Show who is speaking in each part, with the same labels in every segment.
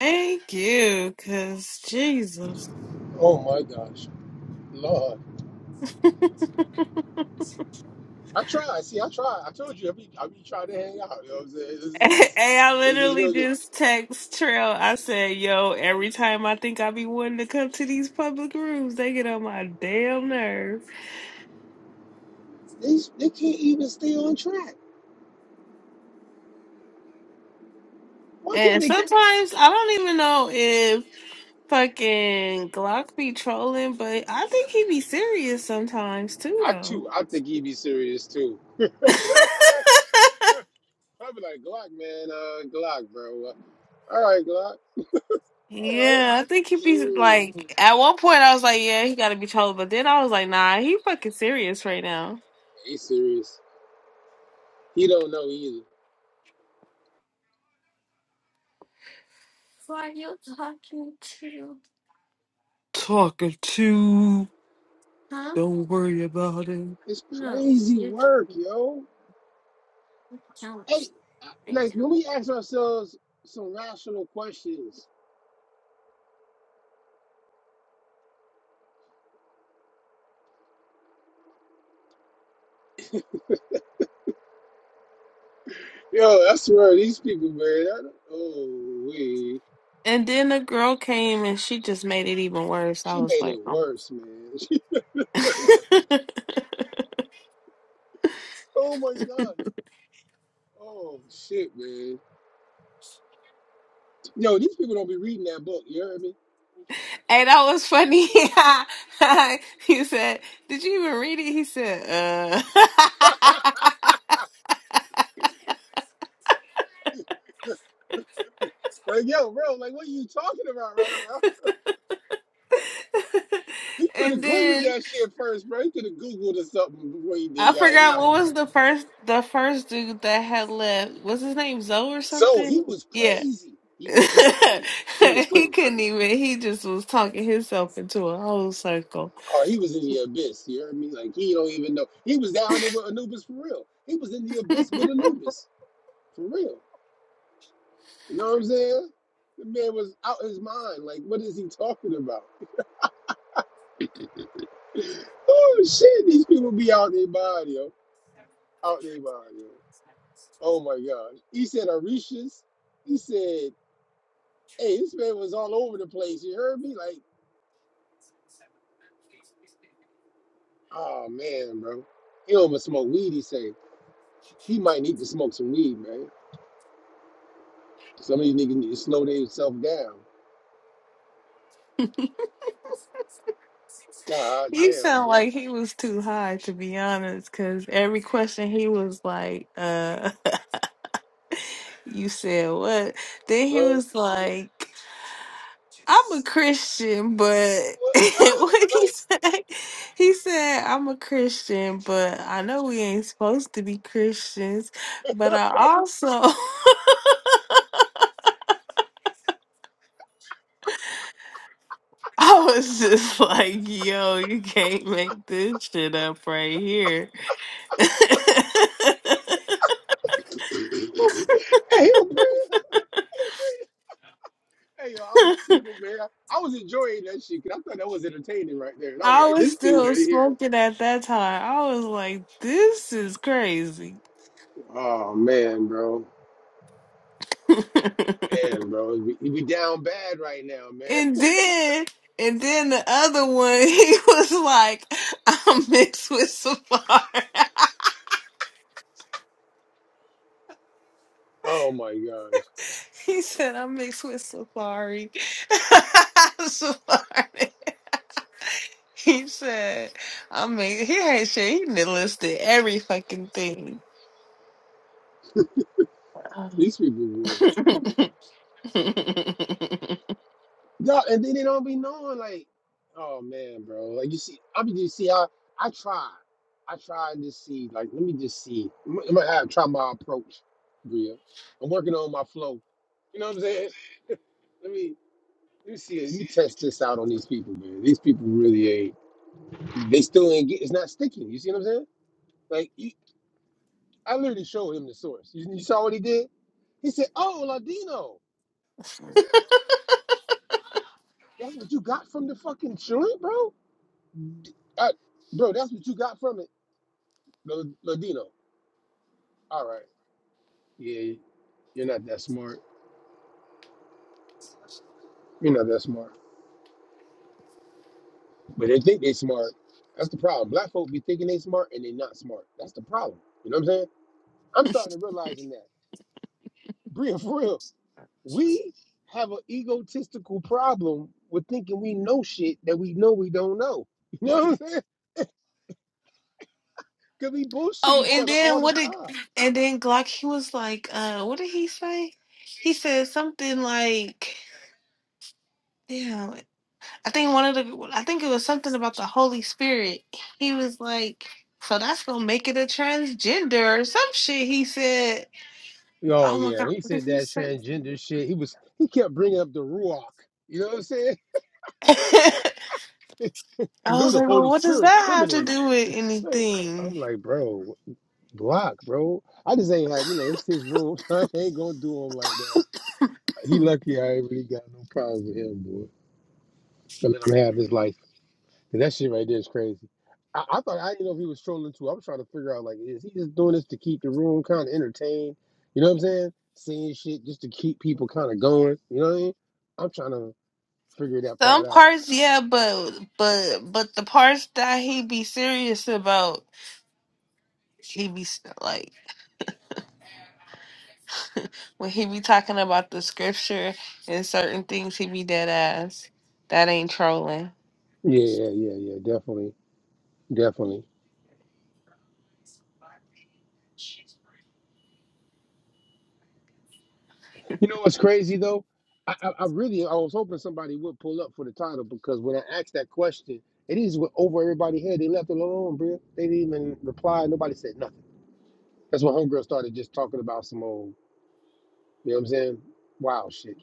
Speaker 1: Thank you, cause Jesus.
Speaker 2: Oh my gosh, Lord! I tried. See, I tried. I told you. I be, I be trying to hang out. You know what I'm saying? This is this,
Speaker 1: Hey, I
Speaker 2: this is
Speaker 1: literally
Speaker 2: where the,
Speaker 1: just text Trail. I said, "Yo, every time I think I be wanting to come to these public rooms, they get on my damn nerves."
Speaker 2: these they can't even stay on track. Why can't
Speaker 1: And
Speaker 2: they go?
Speaker 1: sometimes I don't even know if fucking Glock be trolling, but I think he be serious sometimes too,
Speaker 2: I
Speaker 1: though.
Speaker 2: too. I think he be serious too. I be like Glock, man. Uh, Glock, bro. All right, Glock. All right.
Speaker 1: Yeah, I think he be
Speaker 2: Mm,
Speaker 1: like. At one point, I was like, "Yeah, he got to be trolling," but then I was like, "Nah, he fucking serious right now."
Speaker 2: he serious. He don't know either.
Speaker 1: Who are you talking to? Talking to. Huh? Don't worry about it.
Speaker 2: It's crazy work, yo. Hey, like when we ask ourselves some rational questions Yo, I swear these people, man. I don't- oh, wait.
Speaker 1: And then the girl came and she just made it even worse. I
Speaker 2: She
Speaker 1: was
Speaker 2: made
Speaker 1: like,
Speaker 2: it
Speaker 1: oh.
Speaker 2: worse,
Speaker 1: my!"
Speaker 2: man. She worse. Oh my gosh. Oh shit, man. Yo, these people don't be reading that book. You hear me?
Speaker 1: hey, that was funny. he said, Did you even read it? He said, uh
Speaker 2: like, yo, bro. Like, what are you talking about right now? He could have
Speaker 1: And
Speaker 2: googled
Speaker 1: then
Speaker 2: that shit first, bro. He could have googled or something before he
Speaker 1: I
Speaker 2: did that one.
Speaker 1: forgot
Speaker 2: Like,
Speaker 1: what was the first the first dude that had left. Was his name Zoe or
Speaker 2: so he
Speaker 1: something?
Speaker 2: was
Speaker 1: Yeah.
Speaker 2: crazy. He was crazy. He was
Speaker 1: he
Speaker 2: crazy.
Speaker 1: couldn't even he just was talking himself into a whole circle
Speaker 2: Oh, he was in the abyss. You know what I mean? Like he don't even know. He was down there with Anubis for real. He was in the abyss with Anubis for real. You know what I'm saying? The man was out his mind. Like, what is he talking about? oh shit, these people be out their body, yo. Out their body. Yo. Oh my gosh. He said Orishas. He said, hey, this man was all over the place. You heard me? Like, oh man, bro. He don't even smoke weed, he say. He might need to smoke some weed, man. Some of these niggas need to slow themselves down. God
Speaker 1: you
Speaker 2: damn,
Speaker 1: sound
Speaker 2: boy.
Speaker 1: like he was too high to be honest because every question he was like uh you said what then he
Speaker 2: bro,
Speaker 1: was like i'm a christian but
Speaker 2: What, right?
Speaker 1: what he
Speaker 2: Like,
Speaker 1: say he said i'm a christian but i know we ain't supposed to be christians but i also I was just like, yo, you can't make this shit up right here.
Speaker 2: Hey, yo, Bria. Hey, Bria. Hey, yo, I was tickled, man. I was enjoying that shit, cause I thought that was entertaining right there. And I was
Speaker 1: I
Speaker 2: like,
Speaker 1: was
Speaker 2: this dude
Speaker 1: still
Speaker 2: right here.
Speaker 1: smoking at that time. I was like, this is crazy.
Speaker 2: Oh, man, bro.
Speaker 1: and
Speaker 2: Man, bro. We, we down bad right now, man.
Speaker 1: then and then the other one, he was like, I'm mixed with Safari.
Speaker 2: Oh, my gosh.
Speaker 1: he said, I'm mixed with Safari. Safari. He said, I mean, he had shit. He done listed every fucking thing. Um,
Speaker 2: These people were.
Speaker 1: oh,
Speaker 2: Yeah, and then they don't be knowing like, oh man, bro. Like you see, I be just see how I try. I try and just see, like, let me just see. I'm, I'm gonna have try my approach, Bria. I'm working on my flow. You know what I'm saying? Let me let me see. Let me test this out on these people, man. These people really ain't. They still ain't get. It's not sticking. You see what I'm saying? Like, you, I literally showed him the source. You, you saw what he did? He said, "Oh, Ladino." I said, "That's what you got from the fucking joint, bro." D- I, bro, that's what you got from it. Lo- Ladino. All right. Yeah, you're not that smart. You're not that smart. But they think they smart. That's the problem. Black folk be thinking they smart and they not smart. That's the problem. You know what I'm saying? I'm starting to realizing that. Bria, for real, we have an egotistical problem with thinking we know shit that we know we don't know. You know what I'm saying? Because we bullshit each
Speaker 1: and
Speaker 2: other
Speaker 1: then
Speaker 2: all the
Speaker 1: what did,
Speaker 2: time.
Speaker 1: and then Glock, he was like, uh, what did he say? He said something like, damn, I think one of the, I think it was something about the Holy Spirit. He was like, so that's gonna make it a transgender or some shit. He said,
Speaker 2: Oh
Speaker 1: oh my
Speaker 2: yeah,
Speaker 1: God,
Speaker 2: when he
Speaker 1: what did
Speaker 2: said
Speaker 1: he
Speaker 2: that
Speaker 1: say?
Speaker 2: transgender shit, he was he kept bringing up the ruach. You know what I'm saying? You
Speaker 1: I
Speaker 2: know
Speaker 1: was
Speaker 2: the
Speaker 1: like, well,
Speaker 2: Holy
Speaker 1: what does
Speaker 2: Spirit's
Speaker 1: that have
Speaker 2: feminine.
Speaker 1: to do with
Speaker 2: I'm
Speaker 1: anything?
Speaker 2: like, bro, block, bro. I just ain't had, you know, it's his room, so I ain't gonna do him like that. He lucky I ain't really got no problem with him, boy. To let him have his life. 'Cause that shit right there is crazy. I, I thought I didn't know if he was trolling too. I'm trying to figure out like, is he just doing this to keep the room kind of entertained? You know what I'm saying? Saying shit just to keep people kind of going. You know what I mean? I'm trying to figure that part
Speaker 1: Some
Speaker 2: out.
Speaker 1: parts, yeah, but but but the parts that he be serious about, he be s- like when he be talking about the scripture and certain things, he be dead ass. That ain't trolling.
Speaker 2: Yeah, yeah, yeah, yeah. Definitely, definitely. You know what's crazy though? I, I, I really I was hoping somebody would pull up for the title because when I asked that question, it is went over everybody's head. They left it alone, bro. They didn't even reply. Nobody said nothing. That's when homegirl started just talking about some old, you know what I'm saying? Wow shit.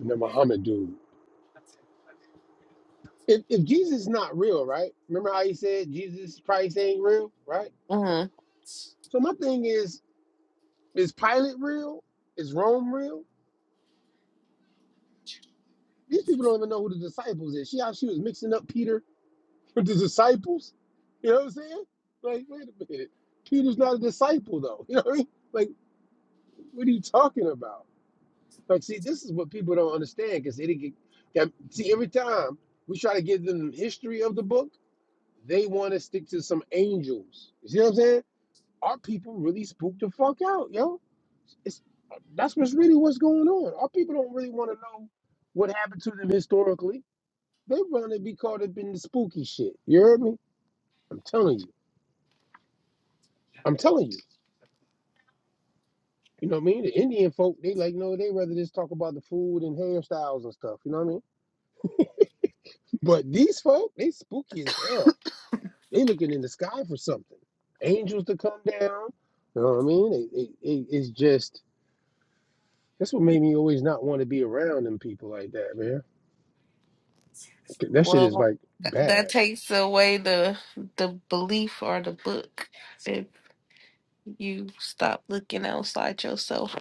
Speaker 2: And the Muhammad dude. If if Jesus is not real, right? Remember how he said Jesus Christ ain't real, right?
Speaker 1: hmm
Speaker 2: So my thing is, is Pilate real? Is Rome real? These people don't even know who the disciples is. See how she was mixing up Peter But the disciples, you know what I'm saying? Like, wait a minute. Peter's not a disciple, though. You know what I mean? Like, what are you talking about? Like, see, this is what people don't understand because they didn't get. that- See, every time we try to give them history of the book, they want to stick to some angels. You see what I'm saying? Our people really spooked the fuck out, yo. It's that's what's really what's going on. Our people don't really want to know what happened to them historically. They want to be caught up in the spooky shit. You heard me? I'm telling you. I'm telling you. You know what I mean? The Indian folk, they like, no, they rather just talk about the food and hairstyles and stuff. You know what I mean? But these folk, they spooky as hell. They looking in the sky for something. Angels to come down. You know what I mean? It, it, it, it's just, that's what made me always not want to be around them people like that, man. That shit is
Speaker 1: Well,
Speaker 2: like
Speaker 1: th- that
Speaker 2: bad.
Speaker 1: takes away the the belief or the book if you stop looking outside yourself.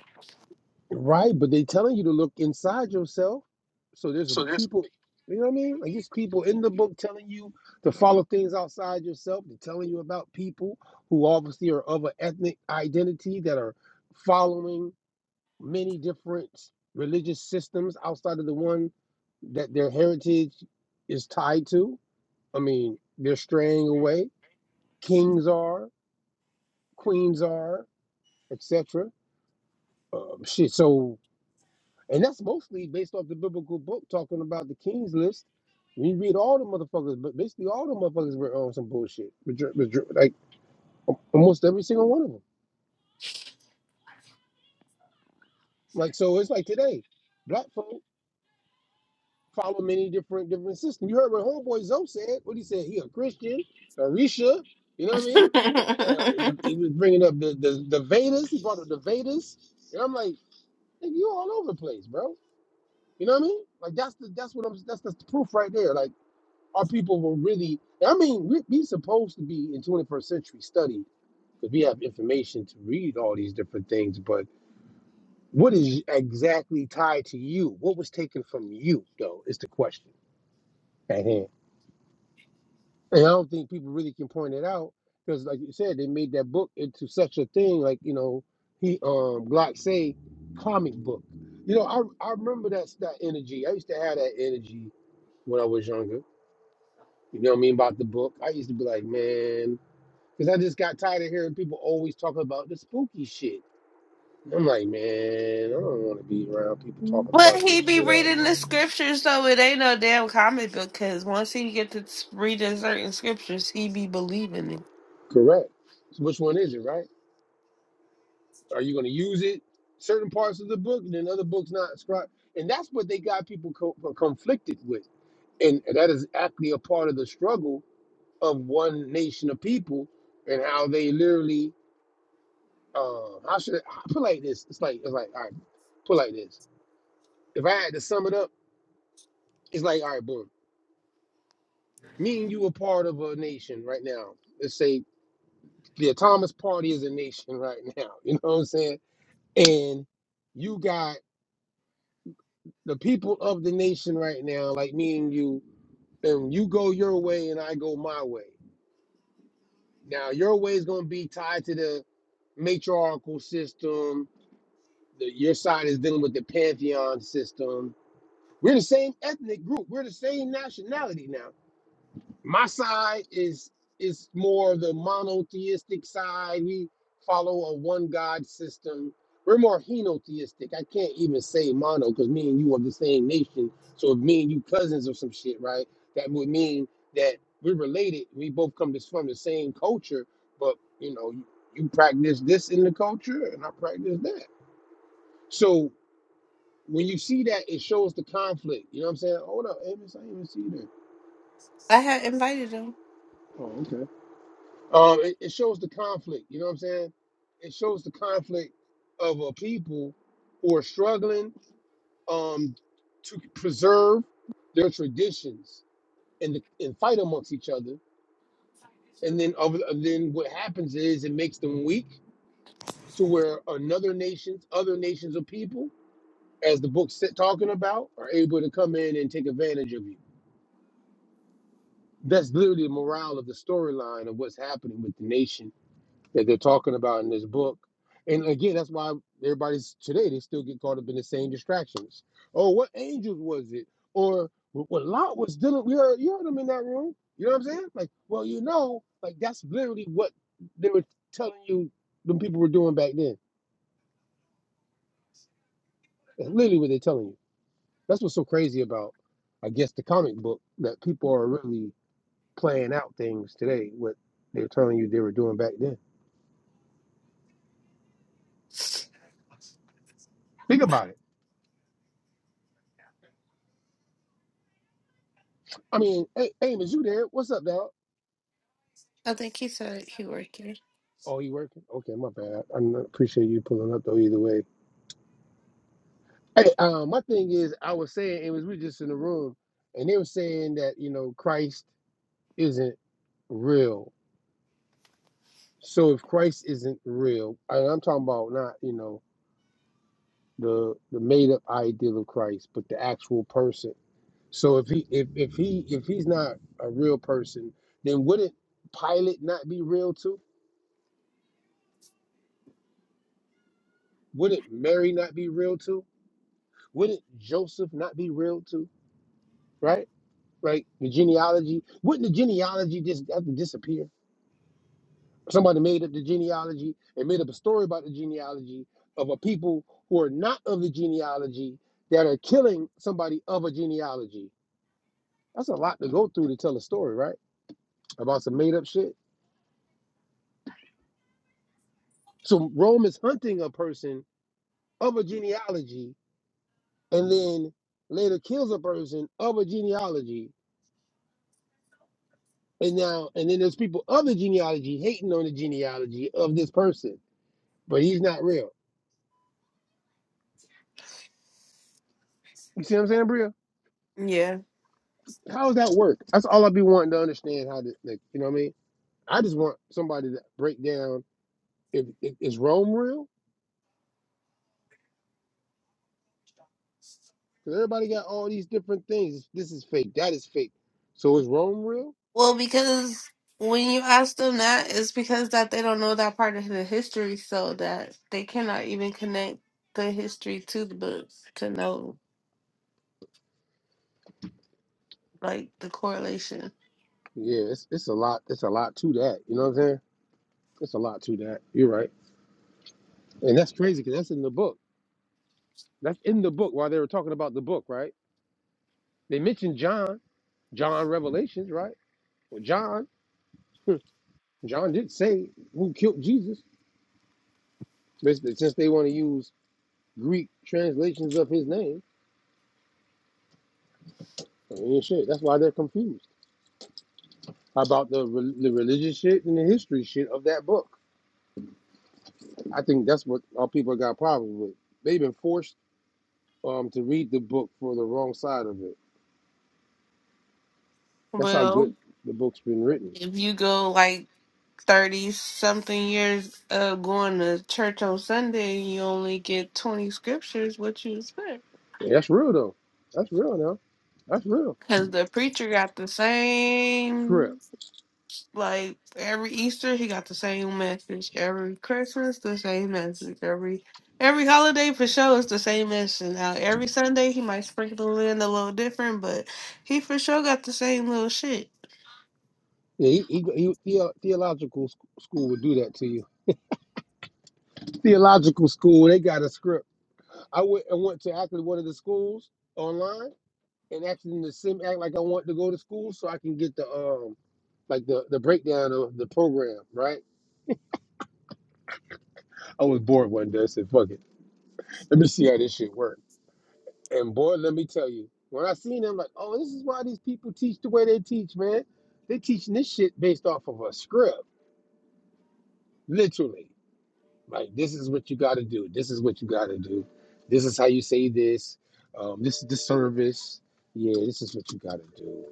Speaker 2: Right, but they telling you to look inside yourself. So there's
Speaker 1: So yes.
Speaker 2: people, you know what I mean? Like there's people in the book telling you to follow things outside yourself. They're telling you about people who obviously are of an ethnic identity that are following many different religious systems outside of the one that their heritage is tied to. I mean, they're straying away. Kings are, queens are, etc. Uh, shit. So And that's mostly based off the biblical book talking about the king's list. When you read all the motherfuckers, but basically all the motherfuckers were on some bullshit. Major- major- Like almost every single one of them. Like so, it's like today, black folk follow many different different systems. You heard what homeboy Zoe said. What he said? He a Christian, Arisha. You know what I mean? Uh, and he was bringing up the, the the Vedas. He brought up the Vedas, and I'm like, nigga, you all over the place, bro. You know what I mean? Like that's the that's what I'm that's that's the proof right there. Like our people were really i mean we, we supposed to be in 21st century study because we have information to read all these different things but what is exactly tied to you what was taken from you though is the question at hand and i don't think people really can point it out because like you said they made that book into such a thing like you know he um glock say comic book you know i, I remember that that energy i used to have that energy when i was younger you know what i mean about the book i used to be like man Because I just got tired of hearing people always talking about the spooky shit. I'm like, man, I don't want to be around people talking
Speaker 1: But
Speaker 2: about
Speaker 1: he
Speaker 2: this
Speaker 1: be
Speaker 2: shit all day.
Speaker 1: reading the scriptures, so it ain't no damn comic book. Cause once he get to s- reading certain scriptures, he be believing it.
Speaker 2: Correct. So which one is it, right? Are you going to use it? Certain parts of the book, and then other books not scribed. And that's what they got people co- conflicted with. And that is actually a part of the struggle of one nation of people and how they literally, uh, how should I I put it like this? It's like, it's like, all right, put it like this. If I had to sum it up, it's like, all right, boom. me and you are part of a nation right now. Let's say the Thomas Party is a nation right now. You know what I'm saying? And you got the people of the nation right now, like me and you, and you go your way and I go my way. Now your way is gonna be tied to the matriarchal system. The, your side is dealing with the pantheon system. We're the same ethnic group. We're the same nationality now. my side is is more the monotheistic side. We follow a one God system. We're more henotheistic. I can't even say mono because me and you are the same nation. So if me and you cousins or some shit, right? That would mean that we're related. We both come this from the same culture, but you know, you, you practice this in the culture, and I practice that. So when you see that, it shows the conflict. You know what I'm saying? Hold up, Amos, I didn't even see that.
Speaker 1: I had invited him.
Speaker 2: Oh, okay. Um, it, it shows the conflict. You know what I'm saying? It shows the conflict of a people who are struggling um, to preserve their traditions and and fight amongst each other. And then other, and then what happens is it makes them weak to where another nations, other nations of people, as the book's sit- talking about, are able to come in and take advantage of you. That's literally the morale of the storyline of what's happening with the nation that they're talking about in this book. And again, that's why everybody's today, they still get caught up in the same distractions. Oh, what angels was it? Or what Lot was dealing We heard, you heard them in that room. You know what I'm saying? Like, well, you know, like that's literally what they were telling you, them people were doing back then. That's literally what they're telling you. That's what's so crazy about, I guess, the comic book that people are really playing out things today, what they're telling you they were doing back then. Think about it. I mean, hey, Amos, you there? What's up, dog?
Speaker 1: I think he said he working.
Speaker 2: Oh, you working? Okay, my bad. I n- appreciate you pulling up though. Either way, hey, um, my thing is, I was saying it was we just in the room, and they were saying that you know Christ isn't real. So if Christ isn't real, and I'm talking about not you know the the made up ideal of Christ, but the actual person. So if he if if he if he's not a real person, then wouldn't Pilate not be real too? Wouldn't Mary not be real too? Wouldn't Joseph not be real too? Right? right? The genealogy. Wouldn't the genealogy just have to disappear? Somebody made up the genealogy and made up a story about the genealogy of a people who are not of the genealogy that are killing somebody of a genealogy. That's a lot to go through to tell a story, right? About some made up shit. So Rome is hunting a person of a genealogy and then later kills a person of a genealogy. And now, and then there's people of the genealogy hating on the genealogy of this person, but he's not real. You see what I'm saying, Bria?
Speaker 1: Yeah.
Speaker 2: How does that work? That's all I be wanting to understand how to, like, you know what I mean? I just want somebody to break down if, if is Rome real? Because everybody got all these different things. This is fake. That is fake. So is Rome real?
Speaker 1: Well, because when you ask them that, it's because that they don't know that part of the history, so that they cannot even connect the history to the book to know like the correlation.
Speaker 2: Yeah, it's, it's a lot. It's a lot to that. You know what I'm saying? It's a lot to that. You're right. And that's crazy because that's in the book. That's in the book while they were talking about the book, right? They mentioned John, John Revelations, right? Well, John, John did say who killed Jesus. Basically, since they want to use Greek translations of his name. I mean, yeah, shit, that's why they're confused about the, re- the religious shit and the history shit of that book. I think that's what our people got problems with. They've been forced um, to read the book for the wrong side of it. That's how
Speaker 1: Well,
Speaker 2: good the book's been written.
Speaker 1: if you go like 30 something years of going to church on Sunday and you only get 20 scriptures, what you expect?
Speaker 2: Yeah, that's real though. That's real now. That's real.
Speaker 1: Because the preacher got the
Speaker 2: It's real.
Speaker 1: same, like every Easter, he got the same message. Every Christmas, the same message. Every every holiday for sure is the same message. Now, every Sunday, he might sprinkle in a little different, but he for sure got the same little shit.
Speaker 2: Yeah, he, he, he, theo- theological sc- school would do that to you. Theological school, they got a script. I went and went to actually one of the schools online and asking the sim act like I want to go to school so I can get the um like the the breakdown of the program, right? I was bored one day. I said, "Fuck it, let me see how this shit work." And boy, let me tell you, when I seen them, like, oh, this is why these people teach the way they teach, man. They teaching this shit based off of a script, literally. Like, this is what you got to do. This is what you got to do. This is how you say this. Um, this is the service. Yeah, this is what you got to do.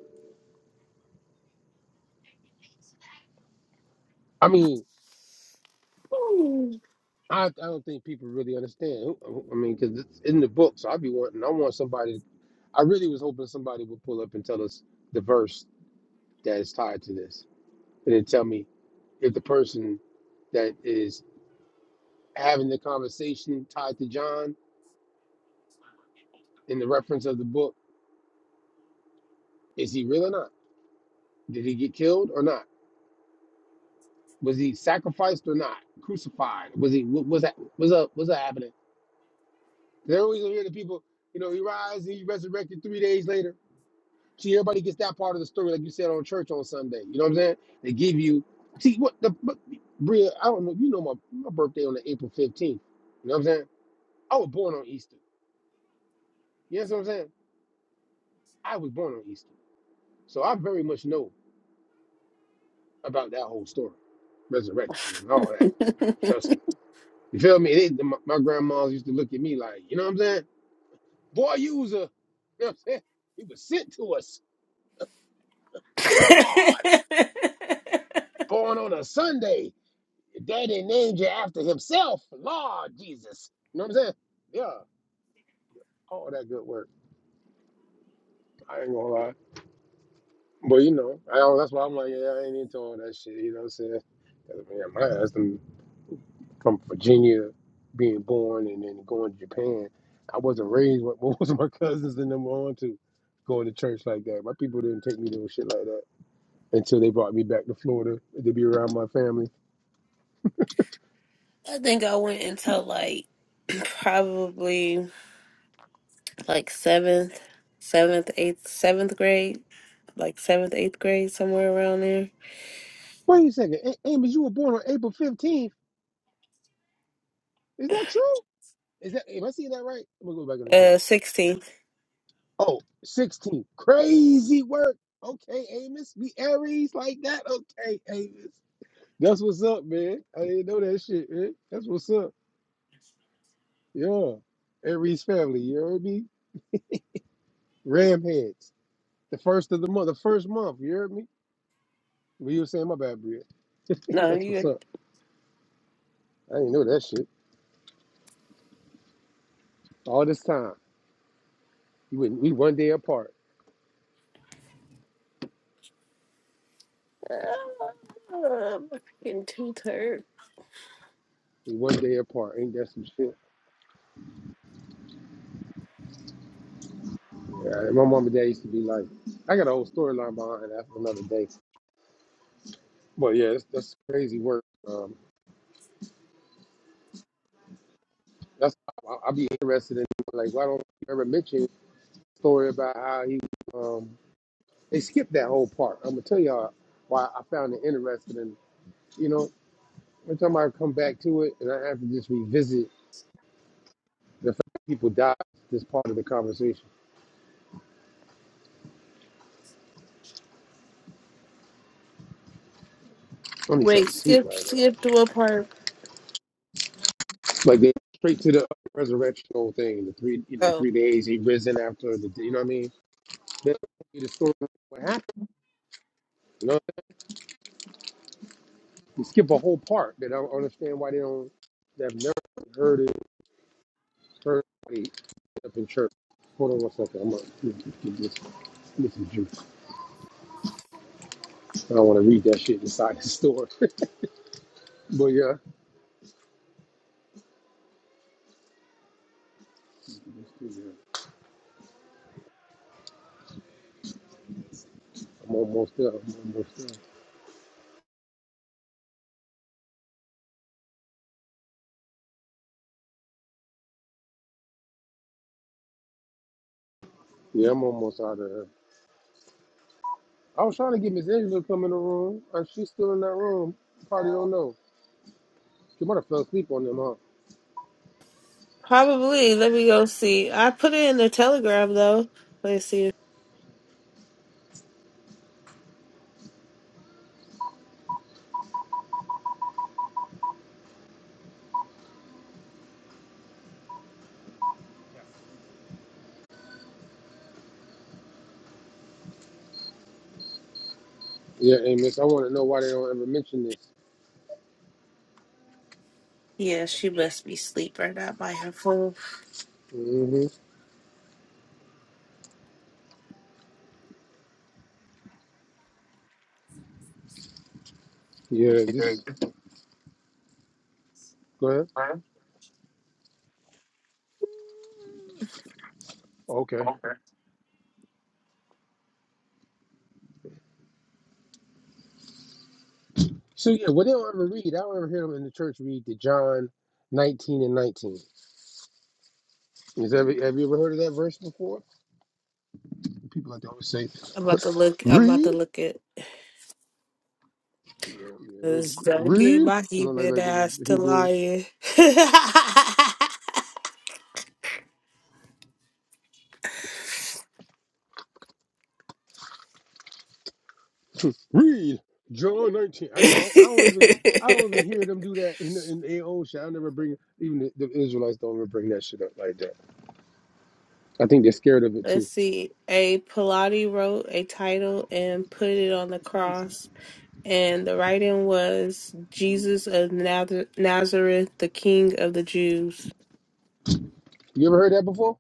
Speaker 2: I mean, I, I don't think people really understand. Who- I mean, because it's in the book, so I'd be wanting. I want somebody. I really was hoping somebody would pull up and tell us the verse that is tied to this, and then tell me if the person that is having the conversation tied to John in the reference of the book is he real or not? Did he get killed or not? Was he sacrificed or not? Crucified? Was he? What was that? Was up? What's that happening? They always hear the people. You know, he rise and he resurrected three days later. See, everybody gets that part of the story, like you said on church on Sunday. You know what I'm saying? They give you. See what the but, Bria? I don't know. if You know my my birthday on the April 15th. You know what I'm saying? I was born on Easter. You know what I'm saying? I was born on Easter, so I very much know about that whole story, resurrection and all that. Trust me. You feel me? They, my, my grandmas used to look at me like, you know what I'm saying? Boy, you was a, you know what I'm saying? You was sent to us, Lord, born on a Sunday. Daddy named you after himself, Lord Jesus. You know what I'm saying? Yeah, all that good work. I ain't gonna lie. But you know, I don't, that's why I'm like, yeah, I ain't into all that shit. You know what I'm saying? 'Cause, man, my ass done from Virginia, being born and then going to Japan. I wasn't raised what most of my cousins and them were on to going to church like that. My people didn't take me to no shit like that until they brought me back to Florida to be around my family.
Speaker 1: I think I went until like probably like seventh, seventh, eighth, seventh grade, like seventh, eighth grade, somewhere around there.
Speaker 2: Wait a second, A- Amos, you were born on April 15th. Is that true? Is that am I seeing that right? I'm gonna go back in the
Speaker 1: Uh,
Speaker 2: chat.
Speaker 1: sixteenth.
Speaker 2: Oh, 16, Crazy work. Okay, Amos. We Aries like that. Okay, Amos. That's what's up, man. I didn't know that shit, man. That's what's up. Yeah. Aries family, you heard me? Ram heads. The first of the month, the first month, you heard me? Well, you were saying my bad, Bria.
Speaker 1: No,
Speaker 2: That's what's
Speaker 1: you.
Speaker 2: up. I didn't know that shit. All this time. You wouldn't we one day apart.
Speaker 1: Uh, in two third.
Speaker 2: We one day apart. Ain't that some shit? Yeah, my mom and dad used to be like, I got a whole storyline behind that for another day. Well, yeah, that's, that's crazy work. Um, that's I'll, i be interested in like why don't you ever mention the story about how he um they skipped that whole part. I'm gonna tell y'all why I found it interesting. And you know, every time I come back to it, and I have to just revisit the fact that people died. This part of the conversation. I need
Speaker 1: Wait,
Speaker 2: something sweet
Speaker 1: skip,
Speaker 2: right now.
Speaker 1: skip to what part?
Speaker 2: Like they straight to the resurrection whole thing. The three, you know,
Speaker 1: Oh,
Speaker 2: three days he risen after the. You know what I mean? They don't tell you the story of what happened. They skip a whole part that I don't understand why they don't. They've never heard it. Heard it up in church. Hold on one second. I'm gonna get this. This is juice. I don't want to read that shit inside the store. but yeah, I'm almost there. I'm almost there. Yeah, I'm almost out of there. I was trying to get Miss Angela to come in the room, and she's still in that room. Probably don't know. She might have fell asleep on them, huh?
Speaker 1: probably. Let me go see. I put it in the telegram though. Let's see.
Speaker 2: Yeah, Amos. I want to know why they don't ever mention this.
Speaker 1: Yeah, she must be asleep right now by her phone.
Speaker 2: hmm Yeah,
Speaker 1: You heard
Speaker 2: this.
Speaker 1: it,
Speaker 2: Go ahead.
Speaker 1: huh?
Speaker 2: Okay.
Speaker 1: Okay.
Speaker 2: So yeah, what they don't ever read, I don't ever hear them in the church read the John nineteen and nineteen. Is ever have you ever heard of that verse before? The People like to always say,
Speaker 1: I'm about to look. I'm about
Speaker 2: "Read,
Speaker 1: to look it.
Speaker 2: yeah, it was,
Speaker 1: Cause don't get
Speaker 2: read."
Speaker 1: my
Speaker 2: You know, like
Speaker 1: heathen
Speaker 2: like the,
Speaker 1: ass
Speaker 2: the
Speaker 1: to
Speaker 2: Hebrews,
Speaker 1: lying.
Speaker 2: read John nineteen. I, I, don't, I don't even I don't even hear them do that in the, in their own shit. I never bring even the, the Israelites don't ever bring that shit up like that. I think they're scared of it
Speaker 1: Let's
Speaker 2: too.
Speaker 1: see. A Pilate wrote a title and put it on the cross, and the writing was Jesus of Nazar- Nazareth, the King of the Jews.
Speaker 2: You ever heard that before?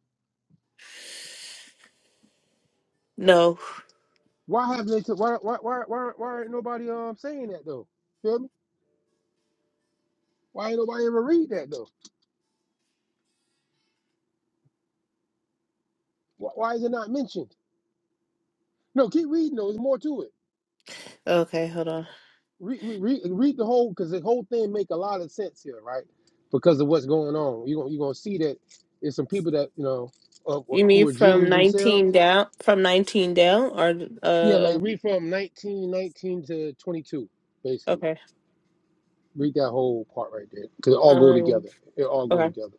Speaker 1: No,
Speaker 2: Why haven't they? Why why why why why ain't nobody um saying that though? Feel me? Why ain't nobody ever read that though? Wh- Why is it not mentioned? No, keep reading. though. There's more to it.
Speaker 1: okay, hold on.
Speaker 2: Read, read, read the whole because the whole thing make a lot of sense here, right? Because of what's going on, you gonna you gonna see that there's some people that you know of,
Speaker 1: You mean
Speaker 2: who are
Speaker 1: from
Speaker 2: Jews
Speaker 1: nineteen
Speaker 2: themselves.
Speaker 1: down? From nineteen down, or
Speaker 2: Yeah, like
Speaker 1: uh,
Speaker 2: read from 19 19 to twenty two, basically.
Speaker 1: okay,
Speaker 2: Read that whole part right there because it all go
Speaker 1: um,
Speaker 2: together. It all go
Speaker 1: okay.
Speaker 2: together.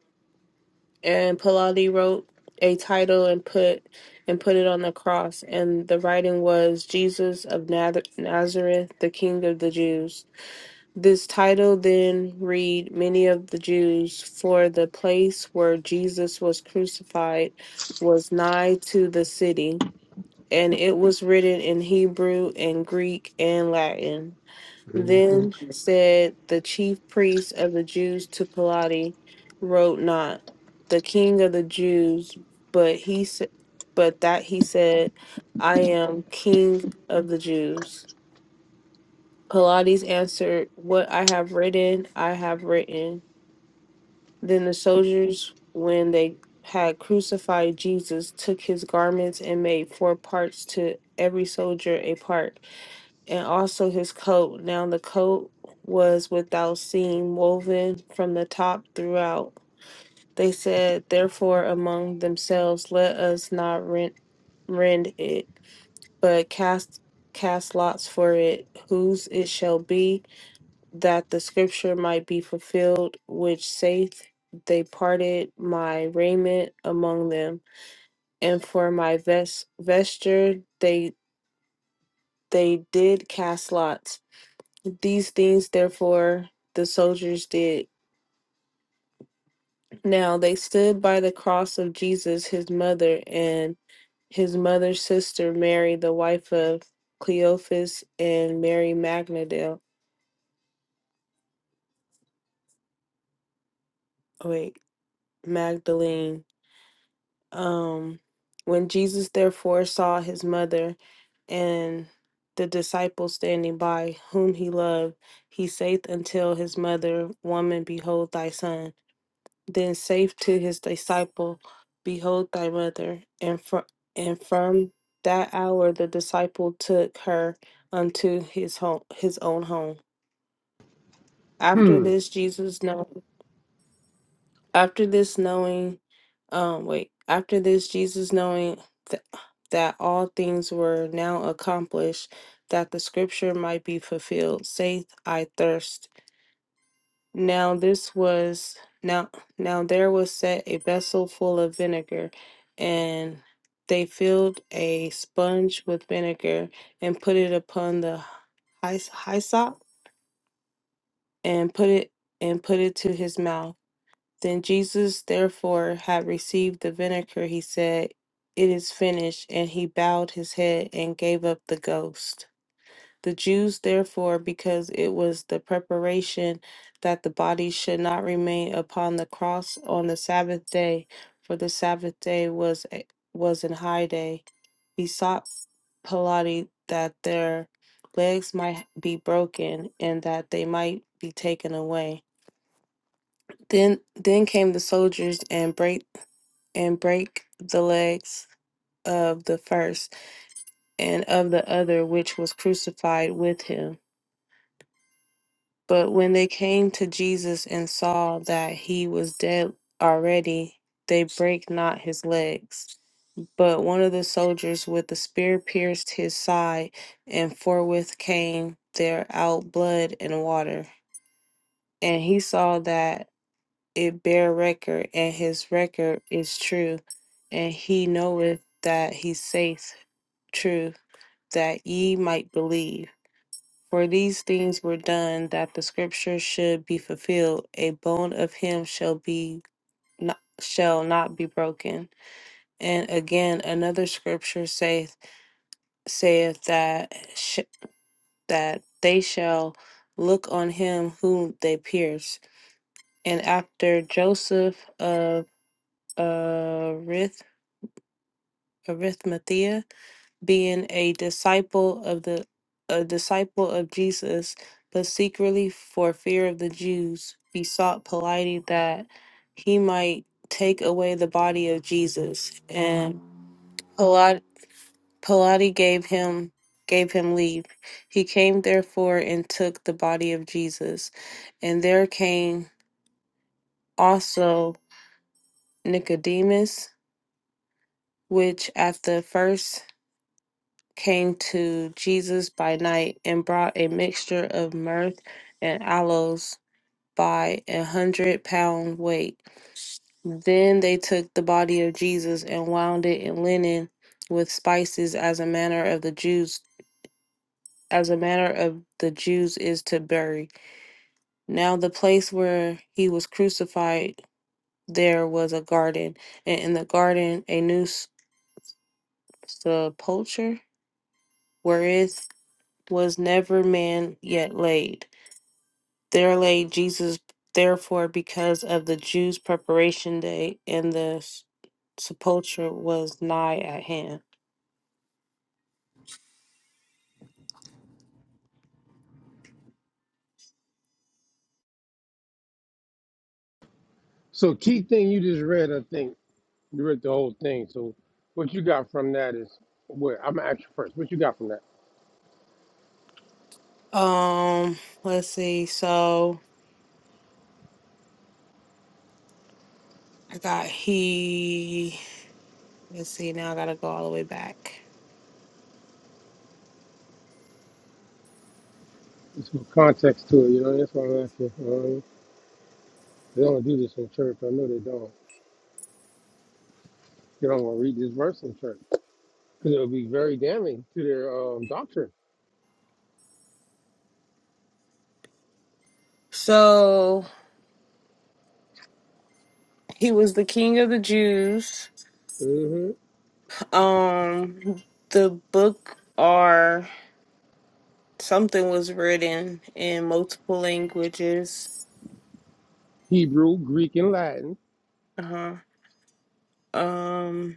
Speaker 1: and Pilate wrote a title and put and put it on the cross and the writing was Jesus of Nath- Nazareth the king of the Jews this title then read many of the Jews for the place where Jesus was crucified was nigh to the city and it was written in Hebrew and Greek and Latin
Speaker 2: Mhm.
Speaker 1: then said the chief priests of the Jews to Pilate, wrote not the king of the Jews, but he said, but that he said, I am king of the Jews. Pilates answered, What I have written, I have written. Then the soldiers, when they had crucified Jesus, took his garments and made four parts to every soldier a part and also his coat. Now the coat was without seam, woven from the top throughout. They said, therefore, among themselves, let us not rent, rend it, but cast cast lots for it, whose it shall be, that the scripture might be fulfilled, which saith, they parted my raiment among them, and for my vest vesture they they did cast lots. These things, therefore, the soldiers did. Now they stood by the cross of Jesus, his mother, and his mother's sister, Mary, the wife of Cleophas, and Mary Magdalene. Oh, wait, Magdalene. Um, when Jesus therefore saw his mother and the disciple standing by, whom he loved, he saith "Until his mother, Woman, behold thy son. Then saith to his disciple, Behold thy mother. And, fr- and from that hour the disciple took her unto his home, his own home. After
Speaker 2: Hmm.
Speaker 1: this, Jesus know. After this, knowing, um, wait. After this, Jesus knowing th- that all things were now accomplished, that the scripture might be fulfilled, saith, I thirst. Now this was now now there was set a vessel full of vinegar, and they filled a sponge with vinegar and put it upon the hys- hyssop and put it and put it to his mouth. Then Jesus therefore had received the vinegar, he said, It is finished, and he bowed his head and gave up the ghost. The Jews, therefore, because it was the preparation that the body should not remain upon the cross on the Sabbath day, for the Sabbath day was a- was an high day, besought Pilate that their legs might be broken and that they might be taken away. Then then came the soldiers and break and break the legs of the first and of the other which was crucified with him. But when they came to Jesus and saw that he was dead already, they brake not his legs. But one of the soldiers with the spear pierced his side, and forthwith came there out blood and water. And he saw that it bare record, and his record is true. And he knoweth that he saith true, that ye might believe. For these things were done that the scripture should be fulfilled, a bone of him shall be not, shall not be broken. And again another scripture saith saith that sh- that they shall look on him whom they pierced. And after Joseph of uh, Arith- Arimathea being a disciple of the a disciple of Jesus, but secretly for fear of the Jews, besought Pilate that he might take away the body of Jesus. And Pilate, Pilate gave him gave him leave. He came therefore and took the body of Jesus. And there came also Nicodemus, which at the first came to Jesus by night and brought a mixture of myrrh and aloes by a hundred pound weight. Then they took the body of Jesus and wound it in linen with spices as a manner of the Jews as a manner of the Jews is to bury. Now the place where he was crucified there was a garden, and in the garden a new s- sepulchre wherewith was never man yet laid There lay Jesus, therefore, because of the Jews' preparation day, and the s- sepulchre was nigh at hand.
Speaker 2: So key thing you just read, I think you read the whole thing. So what you got from that is where I'm gonna ask you first. What you got from that?
Speaker 1: Um, let's see. So I got he. Let's see. Now I gotta go all the way back.
Speaker 2: There's some context to it, you know. That's why I'm asking. Um, they don't do this in church. I know they don't. They don't want to read this verse in church because it'll be very damning to their um, doctrine.
Speaker 1: So he was the king of the Jews.
Speaker 2: hmm
Speaker 1: Um, the book or something was written in multiple languages.
Speaker 2: Hebrew, Greek, and Latin.
Speaker 1: Uh huh. Um.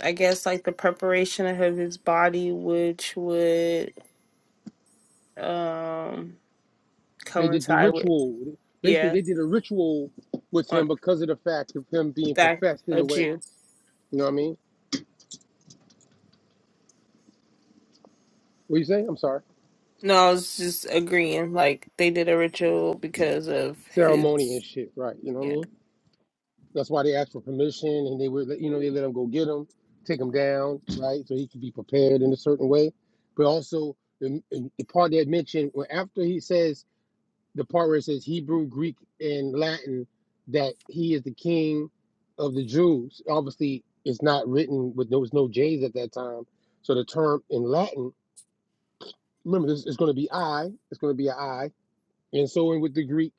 Speaker 1: I guess like the preparation of his body, which would um
Speaker 2: They did the
Speaker 1: coincide with
Speaker 2: ritual. Basically,
Speaker 1: yeah,
Speaker 2: they did a ritual with
Speaker 1: on
Speaker 2: him because of the fact of him being
Speaker 1: that
Speaker 2: professed in
Speaker 1: a
Speaker 2: a way.
Speaker 1: Jew.
Speaker 2: You know what I mean? What you say? I'm sorry.
Speaker 1: No, I was just agreeing. Like they did a ritual because of
Speaker 2: Ceremony and
Speaker 1: his
Speaker 2: shit, right? You know what I
Speaker 1: yeah.
Speaker 2: mean? That's why they asked for permission, and they were, you know, they let him go get him, take him down, right, so he could be prepared in a certain way. But also the, the part that mentioned well, after he says the part where it says Hebrew, Greek, and Latin that he is the king of the Jews. Obviously, it's not written with there was no J's at that time, so the term in Latin. Remember, this is going to be I. It's going to be an I, and so in with the Greek,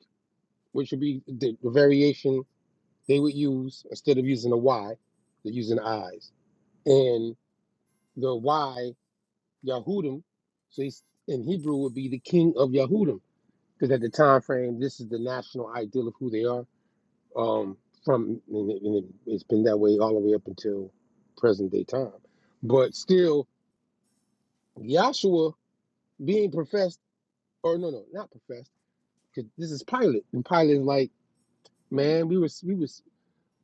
Speaker 2: which would be the, the variation they would use instead of using a Y, they're using eyes. And the Y Yahudim, so he's in Hebrew would be the king of Yahudim, because at the time frame, this is the national ideal of who they are. Um, from and it, and it, it's been that way all the way up until present day time. But still, Yahshua being professed, or no, no, not professed, because this is Pilate, and Pilate is like, man, we was, we was,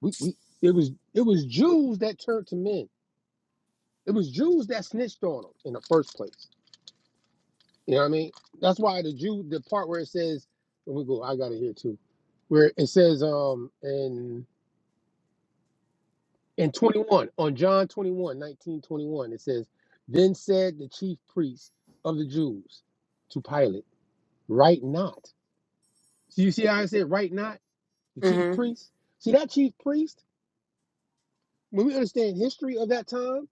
Speaker 2: we, we, it was, it was Jews that turned to men It was Jews that snitched on him in the first place. You know what I mean? That's why the Jew, the part where it says, let me go, I got it here too, where it says um in in 21, on John 21, 19 21, it says, Then said the chief priests of the Jews to Pilate, Right not. So you see how I said right not? The chief
Speaker 1: Mhm.
Speaker 2: priest? See that chief priest, when we understand history of that time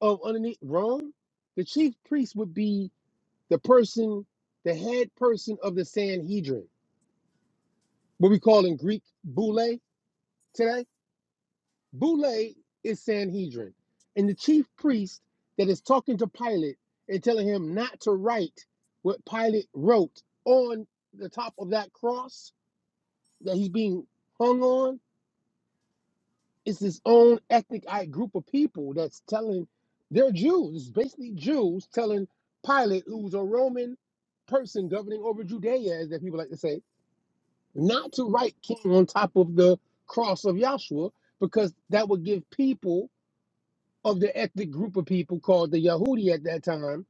Speaker 2: of underneath Rome, the chief priest would be the person, the head person of the Sanhedrin, what we call in Greek boule today. Boule is Sanhedrin. And the chief priest that is talking to Pilate and telling him not to write what Pilate wrote on the top of that cross that he's being hung on is his own ethnic group of people that's telling they're Jews, It's basically Jews telling Pilate, who's a Roman person governing over Judea, as that people like to say, not to write king on top of the cross of Yahshua, because that would give people of the ethnic group of people called the Yahudi at that time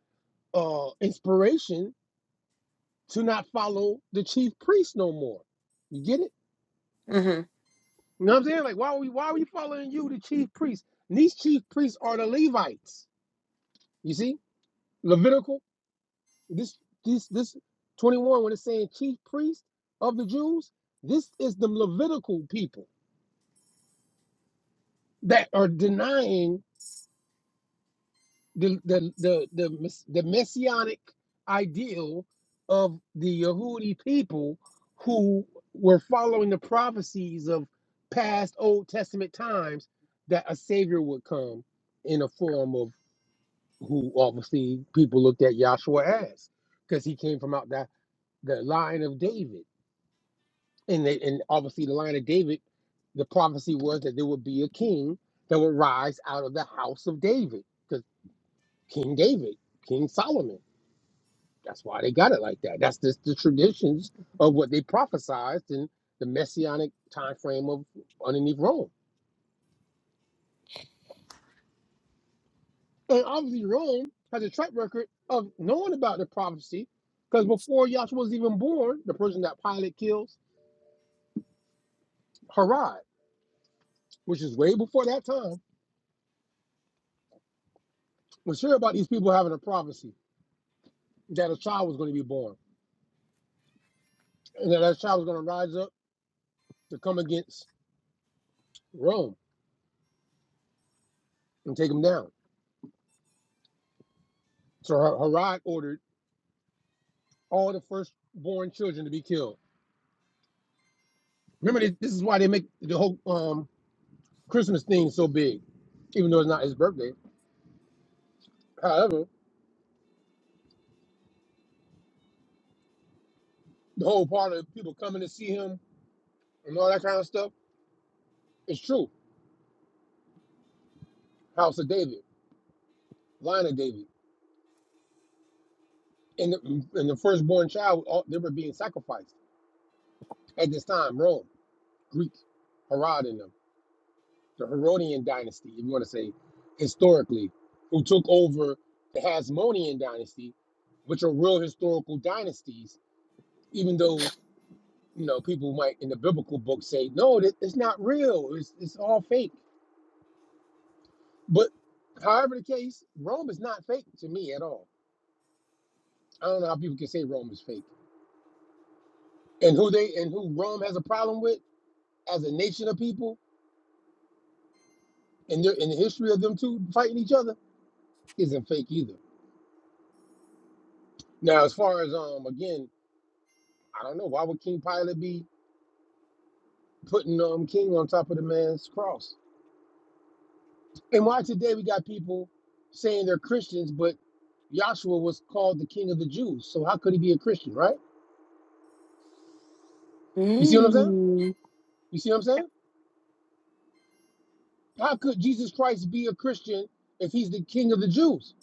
Speaker 2: uh, inspiration to not follow the chief priest no more. You get it?
Speaker 1: Mhm.
Speaker 2: You know what I'm saying? Like, why are we why are we following you, the chief priest? And these chief priests are the Levites. You see, Levitical. This this this 21 when it's saying chief priest of the Jews, this is the Levitical people that are denying the the the the, the messianic ideal of the Yehudi people who were following the prophecies of past Old Testament times that a savior would come in a form of who obviously people looked at Yahshua as because he came from out that the line of David and they and obviously the line of David the prophecy was that there would be a king that would rise out of the house of David because King David King Solomon That's why they got it like that. That's just the traditions of what they prophesized in the messianic time frame of underneath Rome. And obviously Rome has a track record of knowing about the prophecy because before Yahshua was even born, the person that Pilate kills, Herod, which is way before that time, was sure about these people having a prophecy that a child was going to be born and that that child was going to rise up to come against Rome and take them down. So Her- Herod ordered all the firstborn children to be killed Remember, this this is why they make the whole um, Christmas thing so big, even though it's not his birthday. However, the whole part of people coming to see him and all that kind of stuff is true. House of David, line of David, and the, and the firstborn child, all, they were being sacrificed at this time. Rome, Greek, Herod and them, the Herodian dynasty, if you want to say historically, who took over the Hasmonean dynasty, which are real historical dynasties, even though you know, people might in the biblical book say, no, that it's not real. It's it's all fake. But however the case, Rome is not fake to me at all. I don't know how people can say Rome is fake. And who they and who Rome has a problem with as a nation of people and in the history of them two fighting each other isn't fake either. Now, as far as um again, I don't know why would King Pilate be putting um King on top of the man's cross? And why today we got people saying they're Christians, but Joshua was called the king of the Jews. So how could he be a Christian, right? You see what I'm saying?
Speaker 1: Mm.
Speaker 2: You see what I'm saying? How could Jesus Christ be a Christian if he's the king of the Jews?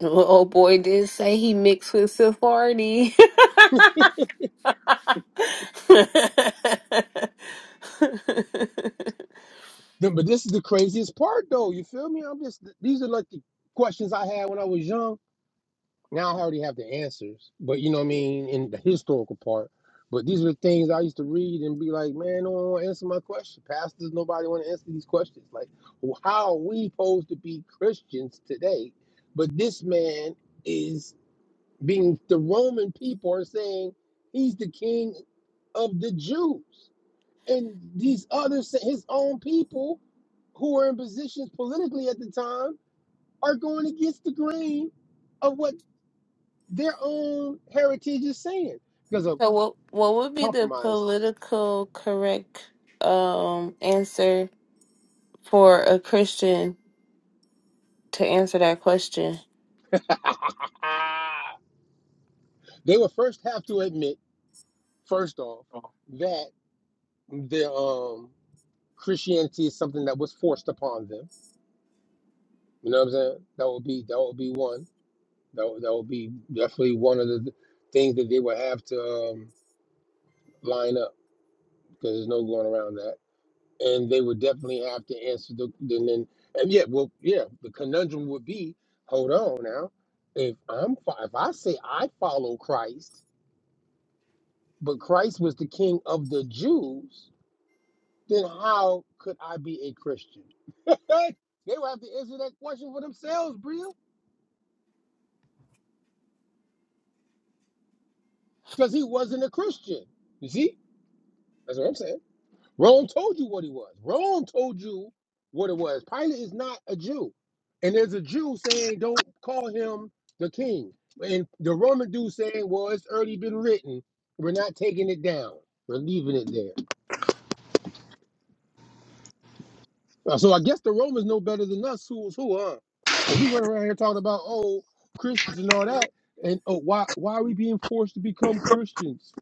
Speaker 1: Well, old boy did say he mixed with Sephardi.
Speaker 2: Then- But this is the craziest part, though. You feel me? I'm just, these are like the questions I had when I was young Now I already have the answers, but you know what I mean, in the historical part. But these are the things I used to read and be like, man, no one want to answer my question. Pastors, nobody want to answer these questions. Like, well, how are we supposed to be Christians today? But this man is being, the Roman people are saying he's the king of the Jews. And these others, his own people who are in positions politically at the time are going against the grain of what their own heritage is saying because of
Speaker 1: So what what would be the
Speaker 2: compromise.
Speaker 1: political correct um answer for a Christian to answer that question?
Speaker 2: they would first have to admit, first off, that their um, Christianity is something that was forced upon them. You know what I'm saying? That would be that would be one. That would, that would be definitely one of the things that they would have to um, line up because there's no going around that. and they would definitely have to answer the and then and yeah well yeah the conundrum would be hold on now if i'm fo- if i say i follow christ but christ was the king of the jews then how could i be a christian Hey, they would have to answer that question for themselves bria because he wasn't a christian you see that's what i'm saying Rome told you what he was. Rome told you what it was. Pilate is not a Jew. And there's a Jew saying, don't call him the king. And the Roman dude saying, well, it's already been written. We're not taking it down. We're leaving it there. Uh, So I guess the Romans know better than us who's who, huh? Because we run around here talking about, oh, Christians and all that. And oh, why, why are we being forced to become Christians?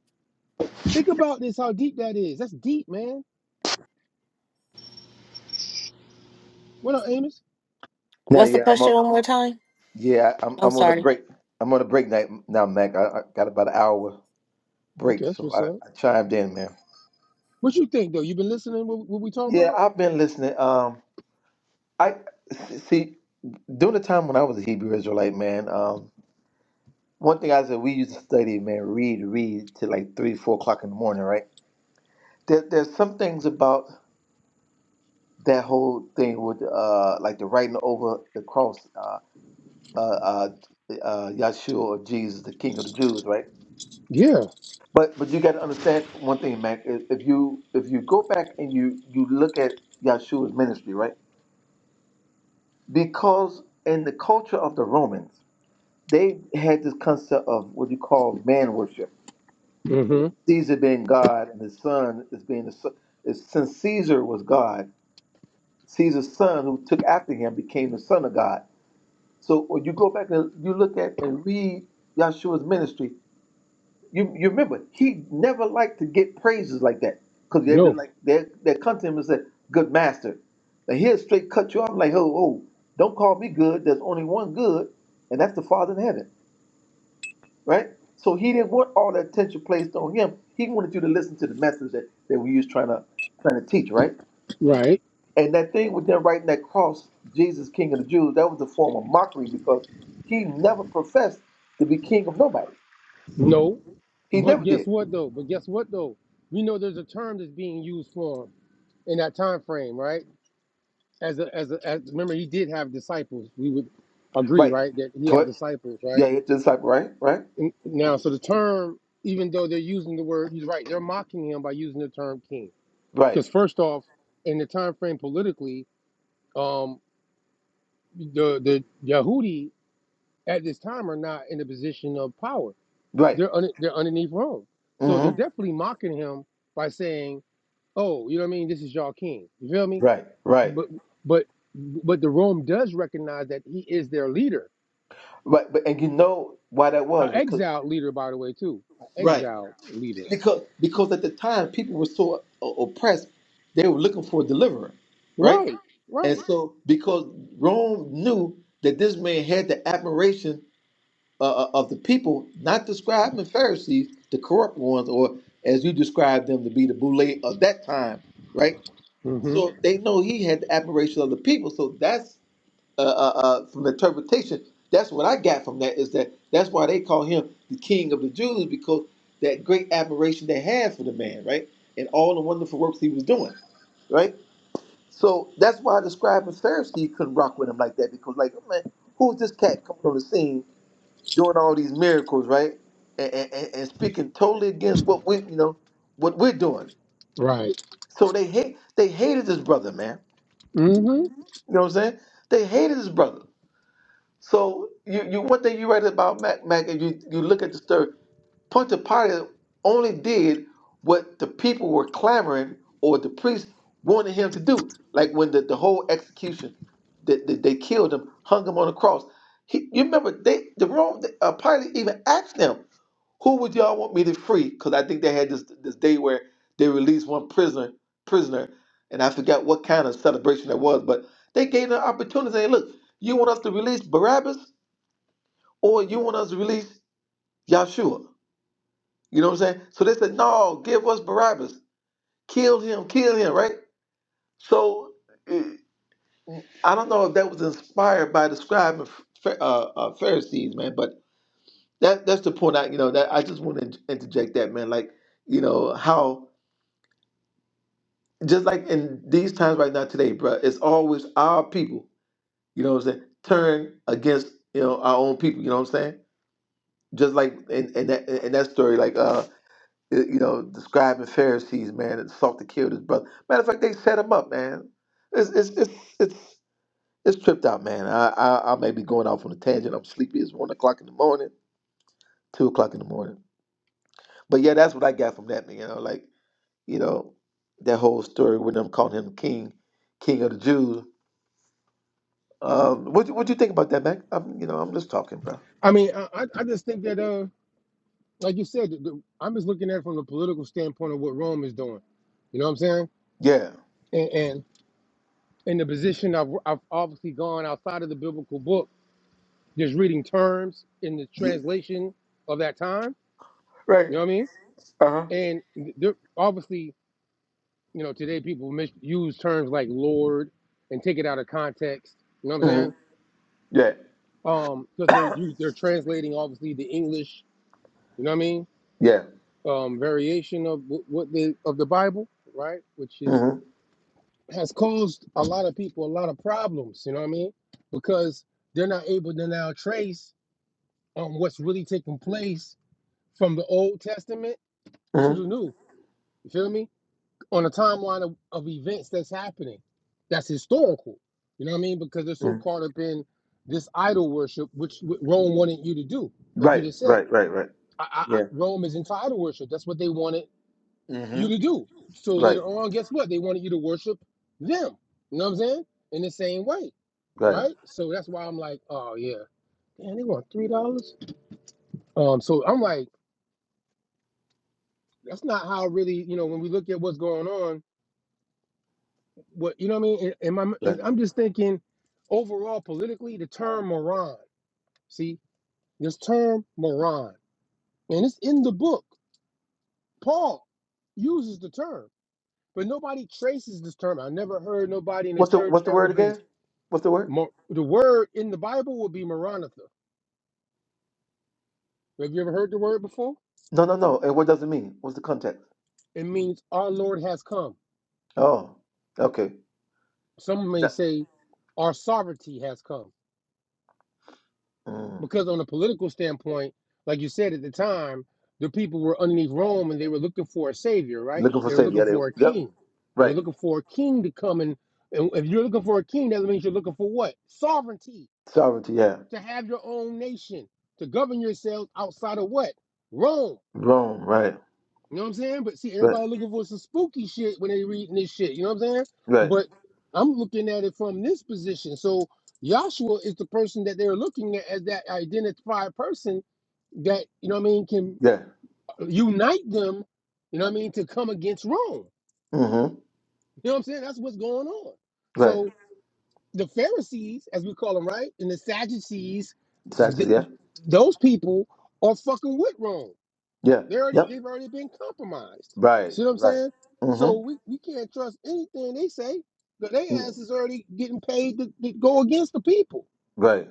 Speaker 2: Think about this, how deep that is. That's deep, man. What up, Amos?
Speaker 3: Now,
Speaker 1: What's the
Speaker 3: yeah, I'm on.
Speaker 1: question one more time?
Speaker 3: Yeah, I'm.
Speaker 1: I'm
Speaker 3: I'm on a
Speaker 1: sorry.
Speaker 3: break. I'm on a break night now, Mac. I, I got about an hour
Speaker 2: Okay,
Speaker 3: break,
Speaker 2: that's
Speaker 3: so
Speaker 2: what's
Speaker 3: I,
Speaker 2: up.
Speaker 3: I chimed in, man.
Speaker 2: What you think though? You been listening? What, what we talking
Speaker 3: Yeah,
Speaker 2: about?
Speaker 3: I've been listening. Um, I see during the time when I was a Hebrew Israelite, man. Um, one thing I said we used to study, man, read, read till like three, four o'clock in the morning, right? There, there's some things about that whole thing with uh, like the writing over the cross, uh, uh, uh, uh, Yahshua or Jesus, the King of the Jews, right?
Speaker 2: Yeah.
Speaker 3: But but you got to understand one thing, Mac. If if you if you go back and you you look at Yahshua's ministry, right? Because in the culture of the Romans, they had this concept of what you call man worship.
Speaker 2: Mm-hmm.
Speaker 3: Caesar being God and his son is being the son. is- Since Caesar was God, Caesar's son who took after him became the son of God. So when you go back and you look at and read Yahshua's ministry, You, you remember, he never liked to get praises like that because they'd be
Speaker 2: No.
Speaker 3: like, they they come to him and say, Good master. Now he'll straight cut you off like, Oh, oh, don't call me good. There's only one good, and that's the Father in heaven, right? So he didn't want all that attention placed on him. He wanted you to listen to the message that, that we was trying to trying to teach, right?
Speaker 2: Right.
Speaker 3: And that thing with them writing that cross, Jesus, King of the Jews, that was a form of mockery because he never professed to be king of nobody.
Speaker 2: No.
Speaker 3: He
Speaker 2: But
Speaker 3: never
Speaker 2: guess
Speaker 3: did.
Speaker 2: what though? But guess what though? We know there's a term that's being used for him in that time frame, right? As a as a as, remember he did have disciples. We would agree,
Speaker 3: Right.
Speaker 2: right, that he had
Speaker 3: Tw-
Speaker 2: disciples,
Speaker 3: Yeah,
Speaker 2: right?
Speaker 3: it's this type, right? Right?
Speaker 2: And now, so the term, even though they're using the word, he's right. They're mocking him by using the term king,
Speaker 3: Right.
Speaker 2: because first off, in the time frame politically, um, the the Yahudi at this time are not in a position of power.
Speaker 3: Right.
Speaker 2: They're un- they're underneath Rome, so they're
Speaker 3: Mm-hmm.
Speaker 2: definitely mocking him by saying, "Oh, you know what I mean? This is y'all king." You feel me?
Speaker 3: Right. Right.
Speaker 2: But but but the Rome does recognize that he is their leader,
Speaker 3: Right. But and you know why that
Speaker 2: an
Speaker 3: was because
Speaker 2: exiled leader, by the way, too, an
Speaker 3: right
Speaker 2: exiled leader.
Speaker 3: because because at the time people were so o- oppressed they were looking for a deliverer, right?
Speaker 2: Right,
Speaker 3: And
Speaker 2: right,
Speaker 3: so because Rome knew that this man had the admiration uh, uh, of the people, not the scribes and Pharisees, the corrupt ones, or as you described them to be the boule of that time, right?
Speaker 2: hmm
Speaker 3: So they know he had the admiration of the people. So that's uh, uh, uh, from interpretation, that's what I got from that is that that's why they call him the King of the Jews because that great admiration they had for the man, right, and all the wonderful works he was doing, right. So that's why the scribe and Pharisee couldn't rock with him like that because, like, oh man, who's this cat coming on the scene doing all these miracles, right, and, and, and and speaking totally against what we, you know, what we're doing.
Speaker 2: right.
Speaker 3: So they hate, they hated this brother, man.
Speaker 2: hmm
Speaker 3: You know what I'm saying? They hated this brother. So you, you one thing you write about Mac Mac and you, you look at the story, Pontius Pilate only did what the people were clamoring or the priests wanted him to do. Like when the, the whole execution, that they, they killed him, hung him on the cross. He, you remember they the Rome uh, Pilate even asked them, "Who would y'all want me to free?" Because I think they had this this day where they released one prisoner prisoner, and I forgot what kind of celebration that was, but they gave them an opportunity. They look, you want us to release Barabbas? or you want us to release Yahshua. You know what I'm saying? So they said, no, give us Barabbas. Kill him, kill him, right? So eh, I don't know if that was inspired by the scribe and Ph- uh, uh, Pharisees, man, but that that's the point I, you know, that I just want to interject that, man. Like, you know, how, just like in these times right now today, bro, it's always our people, you know what I'm saying, turn against, you know, our own people, you know what I'm saying? Just like in, in, that, in that story, like, uh uh, you know, the scribes and Pharisees, man, that sought to kill this brother. Matter of fact, they set him up, man. It's it's it's it's, it's tripped out, man. I, I I may be going off on a tangent. I'm sleepy. It's one o'clock in the morning, two o'clock in the morning. But yeah, that's what I got from that, man. You know, like you know, that whole story with them calling him king, king of the Jews. Um, what you- what you think about that, Mac? I'm you know I'm just talking, bro.
Speaker 2: I mean, I I I just think that uh, like you said, the, the- I'm just looking at it from the political standpoint of what Rome is doing. You know what I'm saying?
Speaker 3: Yeah.
Speaker 2: And. and in the position I've, I've obviously gone outside of the biblical book, just reading terms in the
Speaker 3: yeah.
Speaker 2: translation of that time.
Speaker 3: Right.
Speaker 2: You know what I mean?
Speaker 3: Uh
Speaker 2: And there, obviously, you know, today people misuse terms like Lord and take it out of context. You know
Speaker 3: huh.
Speaker 2: what I'm
Speaker 3: hmm
Speaker 2: saying?
Speaker 3: Yeah.
Speaker 2: Um, because they're you, they're translating obviously the English. You know what I mean?
Speaker 3: Yeah.
Speaker 2: Um, variation of wh- what they of the Bible, right? Which is
Speaker 3: hmm
Speaker 2: has caused a lot of people a lot of problems. You know what I mean? Because they're not able to now trace on what's really taking place from the Old Testament
Speaker 3: hmm
Speaker 2: to the New. You feel me? On a timeline of, of events that's happening, that's historical. You know what I mean? Because they're
Speaker 3: hmm
Speaker 2: so caught up in this idol worship, which Rome wanted you to do, like you
Speaker 3: Right.
Speaker 2: just said.
Speaker 3: Right. Right. Right.
Speaker 2: I, I,
Speaker 3: Yeah.
Speaker 2: I, Rome is into idol worship. That's what they wanted you to
Speaker 3: Mm-hmm.
Speaker 2: do. So
Speaker 3: Right.
Speaker 2: later on, guess what? They wanted you to worship them. You know what I'm saying? In the same way,
Speaker 3: Right.
Speaker 2: right? So that's why I'm like, oh yeah, damn, they want three dollars. Um, so I'm like. that's not how really you know when we look at what's going on what you know what i mean and, and my,
Speaker 3: Right.
Speaker 2: i'm just thinking overall politically the term moron see this term moron and it's in the book paul uses the term but nobody traces this term i never heard nobody in the
Speaker 3: What's the
Speaker 2: church
Speaker 3: What's the
Speaker 2: ever
Speaker 3: word
Speaker 2: bring it
Speaker 3: again? What's the word?
Speaker 2: Mo- the word in the bible would be maranatha have you ever heard the word before
Speaker 3: No, no, no. And what does it mean? What's the context?
Speaker 2: it means our lord has come
Speaker 3: Oh, okay.
Speaker 2: some may
Speaker 3: That,
Speaker 2: say our sovereignty has come
Speaker 3: mm.
Speaker 2: because on a political standpoint, like you said at the time, the people were underneath Rome and they were looking for a savior, right?
Speaker 3: Looking for
Speaker 2: They were
Speaker 3: savior.
Speaker 2: looking
Speaker 3: Yeah,
Speaker 2: for a
Speaker 3: they, yep.
Speaker 2: king. They were
Speaker 3: Right.
Speaker 2: looking for a king to come and, and if you're looking for a king, that means you're looking for what? Sovereignty,
Speaker 3: Sovereignty. Yeah.
Speaker 2: to have your own nation, to govern yourselves outside of what? Rome.
Speaker 3: Rome. Right.
Speaker 2: You know what I'm saying? But see,
Speaker 3: Right.
Speaker 2: everybody looking for some spooky shit when they reading this shit. You know what I'm saying?
Speaker 3: Right.
Speaker 2: But I'm looking at it from this position. So Joshua is the person that they're looking at as that identified person that you know what I mean can
Speaker 3: Yeah.
Speaker 2: unite them, you know what I mean, to come against Rome.
Speaker 3: Mm-hmm.
Speaker 2: You know what I'm saying? That's what's going on.
Speaker 3: Right.
Speaker 2: So the Pharisees, as we call them, right, and the Sadducees, th-
Speaker 3: Sagittarius.
Speaker 2: those people are fucking with Rome.
Speaker 3: Yeah. Yeah.
Speaker 2: They already
Speaker 3: Yep.
Speaker 2: they've already been compromised.
Speaker 3: Right.
Speaker 2: See what I'm
Speaker 3: Right.
Speaker 2: saying? So
Speaker 3: Mm-hmm.
Speaker 2: we, we can't trust anything they say. cause their
Speaker 3: Mm.
Speaker 2: ass is already getting paid to, to go against the people.
Speaker 3: Right.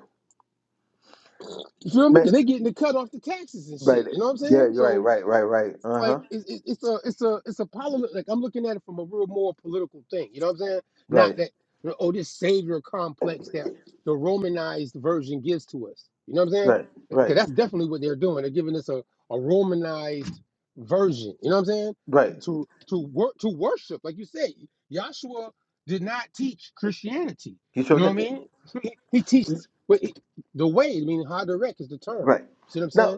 Speaker 2: You feel me?
Speaker 3: Man,
Speaker 2: Because they getting the cut off the taxes and
Speaker 3: right.
Speaker 2: shit. You know what I'm
Speaker 3: Yeah.
Speaker 2: saying?
Speaker 3: You're right.
Speaker 2: So.
Speaker 3: Right. Right. Right. Uh huh.
Speaker 2: like it, it, it's a it's a it's a polit like I'm looking at it from a real more political thing. You know what I'm saying? Not
Speaker 3: Right.
Speaker 2: that oh this savior complex that the Romanized version gives to us. You know what I'm saying?
Speaker 3: Right.
Speaker 2: Because
Speaker 3: Right.
Speaker 2: that's definitely what they're doing. They're giving us a, a Romanized version. You know what I'm saying?
Speaker 3: Right.
Speaker 2: To to work to worship, like you say, Joshua did not teach Christianity.
Speaker 3: You
Speaker 2: You
Speaker 3: showed
Speaker 2: know what I
Speaker 3: that.
Speaker 2: mean? He, teaches what the way. I mean, how direct is the term?
Speaker 3: Right.
Speaker 2: See what I'm
Speaker 3: Now,
Speaker 2: saying?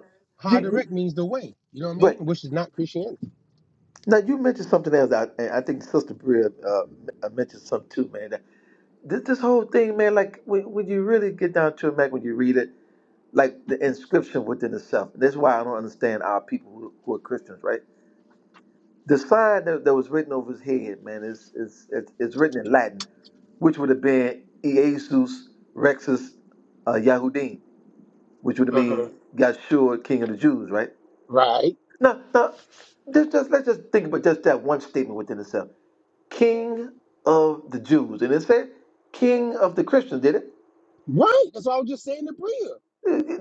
Speaker 3: you, you
Speaker 2: Haderech means the way. You know what I
Speaker 3: right.
Speaker 2: mean? Which is not Christianity.
Speaker 3: Now you mentioned something else. I, and I think Sister Bria uh, m- uh, mentioned something too, man. That- This, this whole thing, man. Like when, when you really get down to it, man, when you read it, like the inscription within itself. That's why I don't understand our people who, who are Christians, right? The sign that, that was written over his head, man, is is it's, it's written in Latin, which would have been Iesus Rexus uh, Yahudim, which would have
Speaker 2: hmm
Speaker 3: mean Yahshua, King of the Jews, right?
Speaker 2: Right.
Speaker 3: Now, now, just, just let's just think about just that one statement within itself. King of the Jews, and it said King of the Christians. Did it?
Speaker 2: Right. That's what I was just saying to Bria.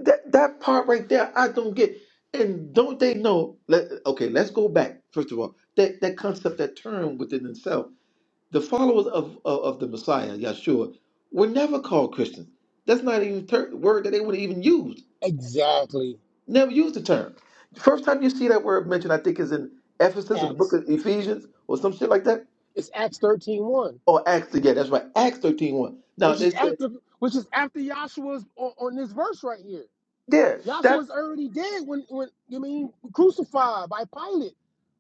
Speaker 3: That that part right there, I don't get. And don't they know? Let, okay, let's go back first of all. That that concept, that term within itself, the followers of of, of the Messiah, Yeshua, were never called Christians. That's not even a ter- word that they would have even use.
Speaker 2: Exactly.
Speaker 3: Never used the term. First time you see that word mentioned, I think, is in Ephesus or the book
Speaker 2: Acts.
Speaker 3: of Ephesians or some shit like that
Speaker 2: It's Acts thirteen one,
Speaker 3: Or Acts again. That's right. Acts thirteen one. Now
Speaker 2: which
Speaker 3: they
Speaker 2: is
Speaker 3: said,
Speaker 2: after which is after Joshua's on, on this verse right here.
Speaker 3: yeah, that
Speaker 2: Joshua's already dead when when you mean crucified by Pilate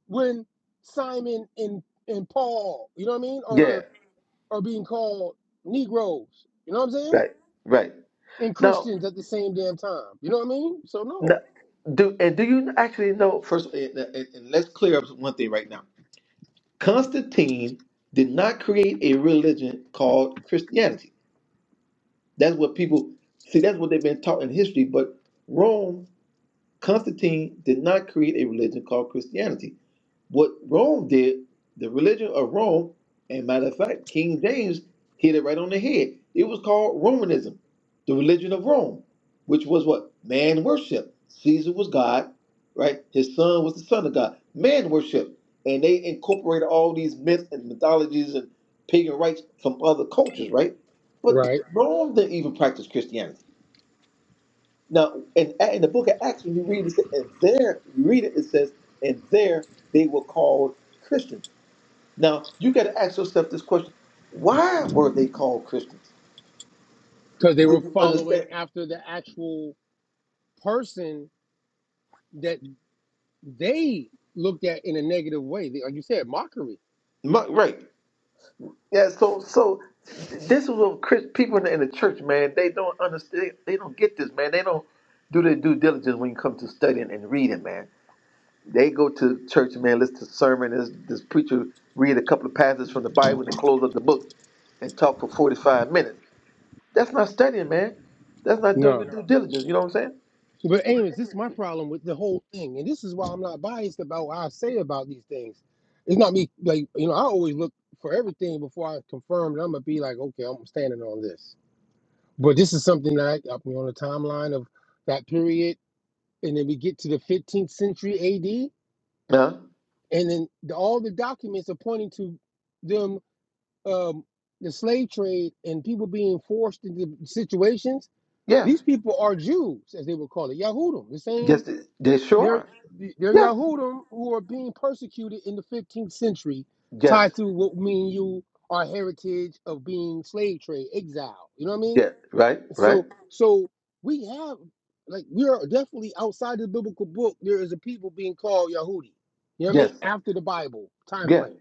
Speaker 2: when Simon and and Paul, you know what I mean,
Speaker 3: yeah,
Speaker 2: are are being called Negroes. You know what I'm saying?
Speaker 3: right, right.
Speaker 2: And
Speaker 3: Now,
Speaker 2: Christians at the same damn time. You know what I mean? So
Speaker 3: now
Speaker 2: no.
Speaker 3: do and do you actually know first and, and, and let's clear up one thing right now. Constantine did not create a religion called Christianity. That's what people see, that's what they've been taught in history, but Rome, Constantine did not create a religion called Christianity. What Rome did, the religion of Rome, and matter of fact, King James hit it right on the head. It was called Romanism, the religion of Rome, which was what? Man worship. Caesar was God, right? His son was the son of God. Man worship. And they incorporated all these myths and mythologies and pagan rites from other cultures, right? But
Speaker 2: Right.
Speaker 3: Rome didn't even practice Christianity. Now, in, in the book of Acts, when you read it, and there you read it, it says, and there they were called Christians. Now, you got to ask yourself this question: Why were they called Christians?
Speaker 2: because they
Speaker 3: Would
Speaker 2: were
Speaker 3: you
Speaker 2: following
Speaker 3: understand?
Speaker 2: after the actual person that they looked at in a negative way. They, like you said, mockery.
Speaker 3: My- Right? Yeah. So, so this is what Chris, people in the, in the church, man, they don't understand. They don't get this, man. They don't do their due diligence when you come to studying and reading, man. They go to church, man, listen to sermon. This, this preacher read a couple of passages from the Bible and close up the book and talk for 45 minutes. That's not studying, man. That's not doing your
Speaker 2: No.
Speaker 3: due diligence. You know what I'm saying?
Speaker 2: But anyways, this is my problem with the whole thing, and this is why I'm not biased about what I say about these things. It's not me like you know I always look for everything before I confirm that I'm gonna be like okay I'm standing on this. But this is something that I, I'm on the timeline of that period, and then we get to the 15th century AD,
Speaker 3: Huh?
Speaker 2: and then the, all the documents are pointing to them um, the slave trade and people being forced into situations,
Speaker 3: Yeah.
Speaker 2: these people are Jews, as they would call it, Yahudim. The same,
Speaker 3: Yes, they, they sure
Speaker 2: they're
Speaker 3: are.
Speaker 2: they're
Speaker 3: Yes.
Speaker 2: Yahudim who are being persecuted in the 15th century,
Speaker 3: Yes.
Speaker 2: tied to what me and you are heritage of being slave trade, exile. You know what I mean?
Speaker 3: Yeah. Right. Right.
Speaker 2: So so we have like we are definitely outside the biblical book. There is a people being called Yahudi. You know what I mean?
Speaker 3: Yes.
Speaker 2: After the Bible time
Speaker 3: Yeah.
Speaker 2: frame.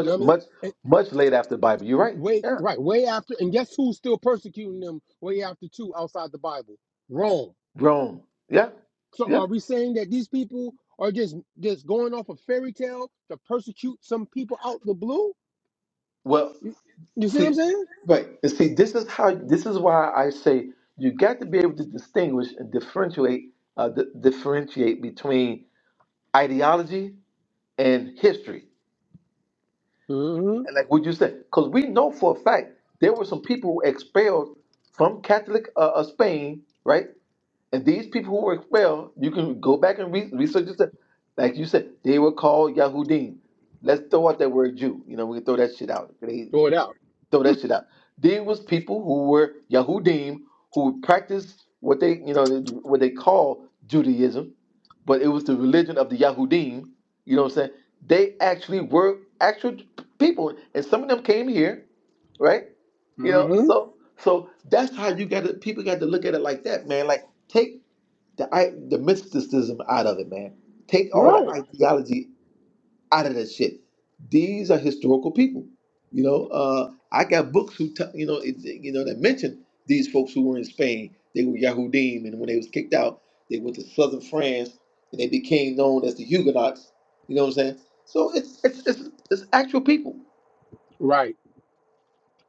Speaker 2: You know what I mean?
Speaker 3: much, much late after the Bible. You're right.
Speaker 2: Way
Speaker 3: Yeah.
Speaker 2: right, way after, and guess who's still persecuting them way after two outside the Bible? Rome.
Speaker 3: Wrong. Yeah.
Speaker 2: So
Speaker 3: Yeah.
Speaker 2: are we saying that these people are just just going off a fairy tale to persecute some people out the blue?
Speaker 3: Well,
Speaker 2: You, you see what
Speaker 3: See,
Speaker 2: I'm saying?
Speaker 3: right. And see, this is how. This is why I say you got to be able to distinguish and differentiate, uh, di- differentiate between ideology and history.
Speaker 2: Mm-hmm.
Speaker 3: And like what you said, because we know for a fact there were some people who were expelled from Catholic uh, uh, Spain, right? And these people who were expelled, you can go back and re- research this. Like you said, they were called Yahudim. Let's throw out that word Jew. You know, we can throw that shit out.
Speaker 2: Throw it out.
Speaker 3: throw that shit out. There was people who were Yahudim who would practice what they you know what they call Judaism, but it was the religion of the Yahudim. You know what I'm saying? They actually were actual people, and some of them came here, right? You know,
Speaker 2: Mm-hmm.
Speaker 3: so so that's how you got to people got to look at it like that, man. Like take the i- the mysticism out of it, man. Take all the
Speaker 2: Right.
Speaker 3: ideology out of that shit. These are historical people. You know, uh, I got books who, t- you know, it, you know that mention these folks who were in Spain. They were Yahudim, and when they was kicked out, they went to southern France, and they became known as the Huguenots. You know what I'm saying? So it's it's it's, it's actual people.
Speaker 2: Right.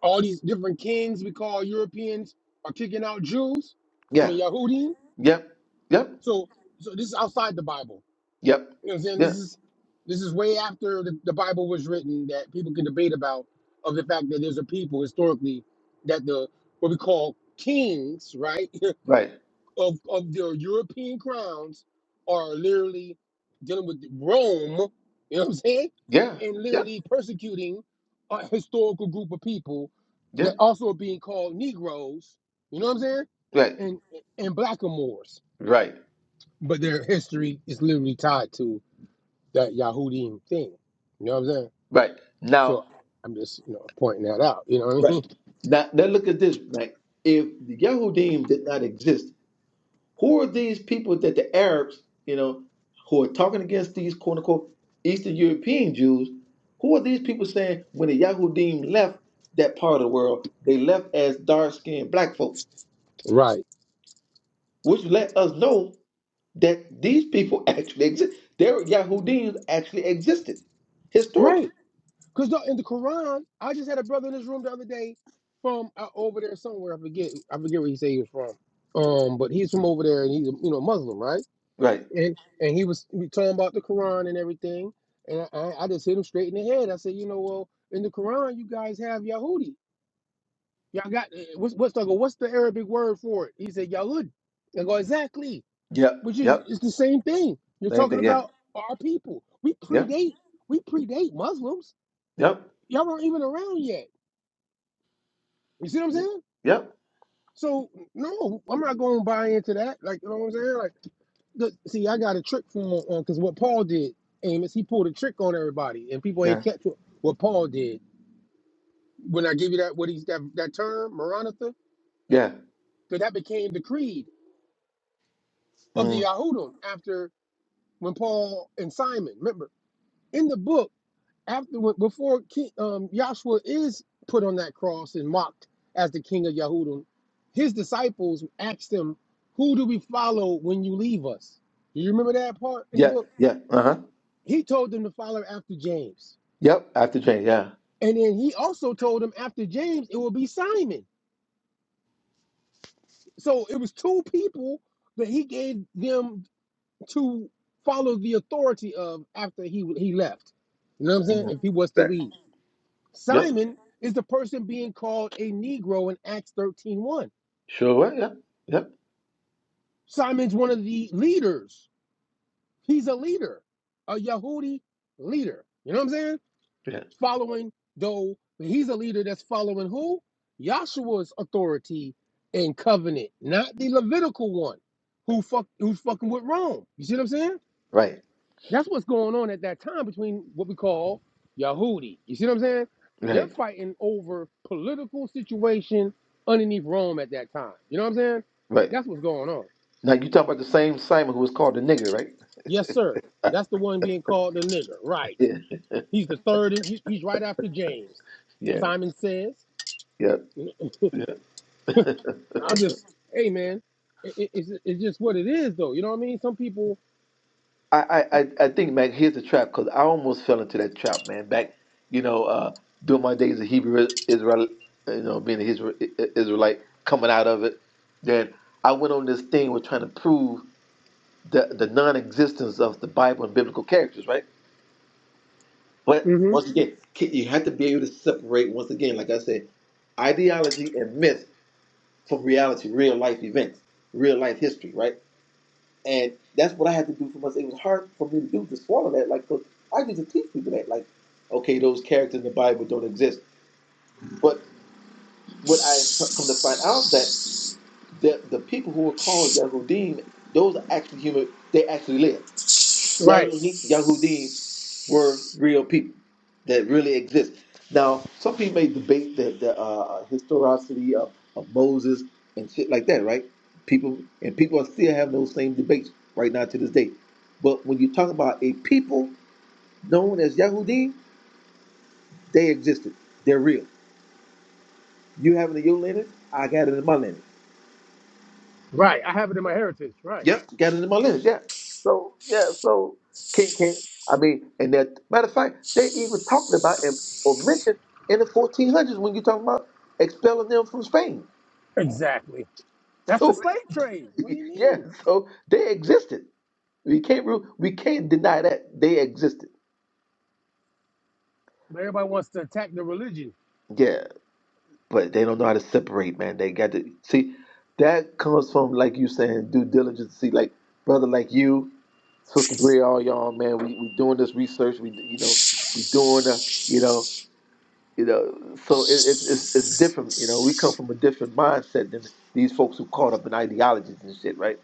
Speaker 2: All these different kings we call Europeans are kicking out Jews. I
Speaker 3: Yeah.
Speaker 2: mean Yahudi.
Speaker 3: Yep. Yep.
Speaker 2: So so this is outside the Bible.
Speaker 3: Yep.
Speaker 2: You know what I'm saying?
Speaker 3: Yeah.
Speaker 2: This is this is way after the, the Bible was written that people can debate about of the fact that there's a people historically that the what we call kings, right,
Speaker 3: Right.
Speaker 2: of of their European crowns are literally dealing with Rome, you know what I'm saying?
Speaker 3: Yeah.
Speaker 2: And
Speaker 3: Yep.
Speaker 2: literally persecuting a historical group of people that
Speaker 3: Yep.
Speaker 2: also are being called Negroes, you know what I'm saying?
Speaker 3: Right.
Speaker 2: And and blackamoors.
Speaker 3: Right.
Speaker 2: But their history is literally tied to that Yahudim thing. You know what I'm saying?
Speaker 3: Right. Now.
Speaker 2: So I'm just you know pointing that out. You know what I
Speaker 3: Right.
Speaker 2: mean?
Speaker 3: Now, now look at this. Right. If the Yahudim did not exist Who are these people that the Arabs, you know, who are talking against these quote unquote Eastern European Jews? Who are these people saying when the Yahudim left that part of the world, they left as dark skinned black folk,
Speaker 2: Right.
Speaker 3: which let us know that these people actually exist. Their Yahudim actually existed historically.
Speaker 2: Right. Because in the Quran, I just had a brother in this room the other day from uh, over there somewhere. I forget. I forget where he said he was from. Um, but he's from over there, and he's a, you know Muslim, right?
Speaker 3: Right.
Speaker 2: And and he was talking about the Quran and everything. And I, I just hit him straight in the head. I said, you know, well, in the Quran, you guys have Yahudi. Y'all got eh, what's what's the what's the Arabic word for it? He said Yahud. I go exactly.
Speaker 3: Yep.
Speaker 2: which is
Speaker 3: Yep.
Speaker 2: it's the same thing. You're
Speaker 3: Same
Speaker 2: talking
Speaker 3: thing. Yeah.
Speaker 2: about our people. We
Speaker 3: Yep.
Speaker 2: predate we predate Muslims.
Speaker 3: Yep.
Speaker 2: Y'all are not even around yet. You see what I'm saying?
Speaker 3: Yep.
Speaker 2: So no, I'm not going to buy into that. Like you know what I'm saying? Like the, see, I got a trick from on because what Paul did, Amos, he pulled a trick on everybody, and people
Speaker 3: Yeah.
Speaker 2: ain't catch what, what Paul did. When I give you that what he's that that term Maranatha,
Speaker 3: Yeah.
Speaker 2: because that became the creed of the
Speaker 3: Mm.
Speaker 2: Yahudim after when Paul and Simon remember in the book after before King, um, Joshua is put on that cross and mocked as the king of Yahudim, his disciples asked him, "Who do we follow when you leave us?" Do you remember that part in the
Speaker 3: Yeah.
Speaker 2: book?
Speaker 3: Yeah. Uh huh.
Speaker 2: He told them to follow after James,
Speaker 3: Yep. After change. Yeah.
Speaker 2: and then he also told them after James it will be Simon. So it was two people that he gave them to follow the authority of after he he left. You know what I'm saying?
Speaker 3: Mhm.
Speaker 2: If he was to
Speaker 3: That.
Speaker 2: leave.
Speaker 3: Yep.
Speaker 2: Simon is the person being called a Negro in Acts thirteen one.
Speaker 3: Sure, right? Yep, yep,
Speaker 2: Simon's one of the leaders. He's a leader, a Yahudi leader. You know what I'm saying?
Speaker 3: yeah,
Speaker 2: Following, though, he's a leader that's following who? Yahshua's authority and covenant, not the Levitical one who fuck, who's fucking with Rome. You see what I'm saying?
Speaker 3: right,
Speaker 2: That's what's going on at that time between what we call Yahudi. You see what I'm saying? They're
Speaker 3: right,
Speaker 2: fighting over political situation underneath Rome at that time. You know what I'm saying?
Speaker 3: right.
Speaker 2: That's what's going on.
Speaker 3: Now you talk about the same Simon who was called the nigger, right?
Speaker 2: Yes, sir. That's the one being called the nigger. Right.
Speaker 3: Yeah,
Speaker 2: He's the third. and He's he's right after James.
Speaker 3: yeah,
Speaker 2: Simon says.
Speaker 3: yeah, yeah.
Speaker 2: I'm just, hey, man. It, it- it's, it's just what it is, though. You know what I mean? Some people.
Speaker 3: I, I, I I think, man, here's the trap because I almost fell into that trap, man. Back, you know, uh, during my days of Hebrew Israel, you know, being an Israel, Israelite, coming out of it, then I went on this thing with trying to prove the the non-existence of the Bible and biblical characters, right? But
Speaker 2: hmm
Speaker 3: once again, ki- you have to be able to separate. Once again, like I said, ideology and myth from reality, real life events, real life history, right? And that's what I had to do for myself. It was hard for me to do to swallow that, like, 'cause I used to teach people that, like, okay, those characters in the Bible don't exist. But what I come to find out that the the people who are called Yahudim, those are actually human. They actually lived
Speaker 2: Right.
Speaker 3: Yahudi, Yahudim were real people that really exist. Now, some people may debate the, the uh, historicity of, of Moses and shit like that, right? People and people are still having those same debates right now to this day. But when you talk about a people known as Yahudim, they existed. They're real. You have it in your lineage, I got it in my lineage.
Speaker 2: Right. I have it in my heritage. Right.
Speaker 3: Yep, got it in my list. Yeah. So yeah, so King, King. I mean, and that matter of fact, they even talked about and or mentioned in the 1400s when you talking about expelling them from Spain.
Speaker 2: Exactly. That's the
Speaker 3: So
Speaker 2: slave trade. What do you
Speaker 3: yeah,
Speaker 2: mean?
Speaker 3: so they existed. We can't re- we can't deny that they existed.
Speaker 2: But everybody wants to attack the religion.
Speaker 3: Yeah. but they don't know how to separate, man. They got to see that comes from like you saying due diligence. See, like brother, like you, sister Bria, all y'all, man. We we doing this research. We you know we doing uh, you know you know. So it, it's it's it's different. You know, we come from a different mindset than these folks who caught up in ideologies and shit, right?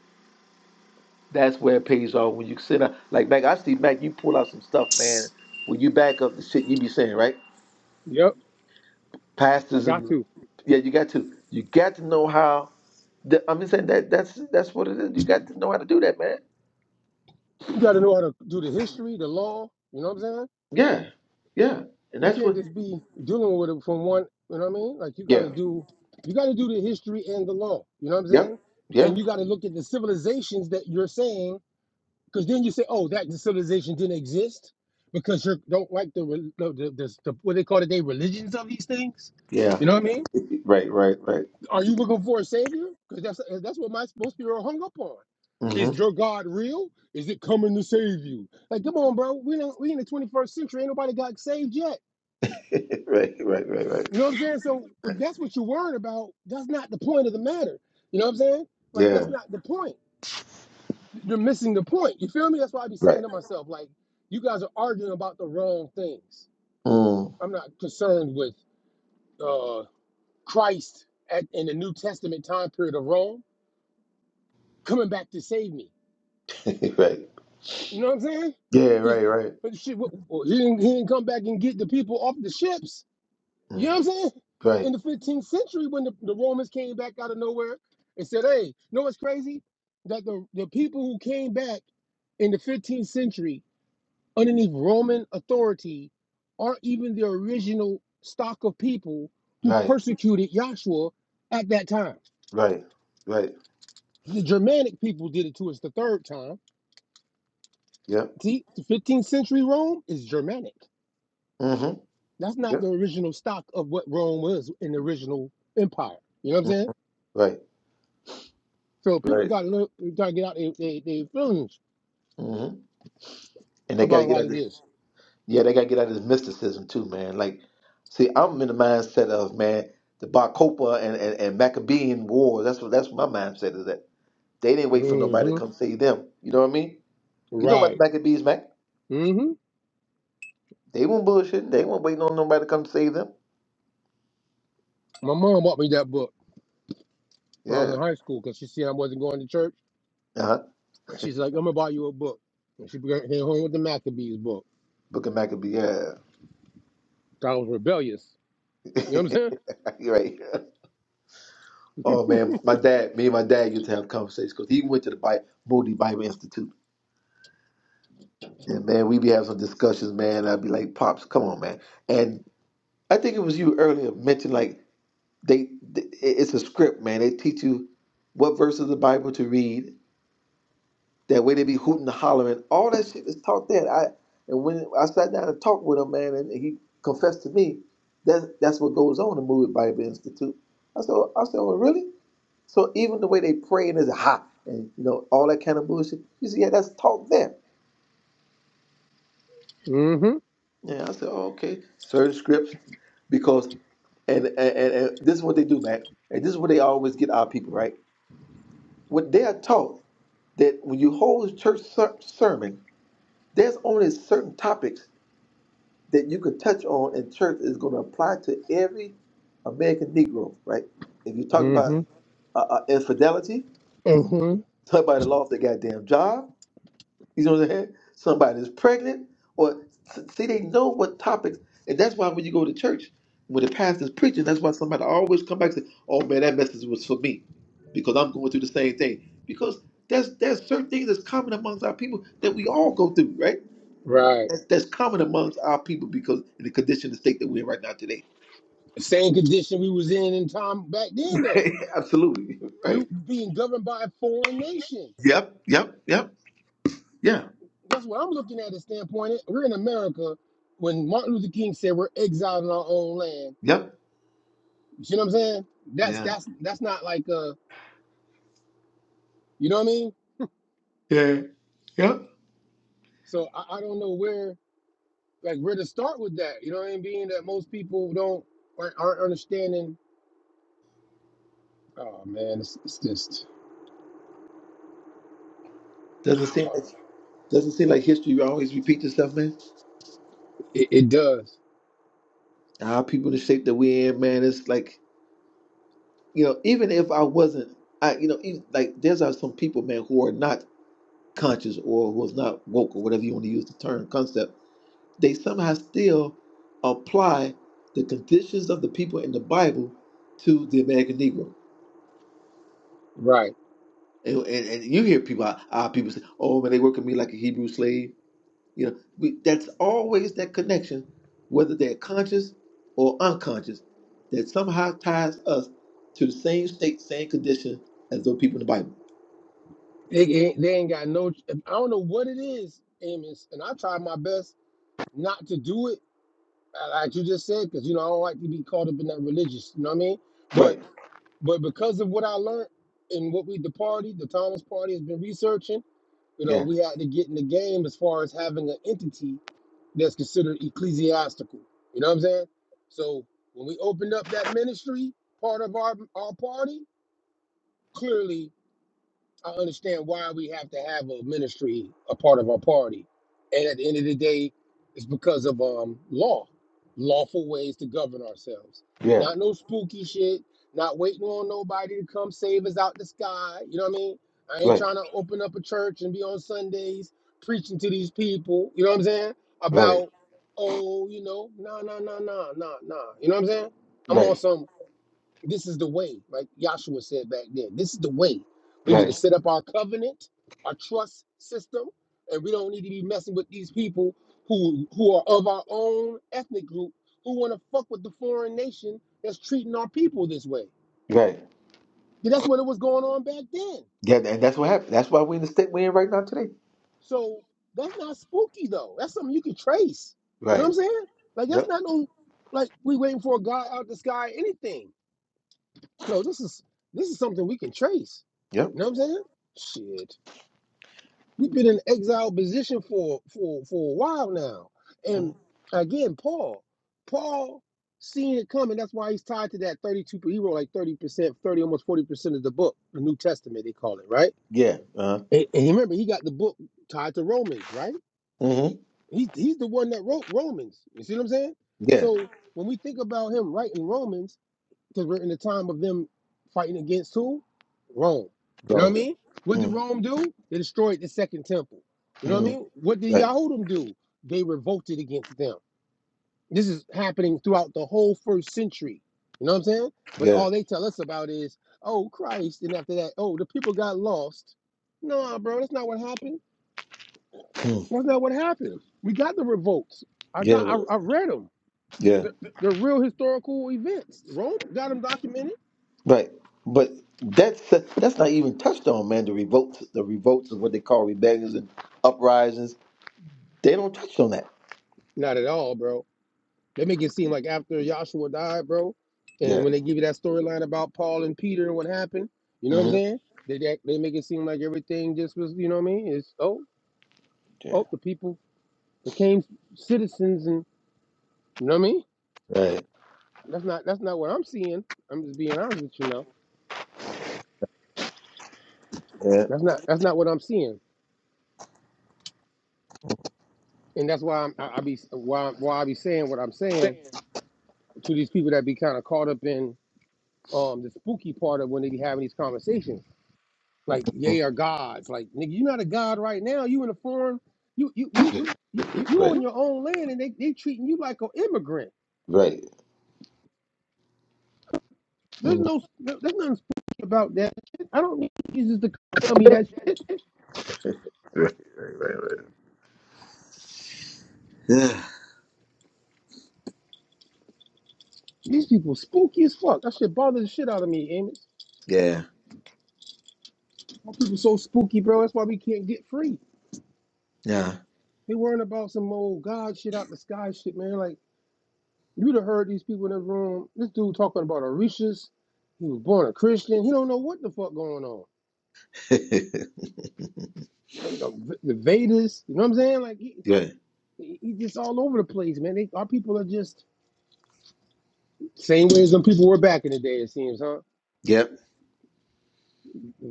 Speaker 3: That's where it pays off when you sit down. Like Mac, I see Mac, you pull out some stuff, man. When you back up the shit you be saying, right?
Speaker 2: Yep, I
Speaker 3: pastors
Speaker 2: got
Speaker 3: and
Speaker 2: to.
Speaker 3: yeah, you got to you got to know how. The, I'm just saying that that's that's what it is. You got to know how to do that, man.
Speaker 2: You got to know how to do the history, the law. You know what I'm saying?
Speaker 3: Yeah, yeah, and
Speaker 2: You
Speaker 3: that's
Speaker 2: can't
Speaker 3: what.
Speaker 2: just be dealing with it from one. You know what I mean? Like you got
Speaker 3: Yeah,
Speaker 2: to do, you got to do the history and the law. You know what I'm
Speaker 3: yep,
Speaker 2: saying?
Speaker 3: yeah,
Speaker 2: And you got to look at the civilizations that you're saying, because then you say, oh, that civilization didn't exist because you don't like the, the, the, the, the what they call it, they religions of these things.
Speaker 3: yeah.
Speaker 2: You know what I mean?
Speaker 3: Right, right, right.
Speaker 2: Are you looking for a savior? Because that's eh, that's what my most people are hung up on.
Speaker 3: hmm
Speaker 2: Is your God real? Is it coming to save you? Like, come on, bro. We don't we in the 21st century. Ain't nobody got saved yet.
Speaker 3: right, right, right, right.
Speaker 2: You know what I'm saying? So if that's what you're worried about, that's not the point of the matter. You know what I'm saying? Like,
Speaker 3: Yeah,
Speaker 2: that's not the point. You're missing the point. You feel me? That's why I be saying
Speaker 3: right.
Speaker 2: to myself, like, you guys are arguing about the wrong things.
Speaker 3: Mm.
Speaker 2: I'm not concerned with uh Christ at, in the New Testament time period of Rome coming back to save me.
Speaker 3: right.
Speaker 2: You know what I'm saying?
Speaker 3: Yeah,
Speaker 2: Because
Speaker 3: right, right.
Speaker 2: he didn't he didn't come back and get the people off the ships. You know
Speaker 3: Mm.
Speaker 2: what I'm saying? In
Speaker 3: Right,
Speaker 2: the 15th century, when the, the Romans came back out of nowhere and said, "Hey, you know what's crazy? That the the people who came back in the 15th century underneath Roman authority aren't even the original stock of people who
Speaker 3: right,
Speaker 2: persecuted Joshua at that time.
Speaker 3: right, right.
Speaker 2: The Germanic people did it to us the third time.
Speaker 3: Yep.
Speaker 2: See, the 15th century Rome is Germanic.
Speaker 3: hmm
Speaker 2: That's not
Speaker 3: Yep.
Speaker 2: the original stock of what Rome was in the original empire. You know what I'm
Speaker 3: Mm.
Speaker 2: saying?
Speaker 3: Right,
Speaker 2: So people
Speaker 3: right.
Speaker 2: got to look, got to get out their they, feelings
Speaker 3: hmm And they got
Speaker 2: about
Speaker 3: to
Speaker 2: a
Speaker 3: get
Speaker 2: lot
Speaker 3: out.
Speaker 2: of this.
Speaker 3: Yeah, they gotta get out of this mysticism too, man. Like, see, I'm in the mindset of man, the Bar Kokhba and, and, and Maccabean war. That's what that's what my mindset is that they didn't wait for nobody to
Speaker 2: hmm
Speaker 3: come save them. You know what I mean? You know about
Speaker 2: Right.
Speaker 3: the Maccabees, Mac?
Speaker 2: hmm
Speaker 3: They weren't bullshitting. They weren't waiting on nobody to come save them.
Speaker 2: My mom bought me that book when I was
Speaker 3: Yeah.
Speaker 2: in high school because she seen I wasn't going to church.
Speaker 3: Uh huh.
Speaker 2: she's like, "I'm gonna buy you a book." And she brought- came home with the Maccabees book.
Speaker 3: Book of Maccabee. Yeah.
Speaker 2: I was rebellious. You know what I'm saying?
Speaker 3: You're right. Oh man, my dad, me and my dad used to have conversations because he went to the Bible, Moody Bible Institute. And man, we be having some discussions, man. I'd be like, Pops, come on, man. and. I think it was you earlier mentioned like they, th- it's a script, man. They teach you what verses of the Bible to read. That way they be hooting and hollering. All that shit is taught there. I and when I sat down and talked with him, man, and he confessed to me that that's what goes on in Movie Bible Institute. I said, "Oh, I said, well, really? So even the way they praying is ha and you know all that kind of bullshit. He said, yeah, that's taught there.
Speaker 2: hmm
Speaker 3: Yeah, I said, oh, okay, certain scripts, because. And, and, and and this is what they do, man. And this is what they always get our people, right? What they are taught that when you hold a church ser- sermon, there's only certain topics that you can touch on, and church is going to apply to every American Negro, right? If you talk
Speaker 2: hmm
Speaker 3: about uh, uh, infidelity,
Speaker 2: hmm
Speaker 3: talk about the loss of their goddamn job, You know what I'm saying? Somebody's pregnant, or see, they know what topics, and that's why when you go to church, when the pastor's preaching, that's why somebody always come back and say, "Oh man, that message was for me," because I'm going through the same thing. Because there's there's certain things that's common amongst our people that we all go through, right?
Speaker 2: Right.
Speaker 3: That's that's common amongst our people because in the condition, the state that we're in right now today.
Speaker 2: Same condition we was in in time back then, though.
Speaker 3: Absolutely, right?
Speaker 2: You being governed by a foreign nation.
Speaker 3: Yep, yep, yep, yeah,
Speaker 2: that's what I'm looking at. The standpoint we're in America. When Martin Luther King said we're exiled in our own land,
Speaker 3: yep,
Speaker 2: you see what I'm saying? That's
Speaker 3: yeah,
Speaker 2: that's that's not like uh, you know what I mean?
Speaker 3: yeah, yep.
Speaker 2: So I, I don't know where like where to start with that. You know what I mean? Being that most people don't aren't, aren't understanding. Oh man, it's, it's just
Speaker 3: Doesn't seem like doesn't seem like history always repeats itself, man.
Speaker 2: it, it does
Speaker 3: Our people, the shape that we in, man, it's like you know, even if I wasn't, I you know, even, like there's uh, some people, man, who are not conscious or who's not woke or whatever you want to use the term concept. They somehow still apply the conditions of the people in the Bible to the American Negro.
Speaker 2: right.
Speaker 3: And, and, and you hear people, our people say, "Oh man, they working me like a Hebrew slave." You know, we, that's always that connection, whether they're conscious or unconscious, that somehow ties us to the same state, same condition as those people in the Bible.
Speaker 2: It, it, they ain't got no. I don't know what it is, Amos, and I try my best not to do it uh, like you just said, because you know I don't like to be caught up in that religious. You know what I mean? But
Speaker 3: Right.
Speaker 2: but because of what I learned and what we the party, the Thomas Party has been researching. You know,
Speaker 3: Yeah.
Speaker 2: we had to get in the game as far as having an entity that's considered ecclesiastical. You know what I'm saying? So when we opened up that ministry part of our our party, clearly I understand why we have to have a ministry a part of our party. And at the end of the day, it's because of um law, lawful ways to govern ourselves.
Speaker 3: Yeah.
Speaker 2: Not no spooky shit, not waiting on nobody to come save us out the sky. You know what I mean? I ain't
Speaker 3: Right.
Speaker 2: trying to open up a church and be on Sundays preaching to these people, you know what I'm saying?
Speaker 3: Right.
Speaker 2: About, oh, you know, nah, nah, nah, nah, nah, nah. You know what I'm saying? I'm
Speaker 3: Right.
Speaker 2: on some. This is the way, like Yahshua said back then. This is the way. We need to
Speaker 3: Right.
Speaker 2: set up our covenant, our trust system, and we don't need to be messing with these people who who are of our own ethnic group who want to fuck with the foreign nation that's treating our people this way.
Speaker 3: Right.
Speaker 2: Yeah, that's what it was going on back then.
Speaker 3: Yeah, and that's what happened. That's why we're in the state we're in right now today.
Speaker 2: So that's not spooky though. That's something you can trace. You know what
Speaker 3: Right.
Speaker 2: I'm saying? Like that's
Speaker 3: Yep.
Speaker 2: not no like we waiting for a guy out the sky, or anything. No, this is this is something we can trace.
Speaker 3: Yep.
Speaker 2: You know what I'm saying? Shit. We've been in exile position for for for a while now. And
Speaker 3: Mhm.
Speaker 2: again, Paul, Paul seeing it coming. That's why he's tied to that 32. He wrote like 30 percent, 30 almost 40 percent of the book, the New Testament they call it, right?
Speaker 3: Yeah. Uh.
Speaker 2: And, and remember, he got the book tied to Romans, right?
Speaker 3: Mm-hmm.
Speaker 2: He's he's the one that wrote Romans. You see what I'm saying?
Speaker 3: Yeah.
Speaker 2: So when we think about him writing Romans because we're in the time of them fighting against who? Rome. You know what I
Speaker 3: So.
Speaker 2: mean? What did
Speaker 3: Mm-hmm.
Speaker 2: Rome do? They destroyed the second temple. You know what I mean?
Speaker 3: Mm-hmm.
Speaker 2: What did
Speaker 3: Right.
Speaker 2: Yahudim do? They revolted against them. This is happening throughout the whole first century. You know what I'm saying? But
Speaker 3: Yeah.
Speaker 2: all they tell us about is, oh, Christ. And after that, oh, the people got lost. No, bro, that's not what happened.
Speaker 3: Mm.
Speaker 2: That's not what happened. We got the revolts. I got,
Speaker 3: Yeah.
Speaker 2: I, I read them.
Speaker 3: Yeah.
Speaker 2: They're, they're real historical events. Rome got them documented.
Speaker 3: Right, but that's that's not even touched on, man. The revolts, the revolts is what they call rebellions and uprisings. They don't touch on that.
Speaker 2: Not at all, bro. They make it seem like after Joshua died, bro,
Speaker 3: Yeah.
Speaker 2: and when they give you that storyline about Paul and Peter and what happened, you know what I'm
Speaker 3: hmm
Speaker 2: saying? They, they they make it seem like everything just was, you know what I mean? It's oh
Speaker 3: Yeah.
Speaker 2: oh the people became citizens and you know what I mean?
Speaker 3: Right.
Speaker 2: That's not that's not what I'm seeing. I'm just being honest with you now.
Speaker 3: Yeah.
Speaker 2: That's not that's not what I'm seeing, and that's why I'm, I, I be why why I be saying what I'm saying to these people that be kind of caught up in um the spooky part of when they be having these conversations like yay are gods. Like nigga, you're not a god right now. You in a foreign, you you you
Speaker 3: Mhm.
Speaker 2: you you on
Speaker 3: Right.
Speaker 2: your own land, and they they treating you like an immigrant.
Speaker 3: Right.
Speaker 2: There's
Speaker 3: Mhm.
Speaker 2: no no, there's nothing spooky about that. Shit. I don't need Jesus to come tell me that shit.
Speaker 3: Right. Right. Right. Right.
Speaker 2: These people spooky as fuck. That shit bothers the shit out of me, Amos.
Speaker 3: Yeah.
Speaker 2: Why people so spooky, bro? That's why we can't get free.
Speaker 3: Yeah. Yeah.
Speaker 2: They worrying about some old god shit out the sky shit, man. Like you'd have heard these people in the room. This dude talking about Orishas. He was born a Christian. He don't know what the fuck going on. you know, V- the Vedas. You know what I'm saying? Like he,
Speaker 3: right.
Speaker 2: he he just all over the place, man. They, our people are just same way as them people were back in the day. It seems, huh?
Speaker 3: Yep.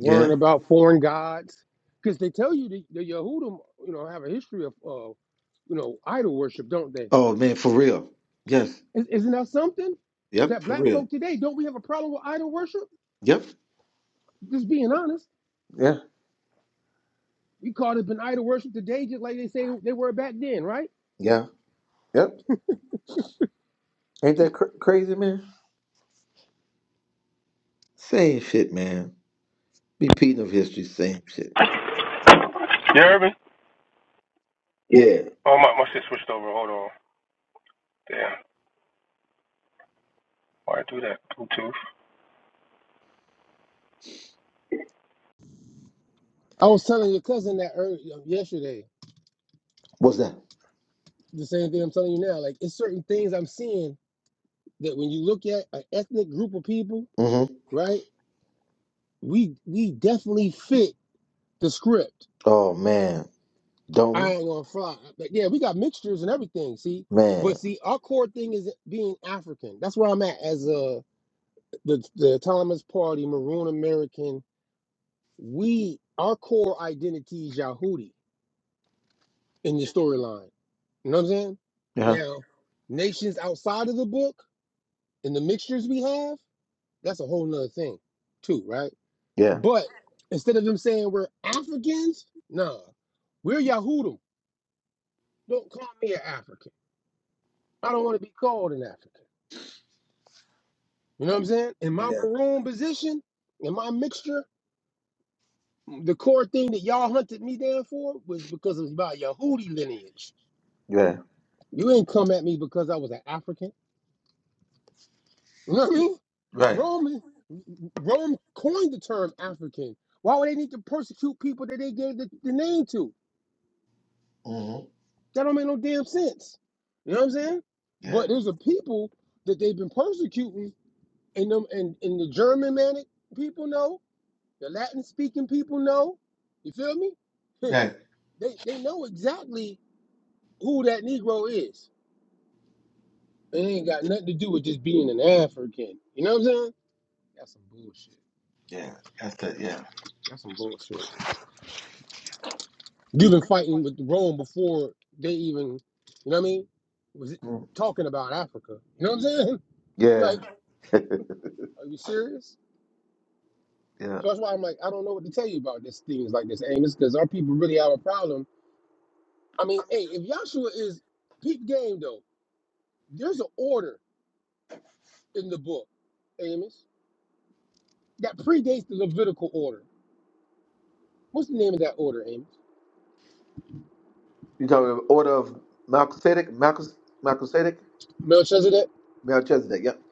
Speaker 3: Yeah.
Speaker 2: about foreign gods because they tell you the, the Yehudim, you know, have a history of, uh, you know, idol worship, don't they?
Speaker 3: Oh man, for real. Yes.
Speaker 2: Is, isn't that something
Speaker 3: Yep.
Speaker 2: that
Speaker 3: For
Speaker 2: black
Speaker 3: real.
Speaker 2: folk today don't we have a problem with idol worship?
Speaker 3: Yep.
Speaker 2: Just being honest,
Speaker 3: Yeah.
Speaker 2: we call it been idol worship today, just like they say they were back then, right?
Speaker 3: Yeah. Yep. Ain't that cr- crazy, man? Same shit, man. Repeating of history, same shit.
Speaker 2: Yeah, Urban.
Speaker 3: Yeah.
Speaker 2: Oh, my, my shit switched over. Hold on. Damn. Why do that? Bluetooth. I was telling your cousin that earlier yesterday.
Speaker 3: What's that?
Speaker 2: The same thing I'm telling you now. Like it's certain things I'm seeing that when you look at an ethnic group of people,
Speaker 3: Mm-hmm.
Speaker 2: right? We we definitely fit the script.
Speaker 3: Oh man, don't we?
Speaker 2: I ain't gonna fly. But yeah, we got mixtures and everything. See, but
Speaker 3: Man.
Speaker 2: see, our core thing is being African. That's where I'm at as a the the autonomous party, Maroon American. We our core identity is Yahudi in the storyline. You know what I'm saying?
Speaker 3: Yeah.
Speaker 2: Now, nations outside of the book. and the mixtures we have, that's a whole nother thing, too, right?
Speaker 3: Yeah.
Speaker 2: But instead of them saying we're Africans, nah, we're Yahudim. Don't call me an African. I don't want to be called an African. You know what I'm saying? In my
Speaker 3: Yeah.
Speaker 2: maroon position, in my mixture, the core thing that y'all hunted me down for was because it was about Yahudi lineage.
Speaker 3: Yeah.
Speaker 2: You ain't come at me because I was an African. You know what I mean?
Speaker 3: Right.
Speaker 2: Roman, Rome coined the term African. Why would they need to persecute people that they gave the, the name to?
Speaker 3: Mm-hmm.
Speaker 2: That don't make no damn sense. You know what I'm saying?
Speaker 3: Yeah.
Speaker 2: But there's a people that they've been persecuting, and them and, and the German manic people know, the Latin speaking people know. You feel me?
Speaker 3: Right.
Speaker 2: they they know exactly who that Negro is. It ain't got nothing to do with just being an African. You know what I'm saying? That's some bullshit.
Speaker 3: Yeah. That's the yeah.
Speaker 2: That's some bullshit. You've been fighting with Rome before they even, you know what I mean? Was
Speaker 3: Mm.
Speaker 2: talking about Africa. You know what I'm saying?
Speaker 3: Yeah.
Speaker 2: Like, are you serious?
Speaker 3: Yeah.
Speaker 2: So that's why I'm like, I don't know what to tell you about this things like this, Amos, because our people really have a problem. I mean, hey, if Joshua is peak game though, there's an order in the book, Amos, that predates the Levitical order. What's the name of that order, Amos?
Speaker 3: You talking about order of Melchizedek? Melchis- Melchizedek?
Speaker 2: Melchizedek?
Speaker 3: Melchizedek. Yep.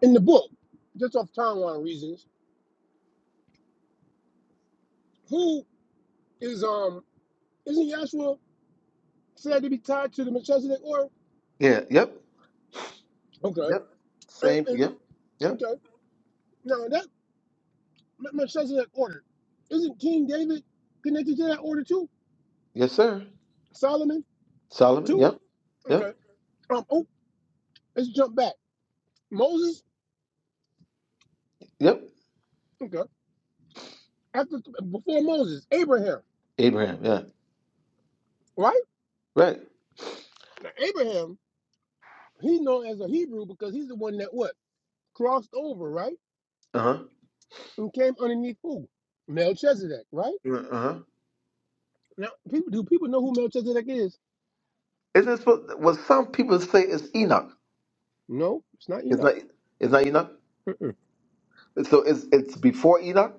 Speaker 2: in the book, just off timeline reasons. Who is um isn't Joshua said to be tied to the Melchizedek order?
Speaker 3: Yeah. Yep.
Speaker 2: Okay,
Speaker 3: Yep.
Speaker 2: and,
Speaker 3: Same.
Speaker 2: and,
Speaker 3: Yep. Yep.
Speaker 2: okay. Now that Me- Melchizedek order isn't King David connected to that order too?
Speaker 3: Yes, sir.
Speaker 2: Solomon
Speaker 3: Solomon.
Speaker 2: too?
Speaker 3: Yep. Yep.
Speaker 2: Okay. Um. Oh, let's jump back. Moses.
Speaker 3: Yep.
Speaker 2: Okay. After before Moses, Abraham.
Speaker 3: Abraham. Yeah.
Speaker 2: Right.
Speaker 3: Right.
Speaker 2: Now, Abraham. He's known as a Hebrew because he's the one that what crossed over, right,
Speaker 3: Uh huh.
Speaker 2: and came underneath who? Melchizedek, right?
Speaker 3: Uh huh.
Speaker 2: Now, people do people know who Melchizedek is?
Speaker 3: Isn't it supposed? Well, some people say it's Enoch.
Speaker 2: No, it's not
Speaker 3: It's
Speaker 2: Enoch.
Speaker 3: not. It's not Enoch.
Speaker 2: Mm-mm.
Speaker 3: So it's it's before Enoch?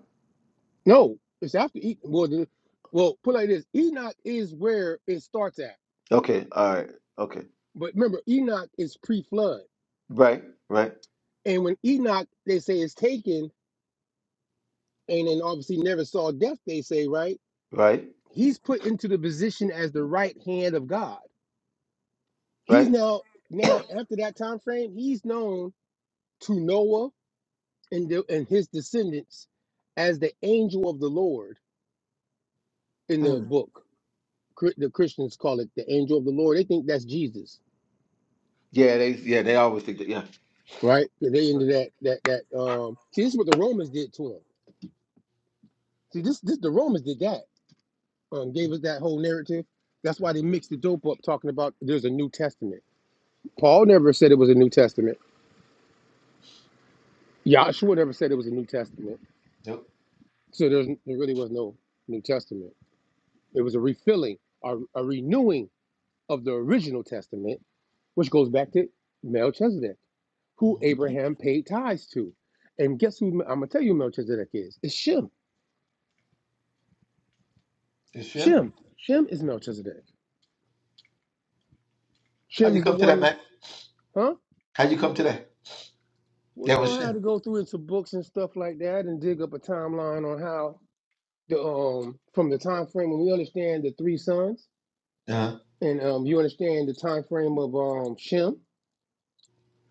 Speaker 2: No, it's after Enoch. Well, the, well, put it like this: Enoch is where it starts at.
Speaker 3: Okay, all right, okay.
Speaker 2: But remember, Enoch is pre-flood,
Speaker 3: Right, right,
Speaker 2: and when Enoch, they say, is taken, and then obviously never saw death. They say, right?
Speaker 3: right,
Speaker 2: he's put into the position as the right hand of God. He's
Speaker 3: right.
Speaker 2: now now after that time frame, he's known to Noah and the, and his descendants as the angel of the Lord in the
Speaker 3: Mm.
Speaker 2: book. Chr- The Christians call it the angel of the Lord. They think that's Jesus,
Speaker 3: Yeah, they yeah, they always think that, yeah.
Speaker 2: right? They into
Speaker 3: Right.
Speaker 2: that that that. Um, see, this is what the Romans did to him. See, this this the Romans did that. Um, gave us that whole narrative. That's why they mixed the dope up, talking about there's a New Testament. Paul never said it was a New Testament. Yahshua never said it was a New Testament.
Speaker 3: Yep.
Speaker 2: So there's, there really was no New Testament. It was a refilling, a, a renewing of the original Testament, which goes back to Melchizedek, who
Speaker 3: Mm.
Speaker 2: Abraham paid tithes to. And guess who I'm going to tell you Melchizedek is? It's Shem.
Speaker 3: It's Shem?
Speaker 2: Shem. Shem is Melchizedek.
Speaker 3: How'd you
Speaker 2: Shem's the
Speaker 3: come to that,
Speaker 2: one,
Speaker 3: Mac?
Speaker 2: huh?
Speaker 3: How'd you come to that?
Speaker 2: Well,
Speaker 3: That
Speaker 2: you know,
Speaker 3: was
Speaker 2: I had to
Speaker 3: Shem.
Speaker 2: go through into books and stuff like that and dig up a timeline on how the um from the time frame when we understand the three sons
Speaker 3: Uh-huh.
Speaker 2: and um you understand the time frame of um Shem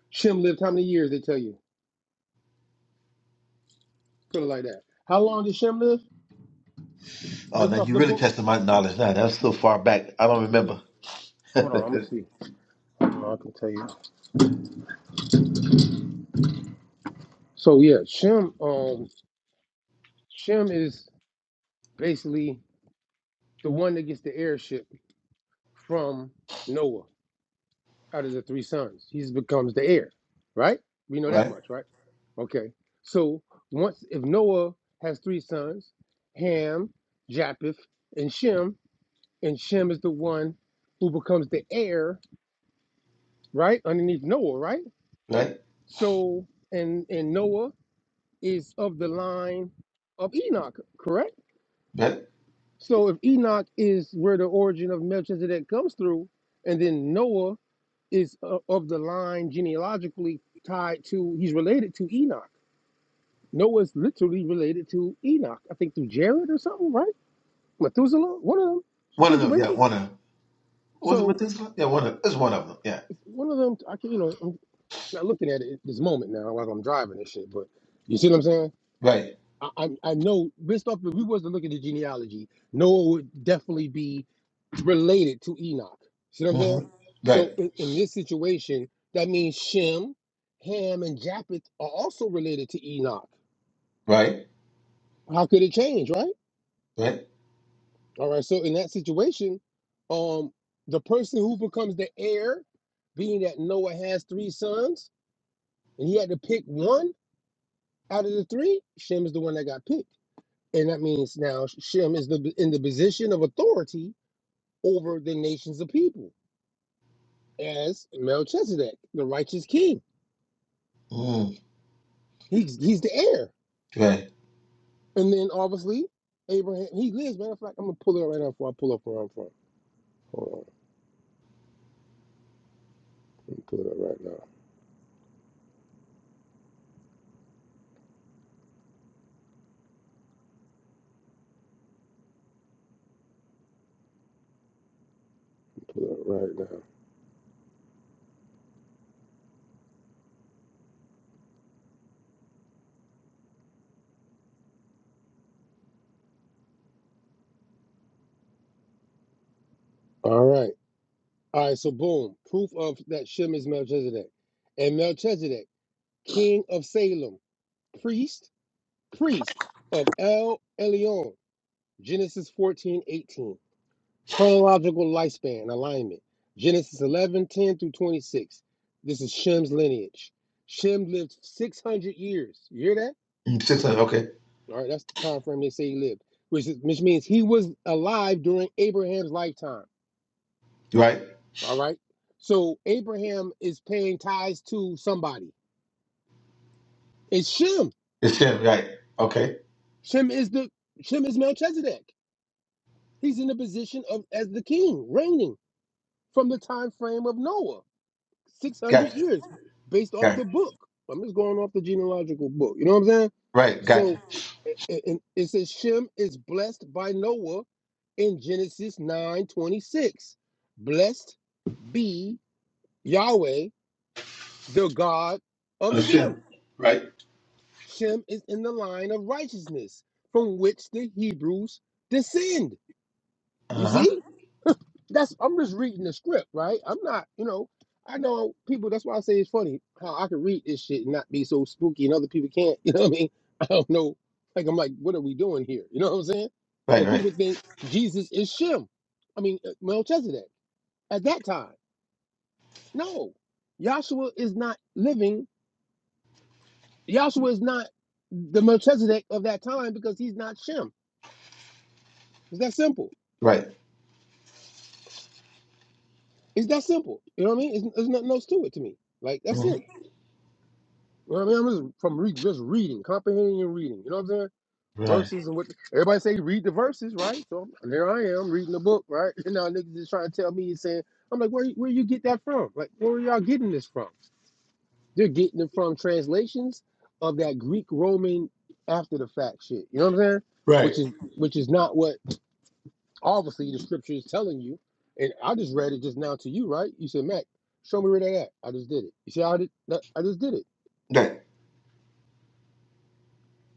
Speaker 2: Shem lived how many years? They tell you. Put it like that. How long did Shem live?
Speaker 3: Oh now
Speaker 2: Based off
Speaker 3: you
Speaker 2: the
Speaker 3: really
Speaker 2: book.
Speaker 3: tested my knowledge now. That's so far back. I don't
Speaker 2: Uh,
Speaker 3: remember.
Speaker 2: hold on, I'm gonna see. No, I can tell you. So yeah, Shem. Um, Shem is basically the one that gets the heirship from Noah out of the three sons. He becomes the heir, right? We know that
Speaker 3: right?
Speaker 2: much, right? Okay. So once, if Noah has three sons, Ham, Japheth, and Shem, and Shem is the one who becomes the heir, right, underneath Noah, right?
Speaker 3: Right?
Speaker 2: So and and Noah is of the line of Enoch, correct?
Speaker 3: Right?
Speaker 2: So if Enoch is where the origin of Melchizedek comes through, and then Noah is uh, of the line genealogically tied to, he's related to Enoch. Noah's literally related to Enoch, I think through Jared or something, right? Methuselah, one of them
Speaker 3: One of them, yeah,
Speaker 2: situations.
Speaker 3: one of them. Was it
Speaker 2: So
Speaker 3: Methuselah? Yeah, one of them. It's one of them. Yeah.
Speaker 2: it's one of them, I can, you know, I'm not looking at it at this moment now while I'm driving this shit, but you see what I'm saying?
Speaker 3: Right.
Speaker 2: I, I I know based off if we wasn't looking at the genealogy, Noah would definitely be related to Enoch. See what I'm saying?
Speaker 3: Mm-hmm.
Speaker 2: So
Speaker 3: Right.
Speaker 2: in, in this situation, that means Shem, Ham, and Japheth are also related to Enoch.
Speaker 3: Right.
Speaker 2: How could it change, right?
Speaker 3: Right.
Speaker 2: All right. So in that situation, um, the person who becomes the heir, being that Noah has three sons, and he had to pick one out of the three, Shem is the one that got picked. And that means now Shem is the in the position of authority over the nations of people as Melchizedek, the righteous king.
Speaker 3: Mm.
Speaker 2: He's he's the heir.
Speaker 3: Right.
Speaker 2: And then obviously Abraham he lives. Matter of fact, I'm gonna pull it up right now before I pull up where I'm from. Hold on. Let me pull it up right now. Let me pull it up right now. All right. All right, so boom. Proof of that Shem is Melchizedek. And Melchizedek, king of Salem, priest, priest of El Elyon. Genesis 14 18. Chronological lifespan alignment. Genesis 11 10 through 26. This is Shem's lineage. Shem lived 600 years. You hear that?
Speaker 3: Mm, Six hundred, okay.
Speaker 2: All right, that's the time frame they say he lived, which, is, which means he was alive during Abraham's lifetime.
Speaker 3: Right.
Speaker 2: All right. So Abraham is paying tithes to somebody. It's Shem.
Speaker 3: It's Hashem, right. Okay.
Speaker 2: Shem is the Shem is Melchizedek. He's in the position of as the king, reigning from the time frame of Noah. 600
Speaker 3: Gotcha.
Speaker 2: years based off
Speaker 3: Right.
Speaker 2: the book. I'm just going off the genealogical book. You know what I'm saying?
Speaker 3: Right. Gotcha.
Speaker 2: So and it says Shem is blessed by Noah in Genesis 9 26. Blessed be Yahweh, the God of Shem.
Speaker 3: Hashem. Right.
Speaker 2: Shem is in the line of righteousness from which the Hebrews descend. You
Speaker 3: Uh huh.
Speaker 2: see? that's I'm just reading the script, right? I'm not, you know, I know people. That's why I say it's funny how I can read this shit and not be so spooky, and other people can't. You know what I mean? I don't know. Like I'm like, what are we doing here? You know what I'm saying?
Speaker 3: Right.
Speaker 2: Like
Speaker 3: Right.
Speaker 2: people think Jesus is Shem. I mean uh, Melchizedek at that time. No, Joshua is not living. Joshua is not the Melchizedek of that time because he's not Shem. It's that simple.
Speaker 3: Right.
Speaker 2: It's that simple. You know what I mean? It's, there's nothing else to it to me. Like that's it.
Speaker 3: Mhm.
Speaker 2: You know what I mean? I'm just from re- just reading, comprehending and reading. You know what I'm saying?
Speaker 3: Right.
Speaker 2: Verses and what everybody say, read the verses, right? So there I am reading the book, right? And now niggas is trying to tell me and saying, I'm like, where you- where you get that from? Like, where are y'all getting this from? They're getting it from translations of that Greek Roman after the fact shit. You know what I'm saying?
Speaker 3: Right.
Speaker 2: Which is which is not what obviously the scripture is telling you. And I just read it just now to you, right? You said, Mac, show me where that at. I just did it. You see how I did that? I just did it.
Speaker 3: Right.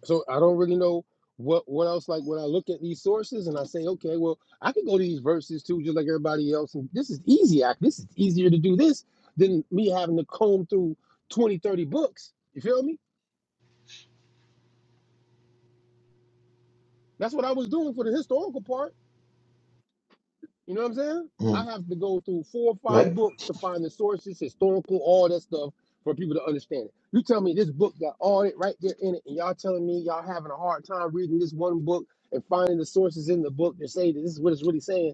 Speaker 2: so I don't really know what what else. Like when I look at these sources and I say, okay, well, I can go to these verses too, just like everybody else. And this is easy. I, this is easier to do this than me having to comb through 20 30 books. You feel me? That's what I was doing for the historical part. You know what I'm saying? I
Speaker 3: Mm.
Speaker 2: have to go through four or five
Speaker 3: Right.
Speaker 2: books to find the sources, historical, all that stuff for people to understand it. You tell me this book got all it right there in it, and y'all telling me y'all having a hard time reading this one book and finding the sources in the book to say that this is what it's really saying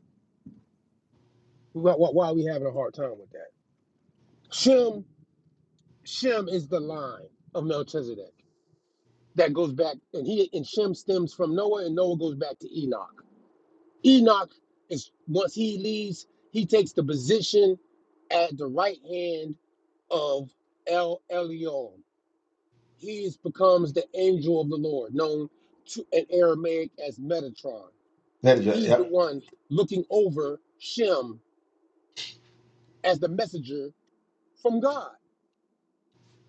Speaker 2: Why, why, why are we having a hard time with that? Shem, Shem is the line of Melchizedek that goes back, and he and Shem stems from Noah, and Noah goes back to Enoch. Enoch is once he leaves, he takes the position at the right hand of El Elyon. He is, becomes the angel of the Lord, known to, in Aramaic as Metatron.
Speaker 3: That is right.
Speaker 2: He's the
Speaker 3: Yep.
Speaker 2: one looking over Shem as the messenger from God.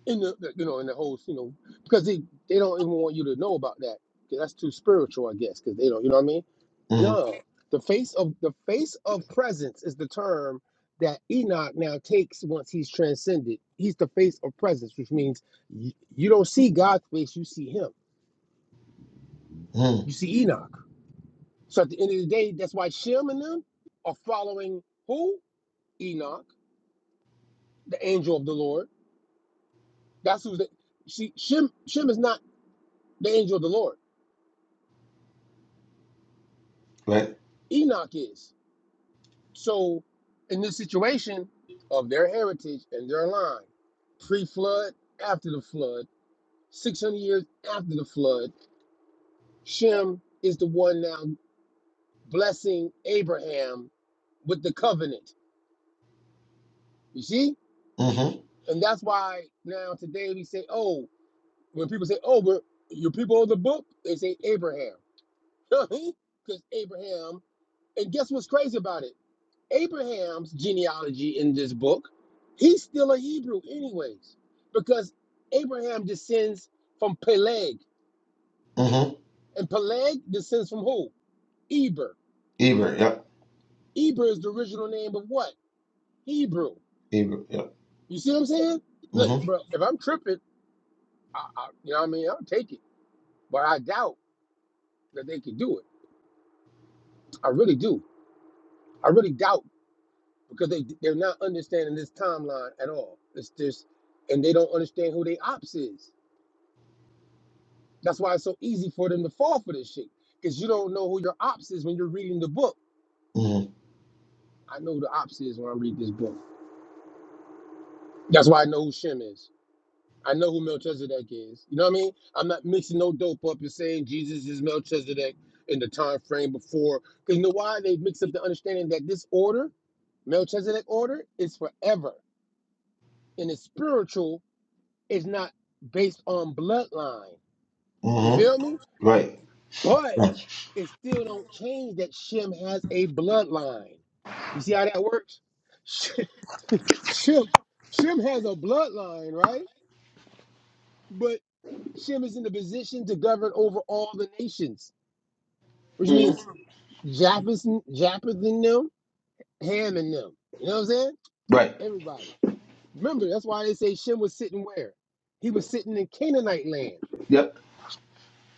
Speaker 2: in the the- you know in the whole you know because they they don't even want you to know about that 'cause that's too spiritual I guess because they don't you know what I mean
Speaker 3: Mm
Speaker 2: no the face of the face of presence is the term that Enoch now takes once he's transcended he's the face of presence which means you, you don't see God's face you see him
Speaker 3: hmm. Mm.
Speaker 2: you see Enoch so at the end of the day that's why Shem and them are following who Enoch the angel of the Lord that's who's the see Shem Shem is not the angel of the Lord
Speaker 3: Right.
Speaker 2: Enoch is So, in this situation of their heritage and their line, pre flood, after the flood, 600 years after the flood, Shem is the one now blessing Abraham with the covenant. You see?
Speaker 3: Mm hmm.
Speaker 2: And that's why now today we say, oh, when people say, oh, we're, your people of the book, they say Abraham. Because Abraham, and guess what's crazy about it? Abraham's genealogy in this book, he's still a Hebrew, anyways, because Abraham descends from Peleg,
Speaker 3: Mm hmm.
Speaker 2: and Peleg descends from who? Eber.
Speaker 3: Eber. Yep.
Speaker 2: Eber is the original name of what? Hebrew.
Speaker 3: Eber. Yep.
Speaker 2: You see what I'm saying?
Speaker 3: Mm
Speaker 2: Look,
Speaker 3: hmm.
Speaker 2: bro, if I'm tripping, I, I, you know what I mean? I'll take it, but I doubt that they can do it. I really do. I really doubt because they they're not understanding this timeline at all. It's just, and they don't understand who their ops is. That's why it's so easy for them to fall for this shit. Because you don't know who your ops is when you're reading the book.
Speaker 3: Mm
Speaker 2: I know who the ops is when I read this book. That's why I know who Shem is. I know who Melchizedek is. You know what I mean? I'm not mixing no dope up and saying Jesus is Melchizedek in the time frame before. Because you know why? They mix up the understanding that this order, Melchizedek order, is forever. And it's spiritual, it's not based on bloodline.
Speaker 3: hmm.
Speaker 2: You
Speaker 3: Mm hmm.
Speaker 2: feel me?
Speaker 3: Right.
Speaker 2: But
Speaker 3: Right.
Speaker 2: it still don't change that Shem has a bloodline. You see how that works? Sh- Shem, Shem has a bloodline, right? But Shem is in the position to govern over all the nations, which
Speaker 3: Mm-hmm.
Speaker 2: means Japheth, and- Japheth and them, Ham and them. You know what I'm saying?
Speaker 3: Right.
Speaker 2: Everybody. Remember, that's why they say Shem was sitting where? He was sitting in Canaanite land.
Speaker 3: Yep.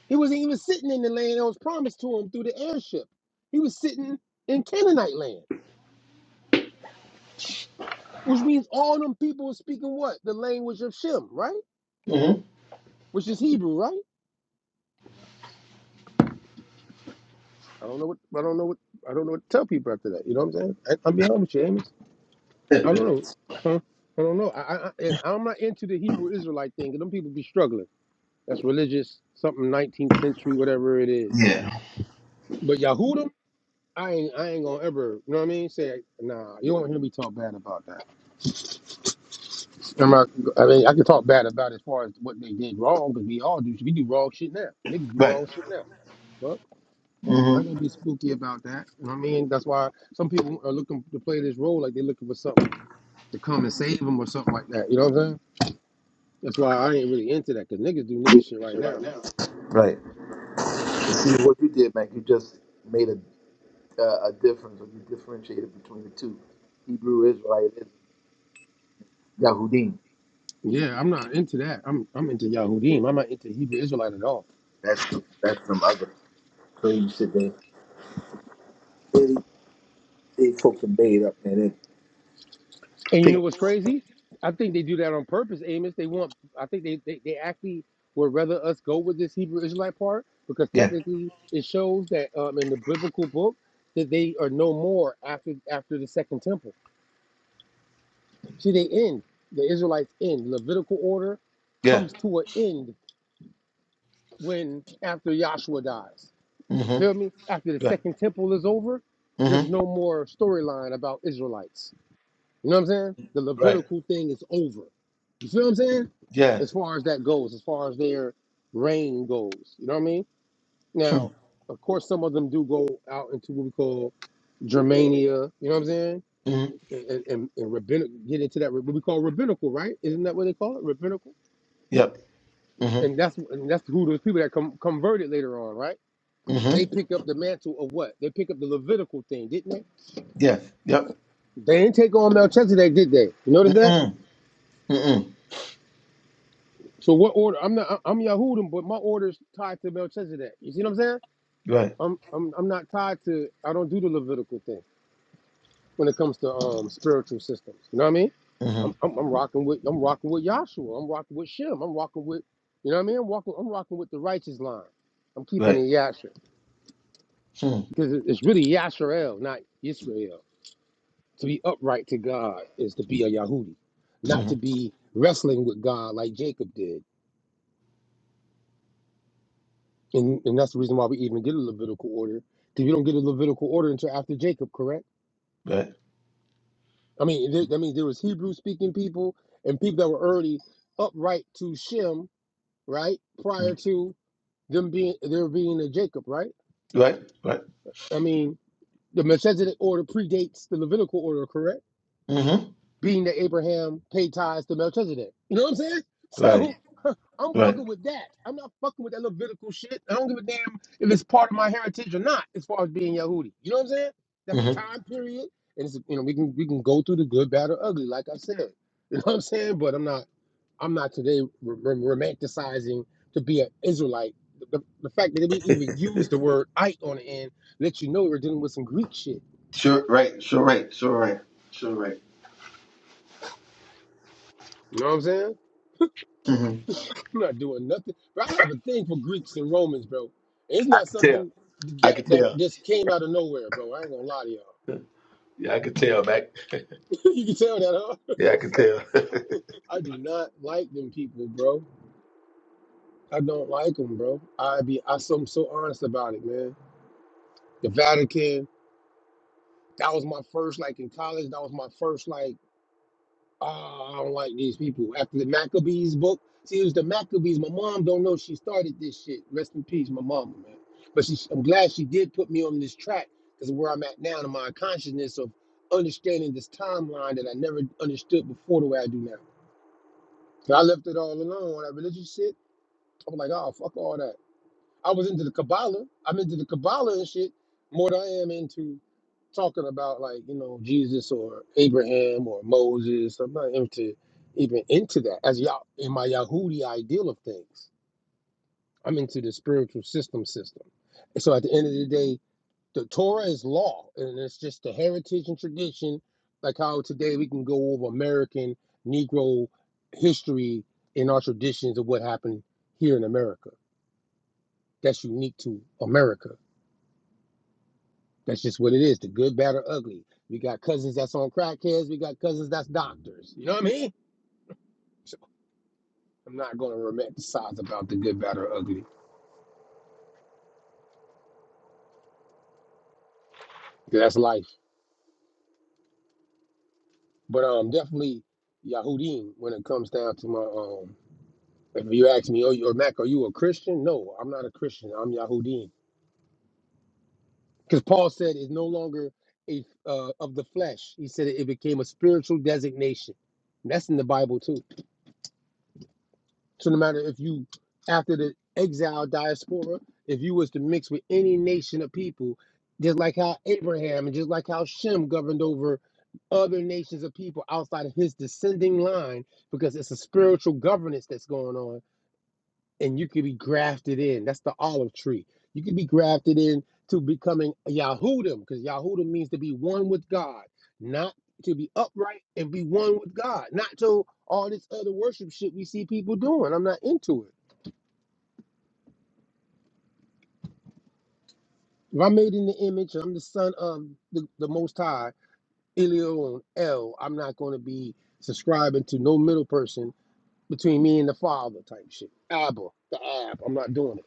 Speaker 2: He wasn't even sitting in the land that was promised to him through the airship. He was sitting in Canaanite land. Which means all them people are speaking what? The language of Shem, right?
Speaker 3: Mm
Speaker 2: Which is Hebrew, right? I don't know what I don't know what I don't know what to tell people after that. You know what I'm saying? I, I'm being honest with you, Amos.
Speaker 3: hmm.
Speaker 2: I don't know. I don't know. I, I, I I'm not into the Hebrew Israelite thing. 'cause Them people be struggling. That's religious, something 19th century, whatever it is.
Speaker 3: yeah.
Speaker 2: But Yahudim, I ain't I ain't gonna ever. You know what I mean? Say nah. You don't hear me talk bad about that. I'm not, I mean, I can talk bad about as far as what they did wrong because we all do. We do wrong shit now. Niggas do
Speaker 3: Right.
Speaker 2: wrong shit now. Fuck. Y'all
Speaker 3: Mm
Speaker 2: gonna be spooky about that. You know what I mean? That's why some people are looking to play this role like they're looking for something to come and save them or something like that. You know what I'm saying? That's why I ain't really into that because niggas do nigga shit right
Speaker 3: hmm. Right
Speaker 2: now.
Speaker 3: now. Right. See what you did, Mac. You just made a uh, a difference or you differentiated between the two Hebrew Israelism, Yahudim.
Speaker 2: Yeah, I'm not into that. I'm I'm into Yahudim. I'm not into Hebrew Israelite at all.
Speaker 3: That's some that's some other crazy shit that they, they folks are made up, man.
Speaker 2: And
Speaker 3: They
Speaker 2: you know
Speaker 3: take
Speaker 2: what's crazy? I think they do that on purpose, Amos. They want I think they, they, they actually would rather us go with this Hebrew Israelite part because
Speaker 3: Yeah.
Speaker 2: technically it shows that um in the biblical book that they are no more after after the second temple. See, they end. The Israelites end. Levitical order
Speaker 3: Yeah.
Speaker 2: comes to an end when after Yahshua dies.
Speaker 3: Mm-hmm.
Speaker 2: Feel me? After the
Speaker 3: Right.
Speaker 2: second temple is over, there's
Speaker 3: Mm-hmm.
Speaker 2: no more storyline about Israelites. You know what I'm saying? The
Speaker 3: Right.
Speaker 2: Levitical thing is over. You feel what I'm saying?
Speaker 3: Yeah.
Speaker 2: As far as that goes, as far as their reign goes. You know what I mean?
Speaker 3: Hmm.
Speaker 2: Now, of course, some of them do go out into what we call Germania. You know what I'm saying?
Speaker 3: Mm-hmm.
Speaker 2: and, and, and rabbinic get into that what we call rabbinical, right? Isn't that what they call it, rabbinical?
Speaker 3: Yep. Mm-hmm.
Speaker 2: And that's and that's who those people that com- converted later on, right?
Speaker 3: Mm-hmm.
Speaker 2: They pick up the mantle of what? They pick up the Levitical thing, didn't they?
Speaker 3: Yeah. Yep.
Speaker 2: They didn't take on Melchizedek, did they? You notice that?
Speaker 3: Mm-mm. Mm-mm.
Speaker 2: So what order? I'm not. I- I'm Yahudim, but my order's tied to Melchizedek. You see what I'm saying?
Speaker 3: Right.
Speaker 2: I'm I'm I'm not tied to. I don't do the Levitical thing. when it comes to um spiritual systems. You know what I mean?
Speaker 3: Mm-hmm.
Speaker 2: I'm I'm, I'm rocking with I'm rocking with Yahshua. I'm rocking with Shem. I'm rocking with you know what I mean? I'm rocking I'm rocking with the righteous line. I'm keeping
Speaker 3: Right.
Speaker 2: it Yasher
Speaker 3: Hmm.
Speaker 2: because it- it's really Yasharel, not Israel. To be upright to God is to be a Yahudi, not to
Speaker 3: Mm-hmm.
Speaker 2: be wrestling with God like Jacob did. And and that's the reason why we even get a Levitical order because you don't get a Levitical order until after Jacob, correct?
Speaker 3: Right.
Speaker 2: I mean, there, that means there was Hebrew speaking people and people that were already upright to Shem right? Prior
Speaker 3: Mm.
Speaker 2: to them being there being a Jacob, right?
Speaker 3: Right. Right.
Speaker 2: I mean, the Melchizedek order predates the Levitical order, correct?
Speaker 3: Mm-hmm.
Speaker 2: Being that Abraham paid tithes to Melchizedek. You know what I'm saying?
Speaker 3: Right.
Speaker 2: So I'm
Speaker 3: Right.
Speaker 2: fucking with that. I'm not fucking with that Levitical shit. I don't give a damn if it's part of my heritage or not, as far as being Yehudi. You know what I'm saying? That's a
Speaker 3: Mm-hmm.
Speaker 2: time period, and it's, you know we can we can go through the good, bad, or ugly, like I said. You know what I'm saying? But I'm not. I'm not today r- r- romanticizing to be an Israelite. The, the the fact that we even use the word "ite" on the end lets you know we're dealing with some Greek shit.
Speaker 3: Sure. Right. Sure. Right. Sure. Right. Sure. Right.
Speaker 2: You know what I'm saying?
Speaker 3: Mm-hmm.
Speaker 2: I'm not doing nothing. Bro, I have a thing for Greeks and Romans, bro. It's not
Speaker 3: Yeah.
Speaker 2: something
Speaker 3: I
Speaker 2: that
Speaker 3: could
Speaker 2: that
Speaker 3: tell.
Speaker 2: just came out of nowhere, bro. I ain't gonna lie to y'all.
Speaker 3: Yeah, I could tell, Mac.
Speaker 2: you can tell that, huh?
Speaker 3: Yeah, I could tell.
Speaker 2: I do not like them people, bro. I don't like them, bro. I be I so I'm so honest about it, man. The Vatican. That was my first, like in college. That was my first, like. Oh, I don't like these people. After the Maccabees book, see, it was the Maccabees. My mom don't know she started this shit. Rest in peace, my mama, man. But she, I'm glad she did put me on this track because where I'm at now in my consciousness of understanding this timeline that I never understood before the way I do now. So I left it all alone. All that religious shit, I was like, oh, fuck all that. I was into the Kabbalah. I'm into the Kabbalah and shit more than I am into talking about like you know Jesus or Abraham or Moses. I'm not into even into that as y'all in my Yahudi ideal of things. I'm into the spiritual system system. And so at the end of the day, the Torah is law, and it's just the heritage and tradition. Like how today we can go over American Negro history in our traditions of what happened here in America. That's unique to America. That's just what it is. The good, bad, or ugly. We got cousins that's on crackheads. We got cousins that's doctors. You know what I mean? So I'm not going to romanticize about the good, bad, or ugly. 'cause That's life. But um, definitely Yahudim when it comes down to my um. If you ask me, oh, or Mac, are you a Christian? No, I'm not a Christian. I'm Yahudim. Because Paul said it's no longer a uh, of the flesh. He said it, became a spiritual designation. And that's in the Bible too. So no matter if you after the exile diaspora, if you was to mix with any nation of people, just like how Abraham and just like how Shem governed over other nations of people outside of his descending line, because it's a spiritual governance that's going on and you could be grafted in. That's the olive tree. You could be grafted in to becoming a Yahudim, because Yahudim means to be one with God, not to be upright and be one with God, not to all this other worship shit we see people doing. I'm not into it. If I'm made in the image, I'm the son of the, the Most High, Elion El, I'm not going to be subscribing to no middle person between me and the Father type shit. Abba, the Ab. I'm not doing it.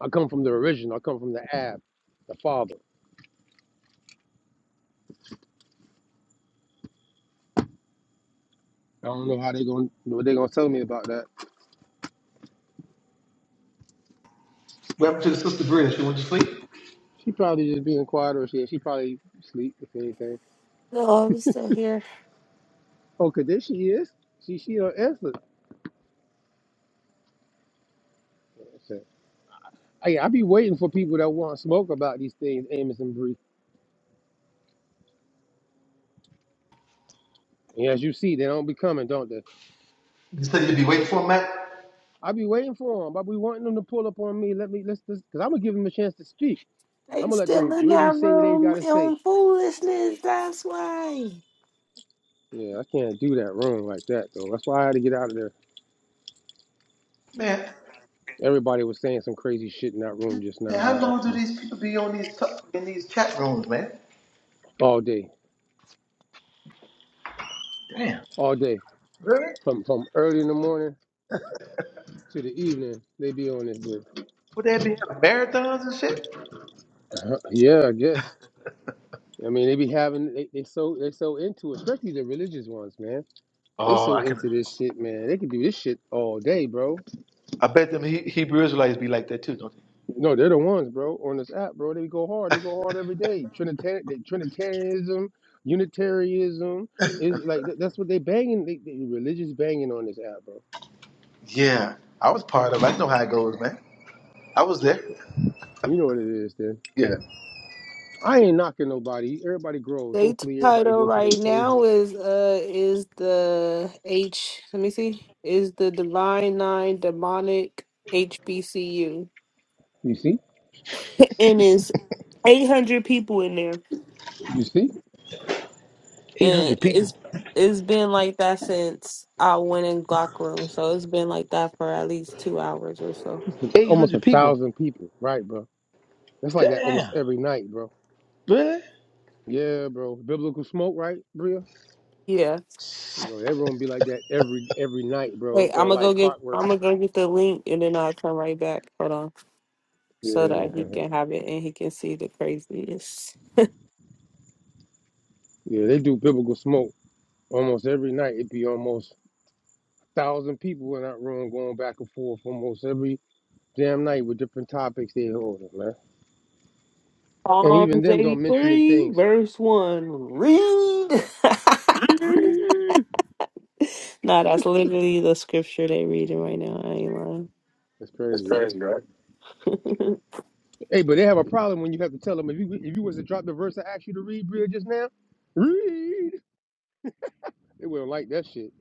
Speaker 2: I come from the original. I come from the Ab, the Father. I don't know how they gonna what they gonna tell me about that.
Speaker 3: What happened to the sister girl? She went to sleep.
Speaker 2: She probably just being quiet or she she probably sleep if anything.
Speaker 1: No, I'm still here.
Speaker 2: Oh, 'cause there she is. She she don't answer. Okay. Hey, I be waiting for people that want to smoke about these things, Amos and Bree. And as you see, they don't be coming, don't they?
Speaker 3: You said you'd be waiting for him, Matt.
Speaker 2: I be waiting for them, but we wanting them to pull up on me. Let me let's because I'm gonna give them a chance to speak.
Speaker 1: They
Speaker 2: I'm gonna let
Speaker 1: still
Speaker 2: them
Speaker 1: in
Speaker 2: really
Speaker 1: that
Speaker 2: say what they
Speaker 1: room
Speaker 2: gotta say.
Speaker 1: on foolishness. That's why.
Speaker 2: Yeah, I can't do that room like that though. That's why I had to get out of there.
Speaker 3: Man,
Speaker 2: Everybody was saying some crazy shit in that room just
Speaker 3: man,
Speaker 2: now.
Speaker 3: how
Speaker 2: I had
Speaker 3: long
Speaker 2: to
Speaker 3: do
Speaker 2: listen
Speaker 3: these people be on these t- in these chat rooms, man?
Speaker 2: all day,
Speaker 3: Damn,
Speaker 2: all day.
Speaker 3: really?
Speaker 2: From from early in the morning to the evening, they be on this. bitch.
Speaker 3: Would they be having marathons and shit?
Speaker 2: Uh-huh. Yeah, I guess. I mean, they be having they, they so they so into it, especially the religious ones, man. They
Speaker 3: Oh,
Speaker 2: so
Speaker 3: I
Speaker 2: into
Speaker 3: can.
Speaker 2: this shit, man. They can do this shit all day, bro.
Speaker 3: I bet them he- Hebrew Israelites be like that too, don't
Speaker 2: No, they're the ones, bro, on this app, bro. They go hard. They go hard every day. Trinitarian, they, Trinitarianism, Unitarianism is like that, that's what they banging. They, they religious banging on this app, bro.
Speaker 3: they? Yeah, I was part of. it. I know how it goes, man. I was there.
Speaker 2: And You know what it is, then.
Speaker 3: Yeah.
Speaker 2: I ain't knocking nobody. Everybody grows.
Speaker 1: They
Speaker 2: Hopefully, everybody
Speaker 1: title
Speaker 2: go through their
Speaker 1: right now
Speaker 2: stages.
Speaker 1: is uh is the H. Let me see. Is the Divine Nine Demonic HBCU,
Speaker 2: You see?
Speaker 1: and it's eight hundred people in there.
Speaker 2: You see,
Speaker 1: And
Speaker 3: 800 people.
Speaker 1: it's it's been like that since I went in Glock room, so it's been like that for at least two hours or so.
Speaker 2: it's almost a
Speaker 3: 800 people.
Speaker 2: thousand people, right, bro? That's like that almost
Speaker 3: Damn.
Speaker 2: every night, bro.
Speaker 3: Really?
Speaker 2: Yeah, bro. Biblical smoke, right, Bria?
Speaker 1: Yeah.
Speaker 2: You know, everyone be like that every every night, bro,
Speaker 1: Wait, I'm
Speaker 2: on
Speaker 1: gonna go
Speaker 2: like
Speaker 1: get I'm
Speaker 2: clockwork.
Speaker 1: gonna go get the link and then I'll come right back. Hold on,
Speaker 2: Yeah,
Speaker 1: so that he
Speaker 2: man.
Speaker 1: can have it and he can see the craziest.
Speaker 2: Yeah, they do biblical smoke almost every night. It'd be almost a thousand people in that room going back and forth almost every damn night with different topics they hold, man. And even
Speaker 1: Psalms
Speaker 2: them don't mention the
Speaker 1: 83,
Speaker 2: things.
Speaker 1: verse one. Read. nah, that's literally the scripture they reading right now. I ain't lying.
Speaker 2: That's
Speaker 1: That's
Speaker 2: crazy, right?
Speaker 1: crazy, right?
Speaker 2: Hey, but they have a problem when you have to tell them if you if you was to drop the verse I asked you to read, Bria, just now, read. They wouldn't like that shit.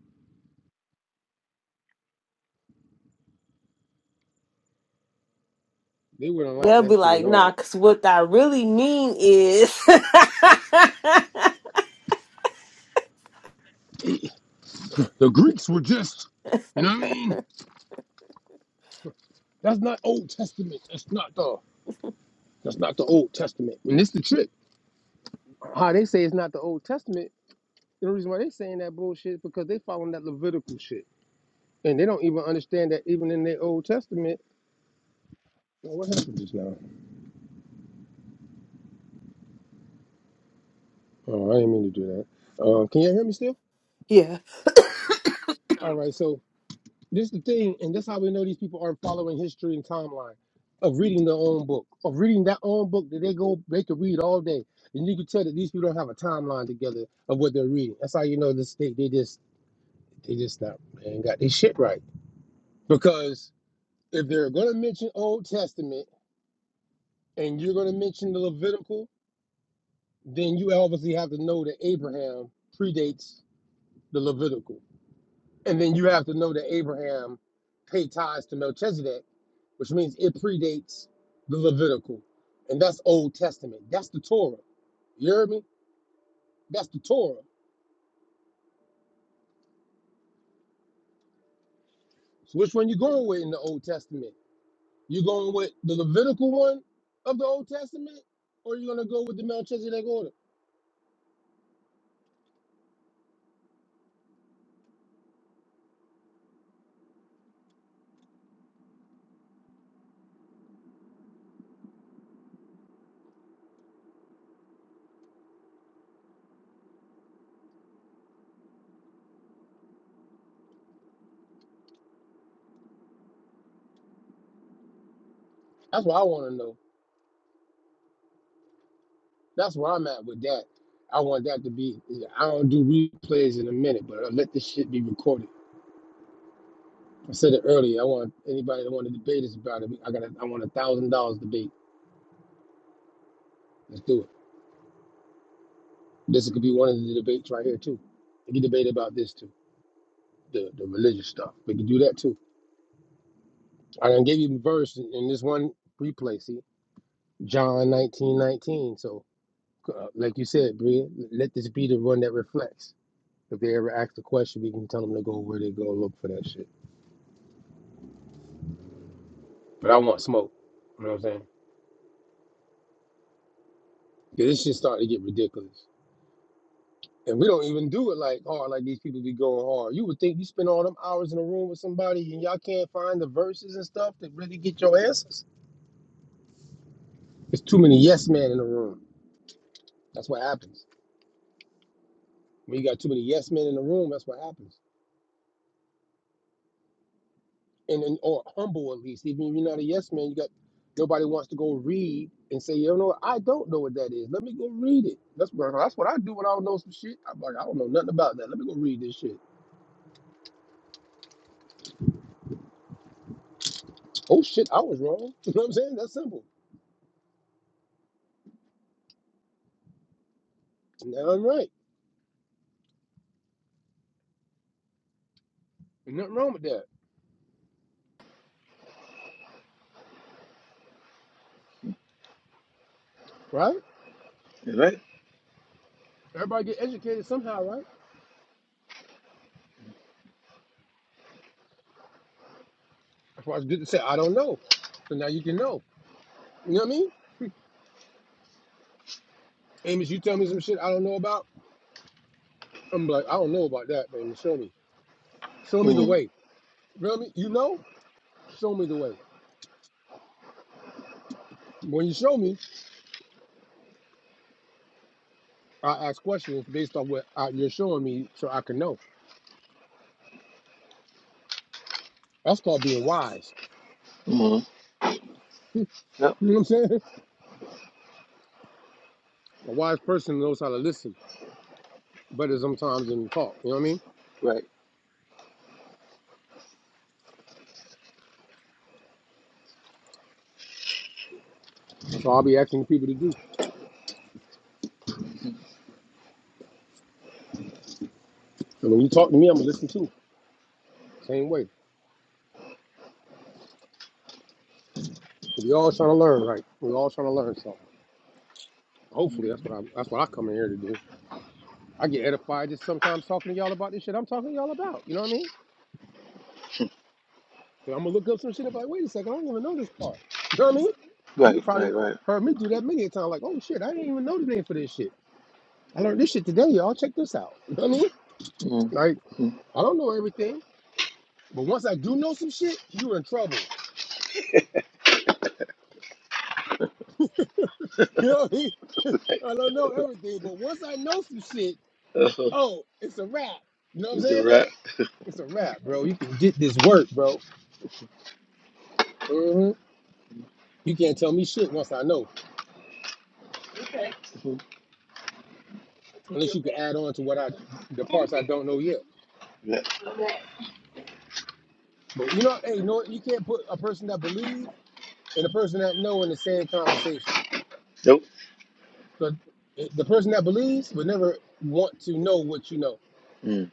Speaker 2: They wouldn't like
Speaker 1: They'll be
Speaker 2: that shit at
Speaker 1: like, nah,
Speaker 2: all.
Speaker 1: because what I really mean is.
Speaker 2: The gr- you know what I mean? That's not Old Testament. That's not the that's not the Old Testament. And this the trick. How they say it's not the Old Testament. The reason why they saying that bullshit is because they following that Levitical shit, and they don't even understand that even in their Old Testament. Oh, what happened just now? Oh, I didn't mean to do that. Uh, can you hear me still?
Speaker 1: yeah.
Speaker 2: All right, so This is the thing, and that's how we know these people aren't following history and timeline of reading their own book, of reading that own book that they go they could read all day, and you can tell that these people don't have a timeline together of what they're reading. That's how you know this they they just they just not they ain't got their shit right because if they're gonna mention Old Testament and you're gonna mention the Levitical, then you obviously have to know that Abraham predates the Levitical, and then you have to know that Abraham paid tithes to Melchizedek which means it predates the Levitical, and that's Old Testament. That's the Torah. You hear me? That's the Torah. So which one you going with in the Old Testament? You going with the Levitical one of the Old Testament, or you gonna go with the Melchizedek order? That's what I want to know. That's where I'm at with that. I want that to be. I don't do replays in a minute, but I let this shit be recorded. I said it earlier. I want anybody that want to debate us about it. I got. A, I want a thousand dollars debate. Let's do it. This could be one of the debates right here too. We can debate about this too, the, the religious stuff. We can do that too. I done gave you the verse in in this one replay. See, John nineteen nineteen. So, uh, like you said, Bria, let this be the one that reflects. If they ever ask a question, we can tell them to go where they go look for that shit. But I want smoke. You know what I'm saying? 'Cause this shit starting to get ridiculous. And we don't even do it like hard, like these people be going hard. You would think you spend all them hours in a room with somebody and y'all can't find the verses and stuff that really get your answers. It's too many yes men in the room. That's what happens. When you got too many yes men in the room, that's what happens. And, and or humble at least. Even if you're not a yes man, you got nobody wants to go read and say, you know, what? I don't know what that is. Let me go read it. That's what that's what I do when I don't know some shit. I'm like, I don't know nothing about that. Let me go read this shit. Oh shit, I was wrong. You know what I'm saying? That's simple. And I'm right. There's nothing wrong with that, right?
Speaker 3: Right?
Speaker 2: Everybody get educated somehow, right? That's why it's good to say I don't know. So now you can know. You know what I mean? Amos, you tell me some shit I don't know about. I'm like, I don't know about that, man. Show me. Show me the
Speaker 3: Mm-hmm.
Speaker 2: way. Feel me? You know? Show me the way. When you show me, I ask questions based on what I, you're showing me so I can know. That's called being wise.
Speaker 3: Mm-hmm. Yep.
Speaker 2: You know what I'm saying? A wise person knows how to listen better sometimes than talk. You know what I mean?
Speaker 3: Right.
Speaker 2: So I'll be asking people to do. And when you talk to me, I'm gonna listen too. Same way. We all trying to learn, right? We all trying to learn something. Hopefully that's
Speaker 3: Mm-hmm.
Speaker 2: what I that's what I come in here to do. I get edified just sometimes talking to y'all about this shit I'm talking to y'all about. You know what I mean? I'm gonna look up some shit and be like, wait a second, I didn't even know this part. You know what I mean? You
Speaker 3: Right.
Speaker 2: probably
Speaker 3: Right. Right.
Speaker 2: heard me do that many a time, like, oh shit, I didn't even know the name for this shit. I learned this shit today, y'all. Check this out. You know what I mean? Like, I don't know everything, but once I do know some shit, you're in trouble. You know what I mean? I don't know everything, but once I know some shit,
Speaker 3: Oh,
Speaker 2: oh, it's a wrap. You know what I'm
Speaker 3: Is it
Speaker 2: saying?
Speaker 3: right?
Speaker 2: It's a wrap, bro. You can get this work, bro. hmm You can't tell me shit once I know, unless you can add on to what I, the parts I don't know yet.
Speaker 3: Yeah. Okay.
Speaker 2: But you know, hey, you know what? You can't put a person that believe and a person that know in the same conversation
Speaker 3: Nope.
Speaker 2: because the person that believes would never want to know what you know.
Speaker 3: Mm.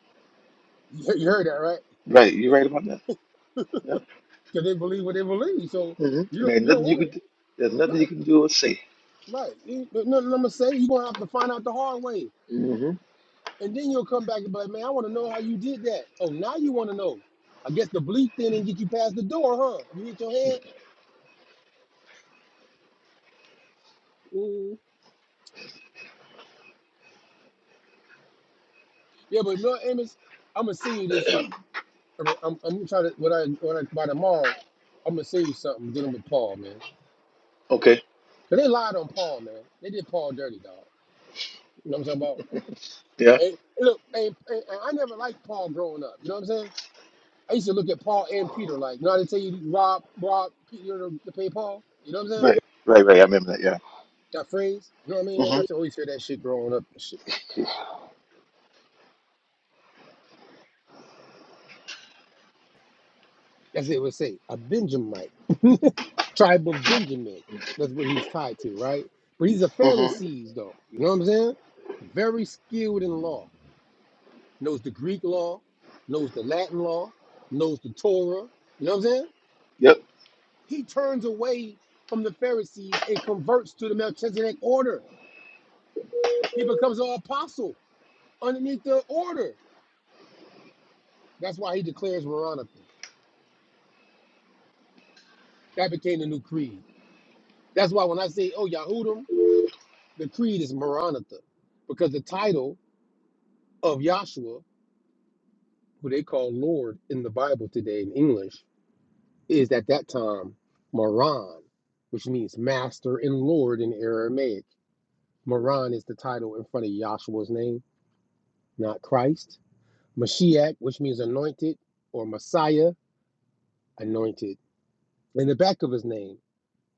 Speaker 2: You you heard that right?
Speaker 3: Right. You're right about that. Yep.
Speaker 2: Because they believe what they believe, so
Speaker 3: hmm
Speaker 2: you
Speaker 3: And
Speaker 2: don't
Speaker 3: there's
Speaker 2: you don't
Speaker 3: nothing you
Speaker 2: want
Speaker 3: can do. There's
Speaker 2: it.
Speaker 3: nothing you
Speaker 2: Right,
Speaker 3: can do or say.
Speaker 2: right. You- No, no, I'm gonna say you're gonna have to find out the hard way,
Speaker 3: hmm
Speaker 2: and then you'll come back and be like, man, I want to know how you did that. Oh, now you want to know. I guess the belief then didn't get you past the door, huh? You hit your head. Ooh. Yeah, but no, Amos, I'm gonna send you this shit I'm, I'm, I'm trying to when I when I by tomorrow, I'm gonna send you something dealing with Paul, man.
Speaker 3: Okay.
Speaker 2: Cause they lied on Paul, man. They did Paul dirty, dog. You know what I'm talking about?
Speaker 3: Yeah.
Speaker 2: And, and look, and, and, and I never liked Paul growing up. You know what I'm saying? I used to look at Paul and Peter like, you know how they tell you rob rob Peter to, to pay Paul. You know what I'm saying?
Speaker 3: Right. Right. Right. I remember that. Yeah.
Speaker 2: That phrase. You know what I mean? I
Speaker 3: hmm
Speaker 2: used to always hear that shit growing up. and shit. As they would say. A Benjamite, tribe of Benjamin. That's what he's tied to, right? But he's a
Speaker 3: hmm
Speaker 2: Pharisee, though. You know what I'm saying? Very skilled in law. Knows the Greek law, knows the Latin law, knows the Torah. You know what I'm saying?
Speaker 3: Yep.
Speaker 2: He turns away from the Pharisees and converts to the Melchizedek order. He becomes an apostle underneath the order. That's why he declares Maranatha. That became the new creed. That's why when I say, oh, Yahudim, The creed is Maranatha, because the title of Yahshua, who they call Lord in the Bible today in English, is at that time Maran, which means Master and Lord in Aramaic. Maran is the title in front of Yahshua's name, not Christ. Mashiach, which means anointed, or Messiah, anointed. In the back of his name,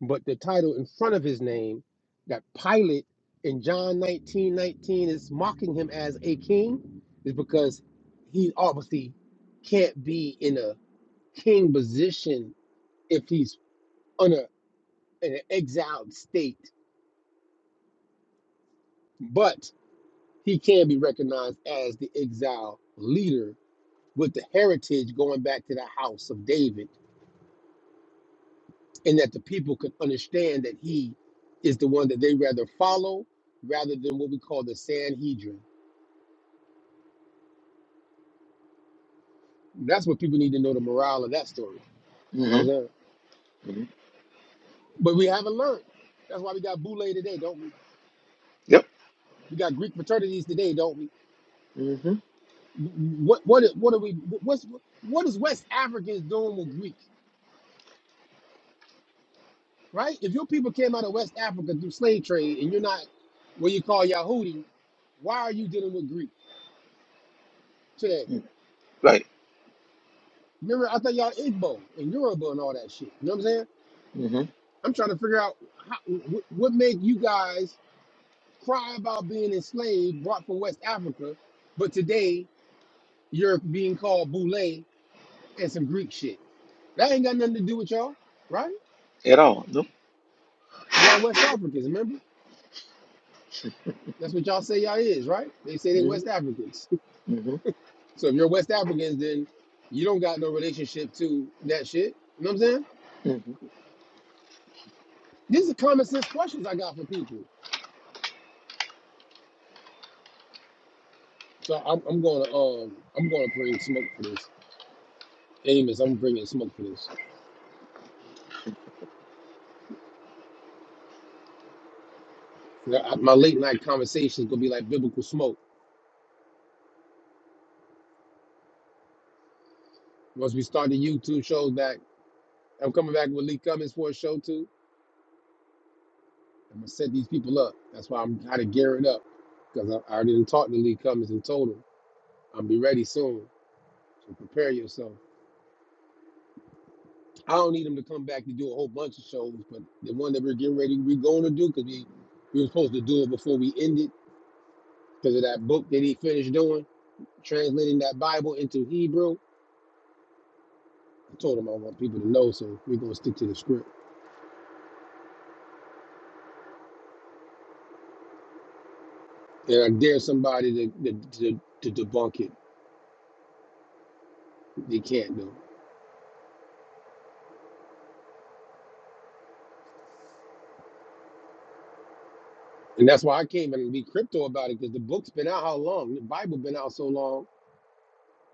Speaker 2: but the title in front of his name that Pilate in John 19 19 is mocking him as a king is because he obviously can't be in a king position if he's on a, in an exiled state, but he can be recognized as the exiled leader with the heritage going back to the house of David, and that the people could understand that he is the one that they rather follow rather than what we call the Sanhedrin That's what people need to know the morale of that story. You know
Speaker 3: hmm
Speaker 2: what I'm saying?
Speaker 3: hmm
Speaker 2: But we haven't learned. That's why we got Boule today, don't we?
Speaker 3: Yep.
Speaker 2: We got Greek fraternities today, don't we?
Speaker 3: hmm
Speaker 2: What what what are we? What's what is West Africans doing with Greek? Right? If your people came out of West Africa through slave trade and you're not what you call Yahudi, why are you dealing with Greek today?
Speaker 3: Right.
Speaker 2: Remember, I thought y'all Igbo and Yoruba and all that shit. You know what I'm saying?
Speaker 3: hmm
Speaker 2: I'm trying to figure out how, wh- what made you guys cry about being enslaved, brought from West Africa, but today you're being called Boule and some Greek shit. That ain't got nothing to do with y'all, right?
Speaker 3: At all. Nope.
Speaker 2: Y'all West Africans, remember? That's what y'all say y'all is, right? They say they West
Speaker 3: Mhm.
Speaker 2: Africans. So if you're West Africans, then you don't got no relationship to that shit. You know what I'm saying? These are common sense questions I got for people. So I'm, I'm gonna um I'm gonna bring smoke for this. Amos, I'm bringing smoke for this. I- I- My late night conversation is gonna be like biblical smoke Once we start the YouTube shows back, I'm coming back with Lee Cummings for a show too. I'm gonna set these people up. That's why I'm kind of gearing up because I, I already done talked to Lee Cummings and told him I'm be ready soon. So prepare yourself. I don't need him to come back to do a whole bunch of shows, but the one that we're getting ready, we're going to do because we we were supposed to do it before we ended because of that book that he finished doing, translating that Bible into Hebrew. I told him I want people to know, so we're gonna stick to the script. And I dare somebody to to, to, to debunk it. They can't though. And that's why I came and be crypto about it because the book's been out how long? The Bible been out so long.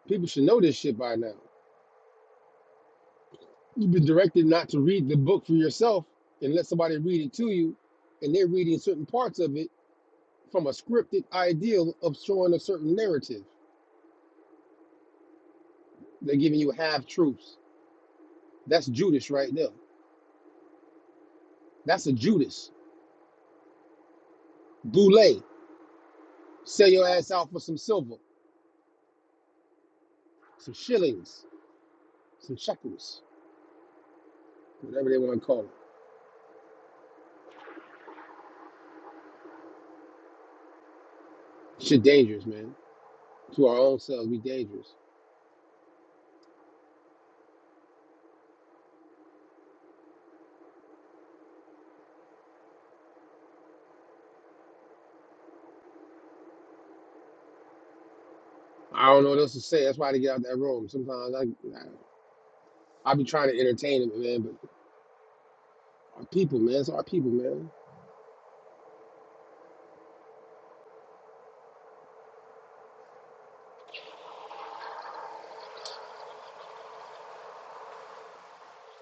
Speaker 2: People should know this shit by now. You've been directed not to read the book for yourself and let somebody read it to you, and they're reading certain parts of it from a scripted ideal of showing a certain narrative. They're giving you half truths. That's Judas right there. That's a Judas. Boule. Sell your ass out for some silver, some shillings, some shekels, whatever they want to call it. Shit dangerous, man. To our own selves, we dangerous. I don't know what else to say. That's why they get out that room. Sometimes I, I, I be trying to entertain them, man. But our people, man, it's our people, man.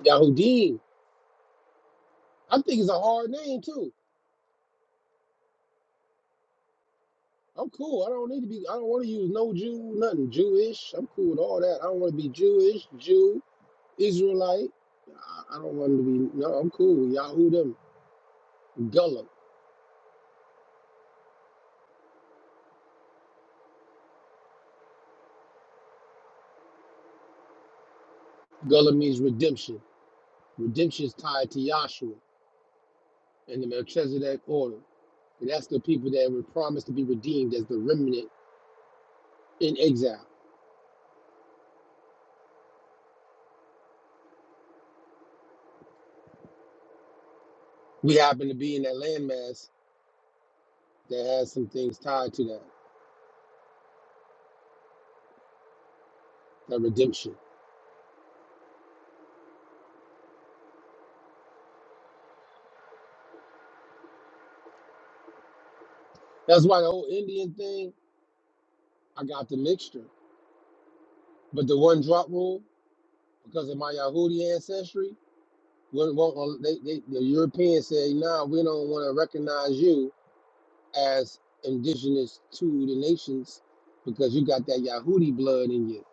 Speaker 2: Yahudim. I think it's a hard name too. I'm cool. I don't need to be. I don't want to use no Jew, nothing Jewish. I'm cool with all that. I don't want to be Jewish, Jew, Israelite. I, I don't want to be. No, I'm cool. with Yahudim. Gullah. Gullah means redemption. Redemption is tied to Yahshua and the Melchizedek order. And that's the people that were promised to be redeemed as the remnant in exile. we happen to be in that landmass that has some things tied to that, that redemption. That's why the whole Indian thing, I got the mixture. But the one drop rule, because of my Yahudi ancestry, wouldn't want- uh, they, they, the Europeans say, nah, we don't want to recognize you as indigenous to the nations because you got that Yahudi blood in you,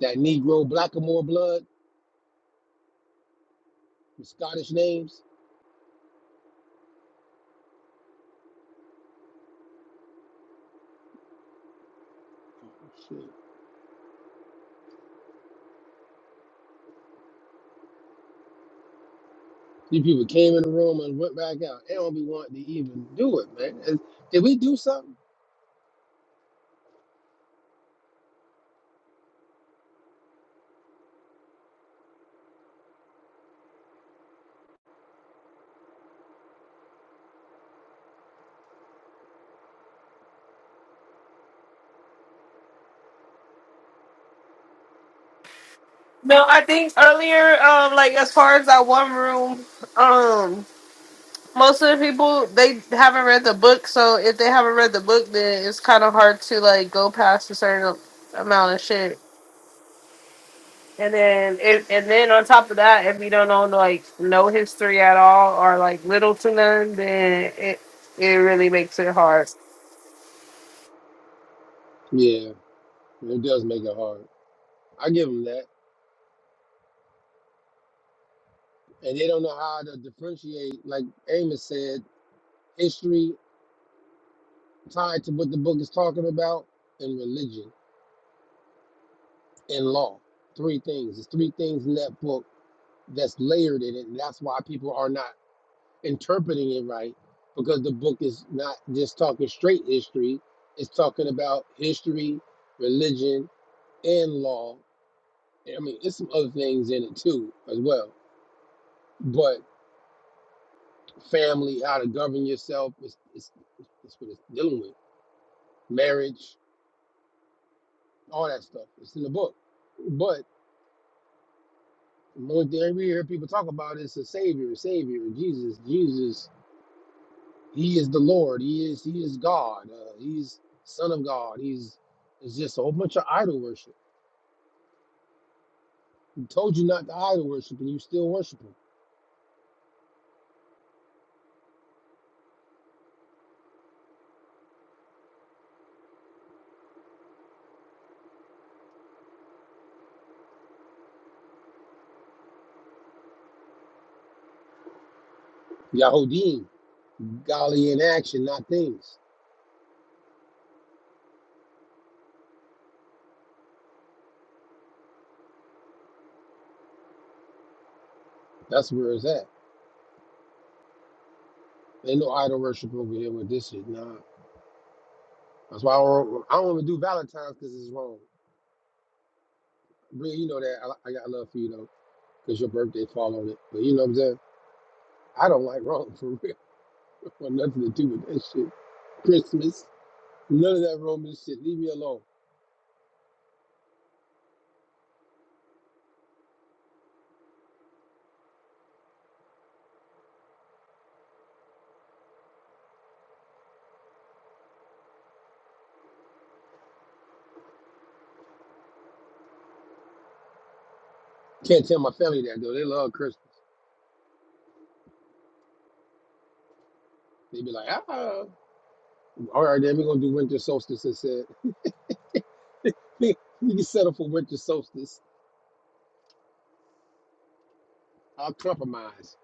Speaker 2: that Negro Blackamoor blood, the Scottish names. These people came in the room and went back out. They don't be wanting to even do it, man. Is- Did we do something?
Speaker 1: No, I think earlier, um, like as far as that one room, um, most of the people they haven't read the book, so if they haven't read the book, then it's kind of hard to like go past a certain amount of shit. And then, if, and then on top of that, if you don't know like no history at all or like little to none, then it it really makes it hard.
Speaker 2: Yeah, it does make it hard. I give them that. And they don't know how to differentiate, like Amos said, history tied to what the book is talking about and religion and law. Three things. There's three things in that book that's layered in it. And that's why people are not interpreting it right because the book is not just talking straight history it's talking about history religion and law i mean there's some other things in it too as well but family how to govern yourself it's, it's, it's what it's dealing with marriage all that stuff it's in the book but the only thing we hear people talk about is a savior a savior jesus jesus He is the Lord. He is He is God. Uh, he's Son of God. He's it's just a whole bunch of idol worship. He told you not to idol worship, and you still worship him. Yahodim, golly in action, not things. That's where it's at. Ain't no idol worship over here with this shit. Nah, that's why I don't, I don't even do Valentine's because it's wrong. Really, you know that I, I got love for you though, because your birthday fall on it. But you know what I'm saying? I don't like wrong for real. I Want nothing to do with that shit. Christmas, none of that Roman shit. Leave me alone. Can't tell my family that though. They love Christmas. They be like, ah, all right, then we're gonna do winter solstice instead. We can settle for winter solstice. I'll compromise.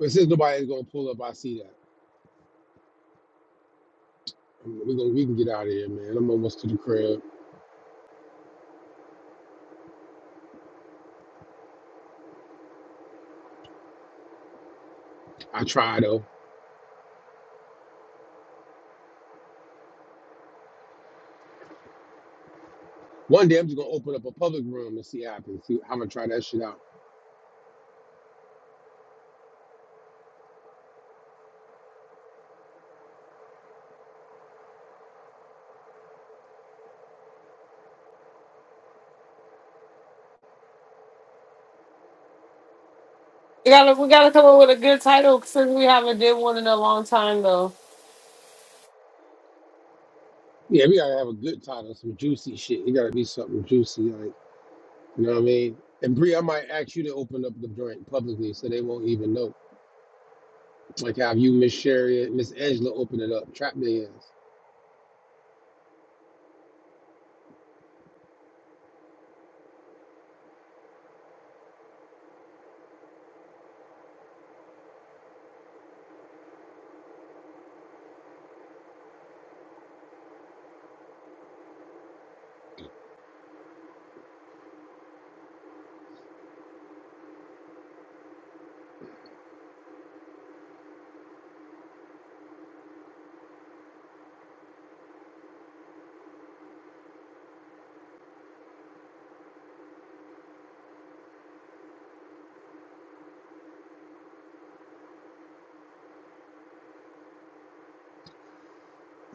Speaker 2: But since nobody's gonna pull up, I see that. I mean, we gonna we can get out of here, man. I'm almost to the crib. I try though. One day I'm just gonna open up a public room and see what happens. See I'm gonna try that shit out.
Speaker 1: We gotta we gotta come up with a good title since we haven't did one in a long time though.
Speaker 2: Yeah, we gotta have a good title, some juicy shit. It gotta be something juicy, like you know what I mean? And Bree, I might ask you to open up the joint publicly so they won't even know. Like how you, Miss Sherry, and Miss Angela open it up. Trap millions.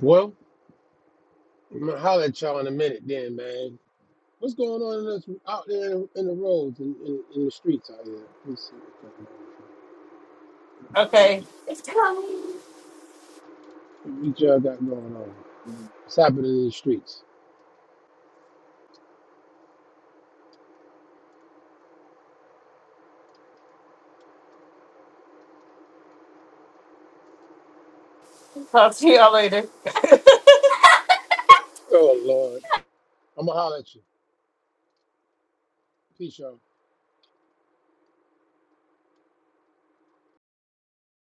Speaker 2: Well, I'm gonna holler at y'all in a minute then, man. What's going on in this, out there in, in the roads and in, in, in the streets out here? Let's see what's going on about
Speaker 1: Okay.
Speaker 2: this. What y'all got going on? What's happening in the streets?
Speaker 1: Talk to y'all later.
Speaker 2: Oh Lord. I'm gonna holler at you. Peace, y'all.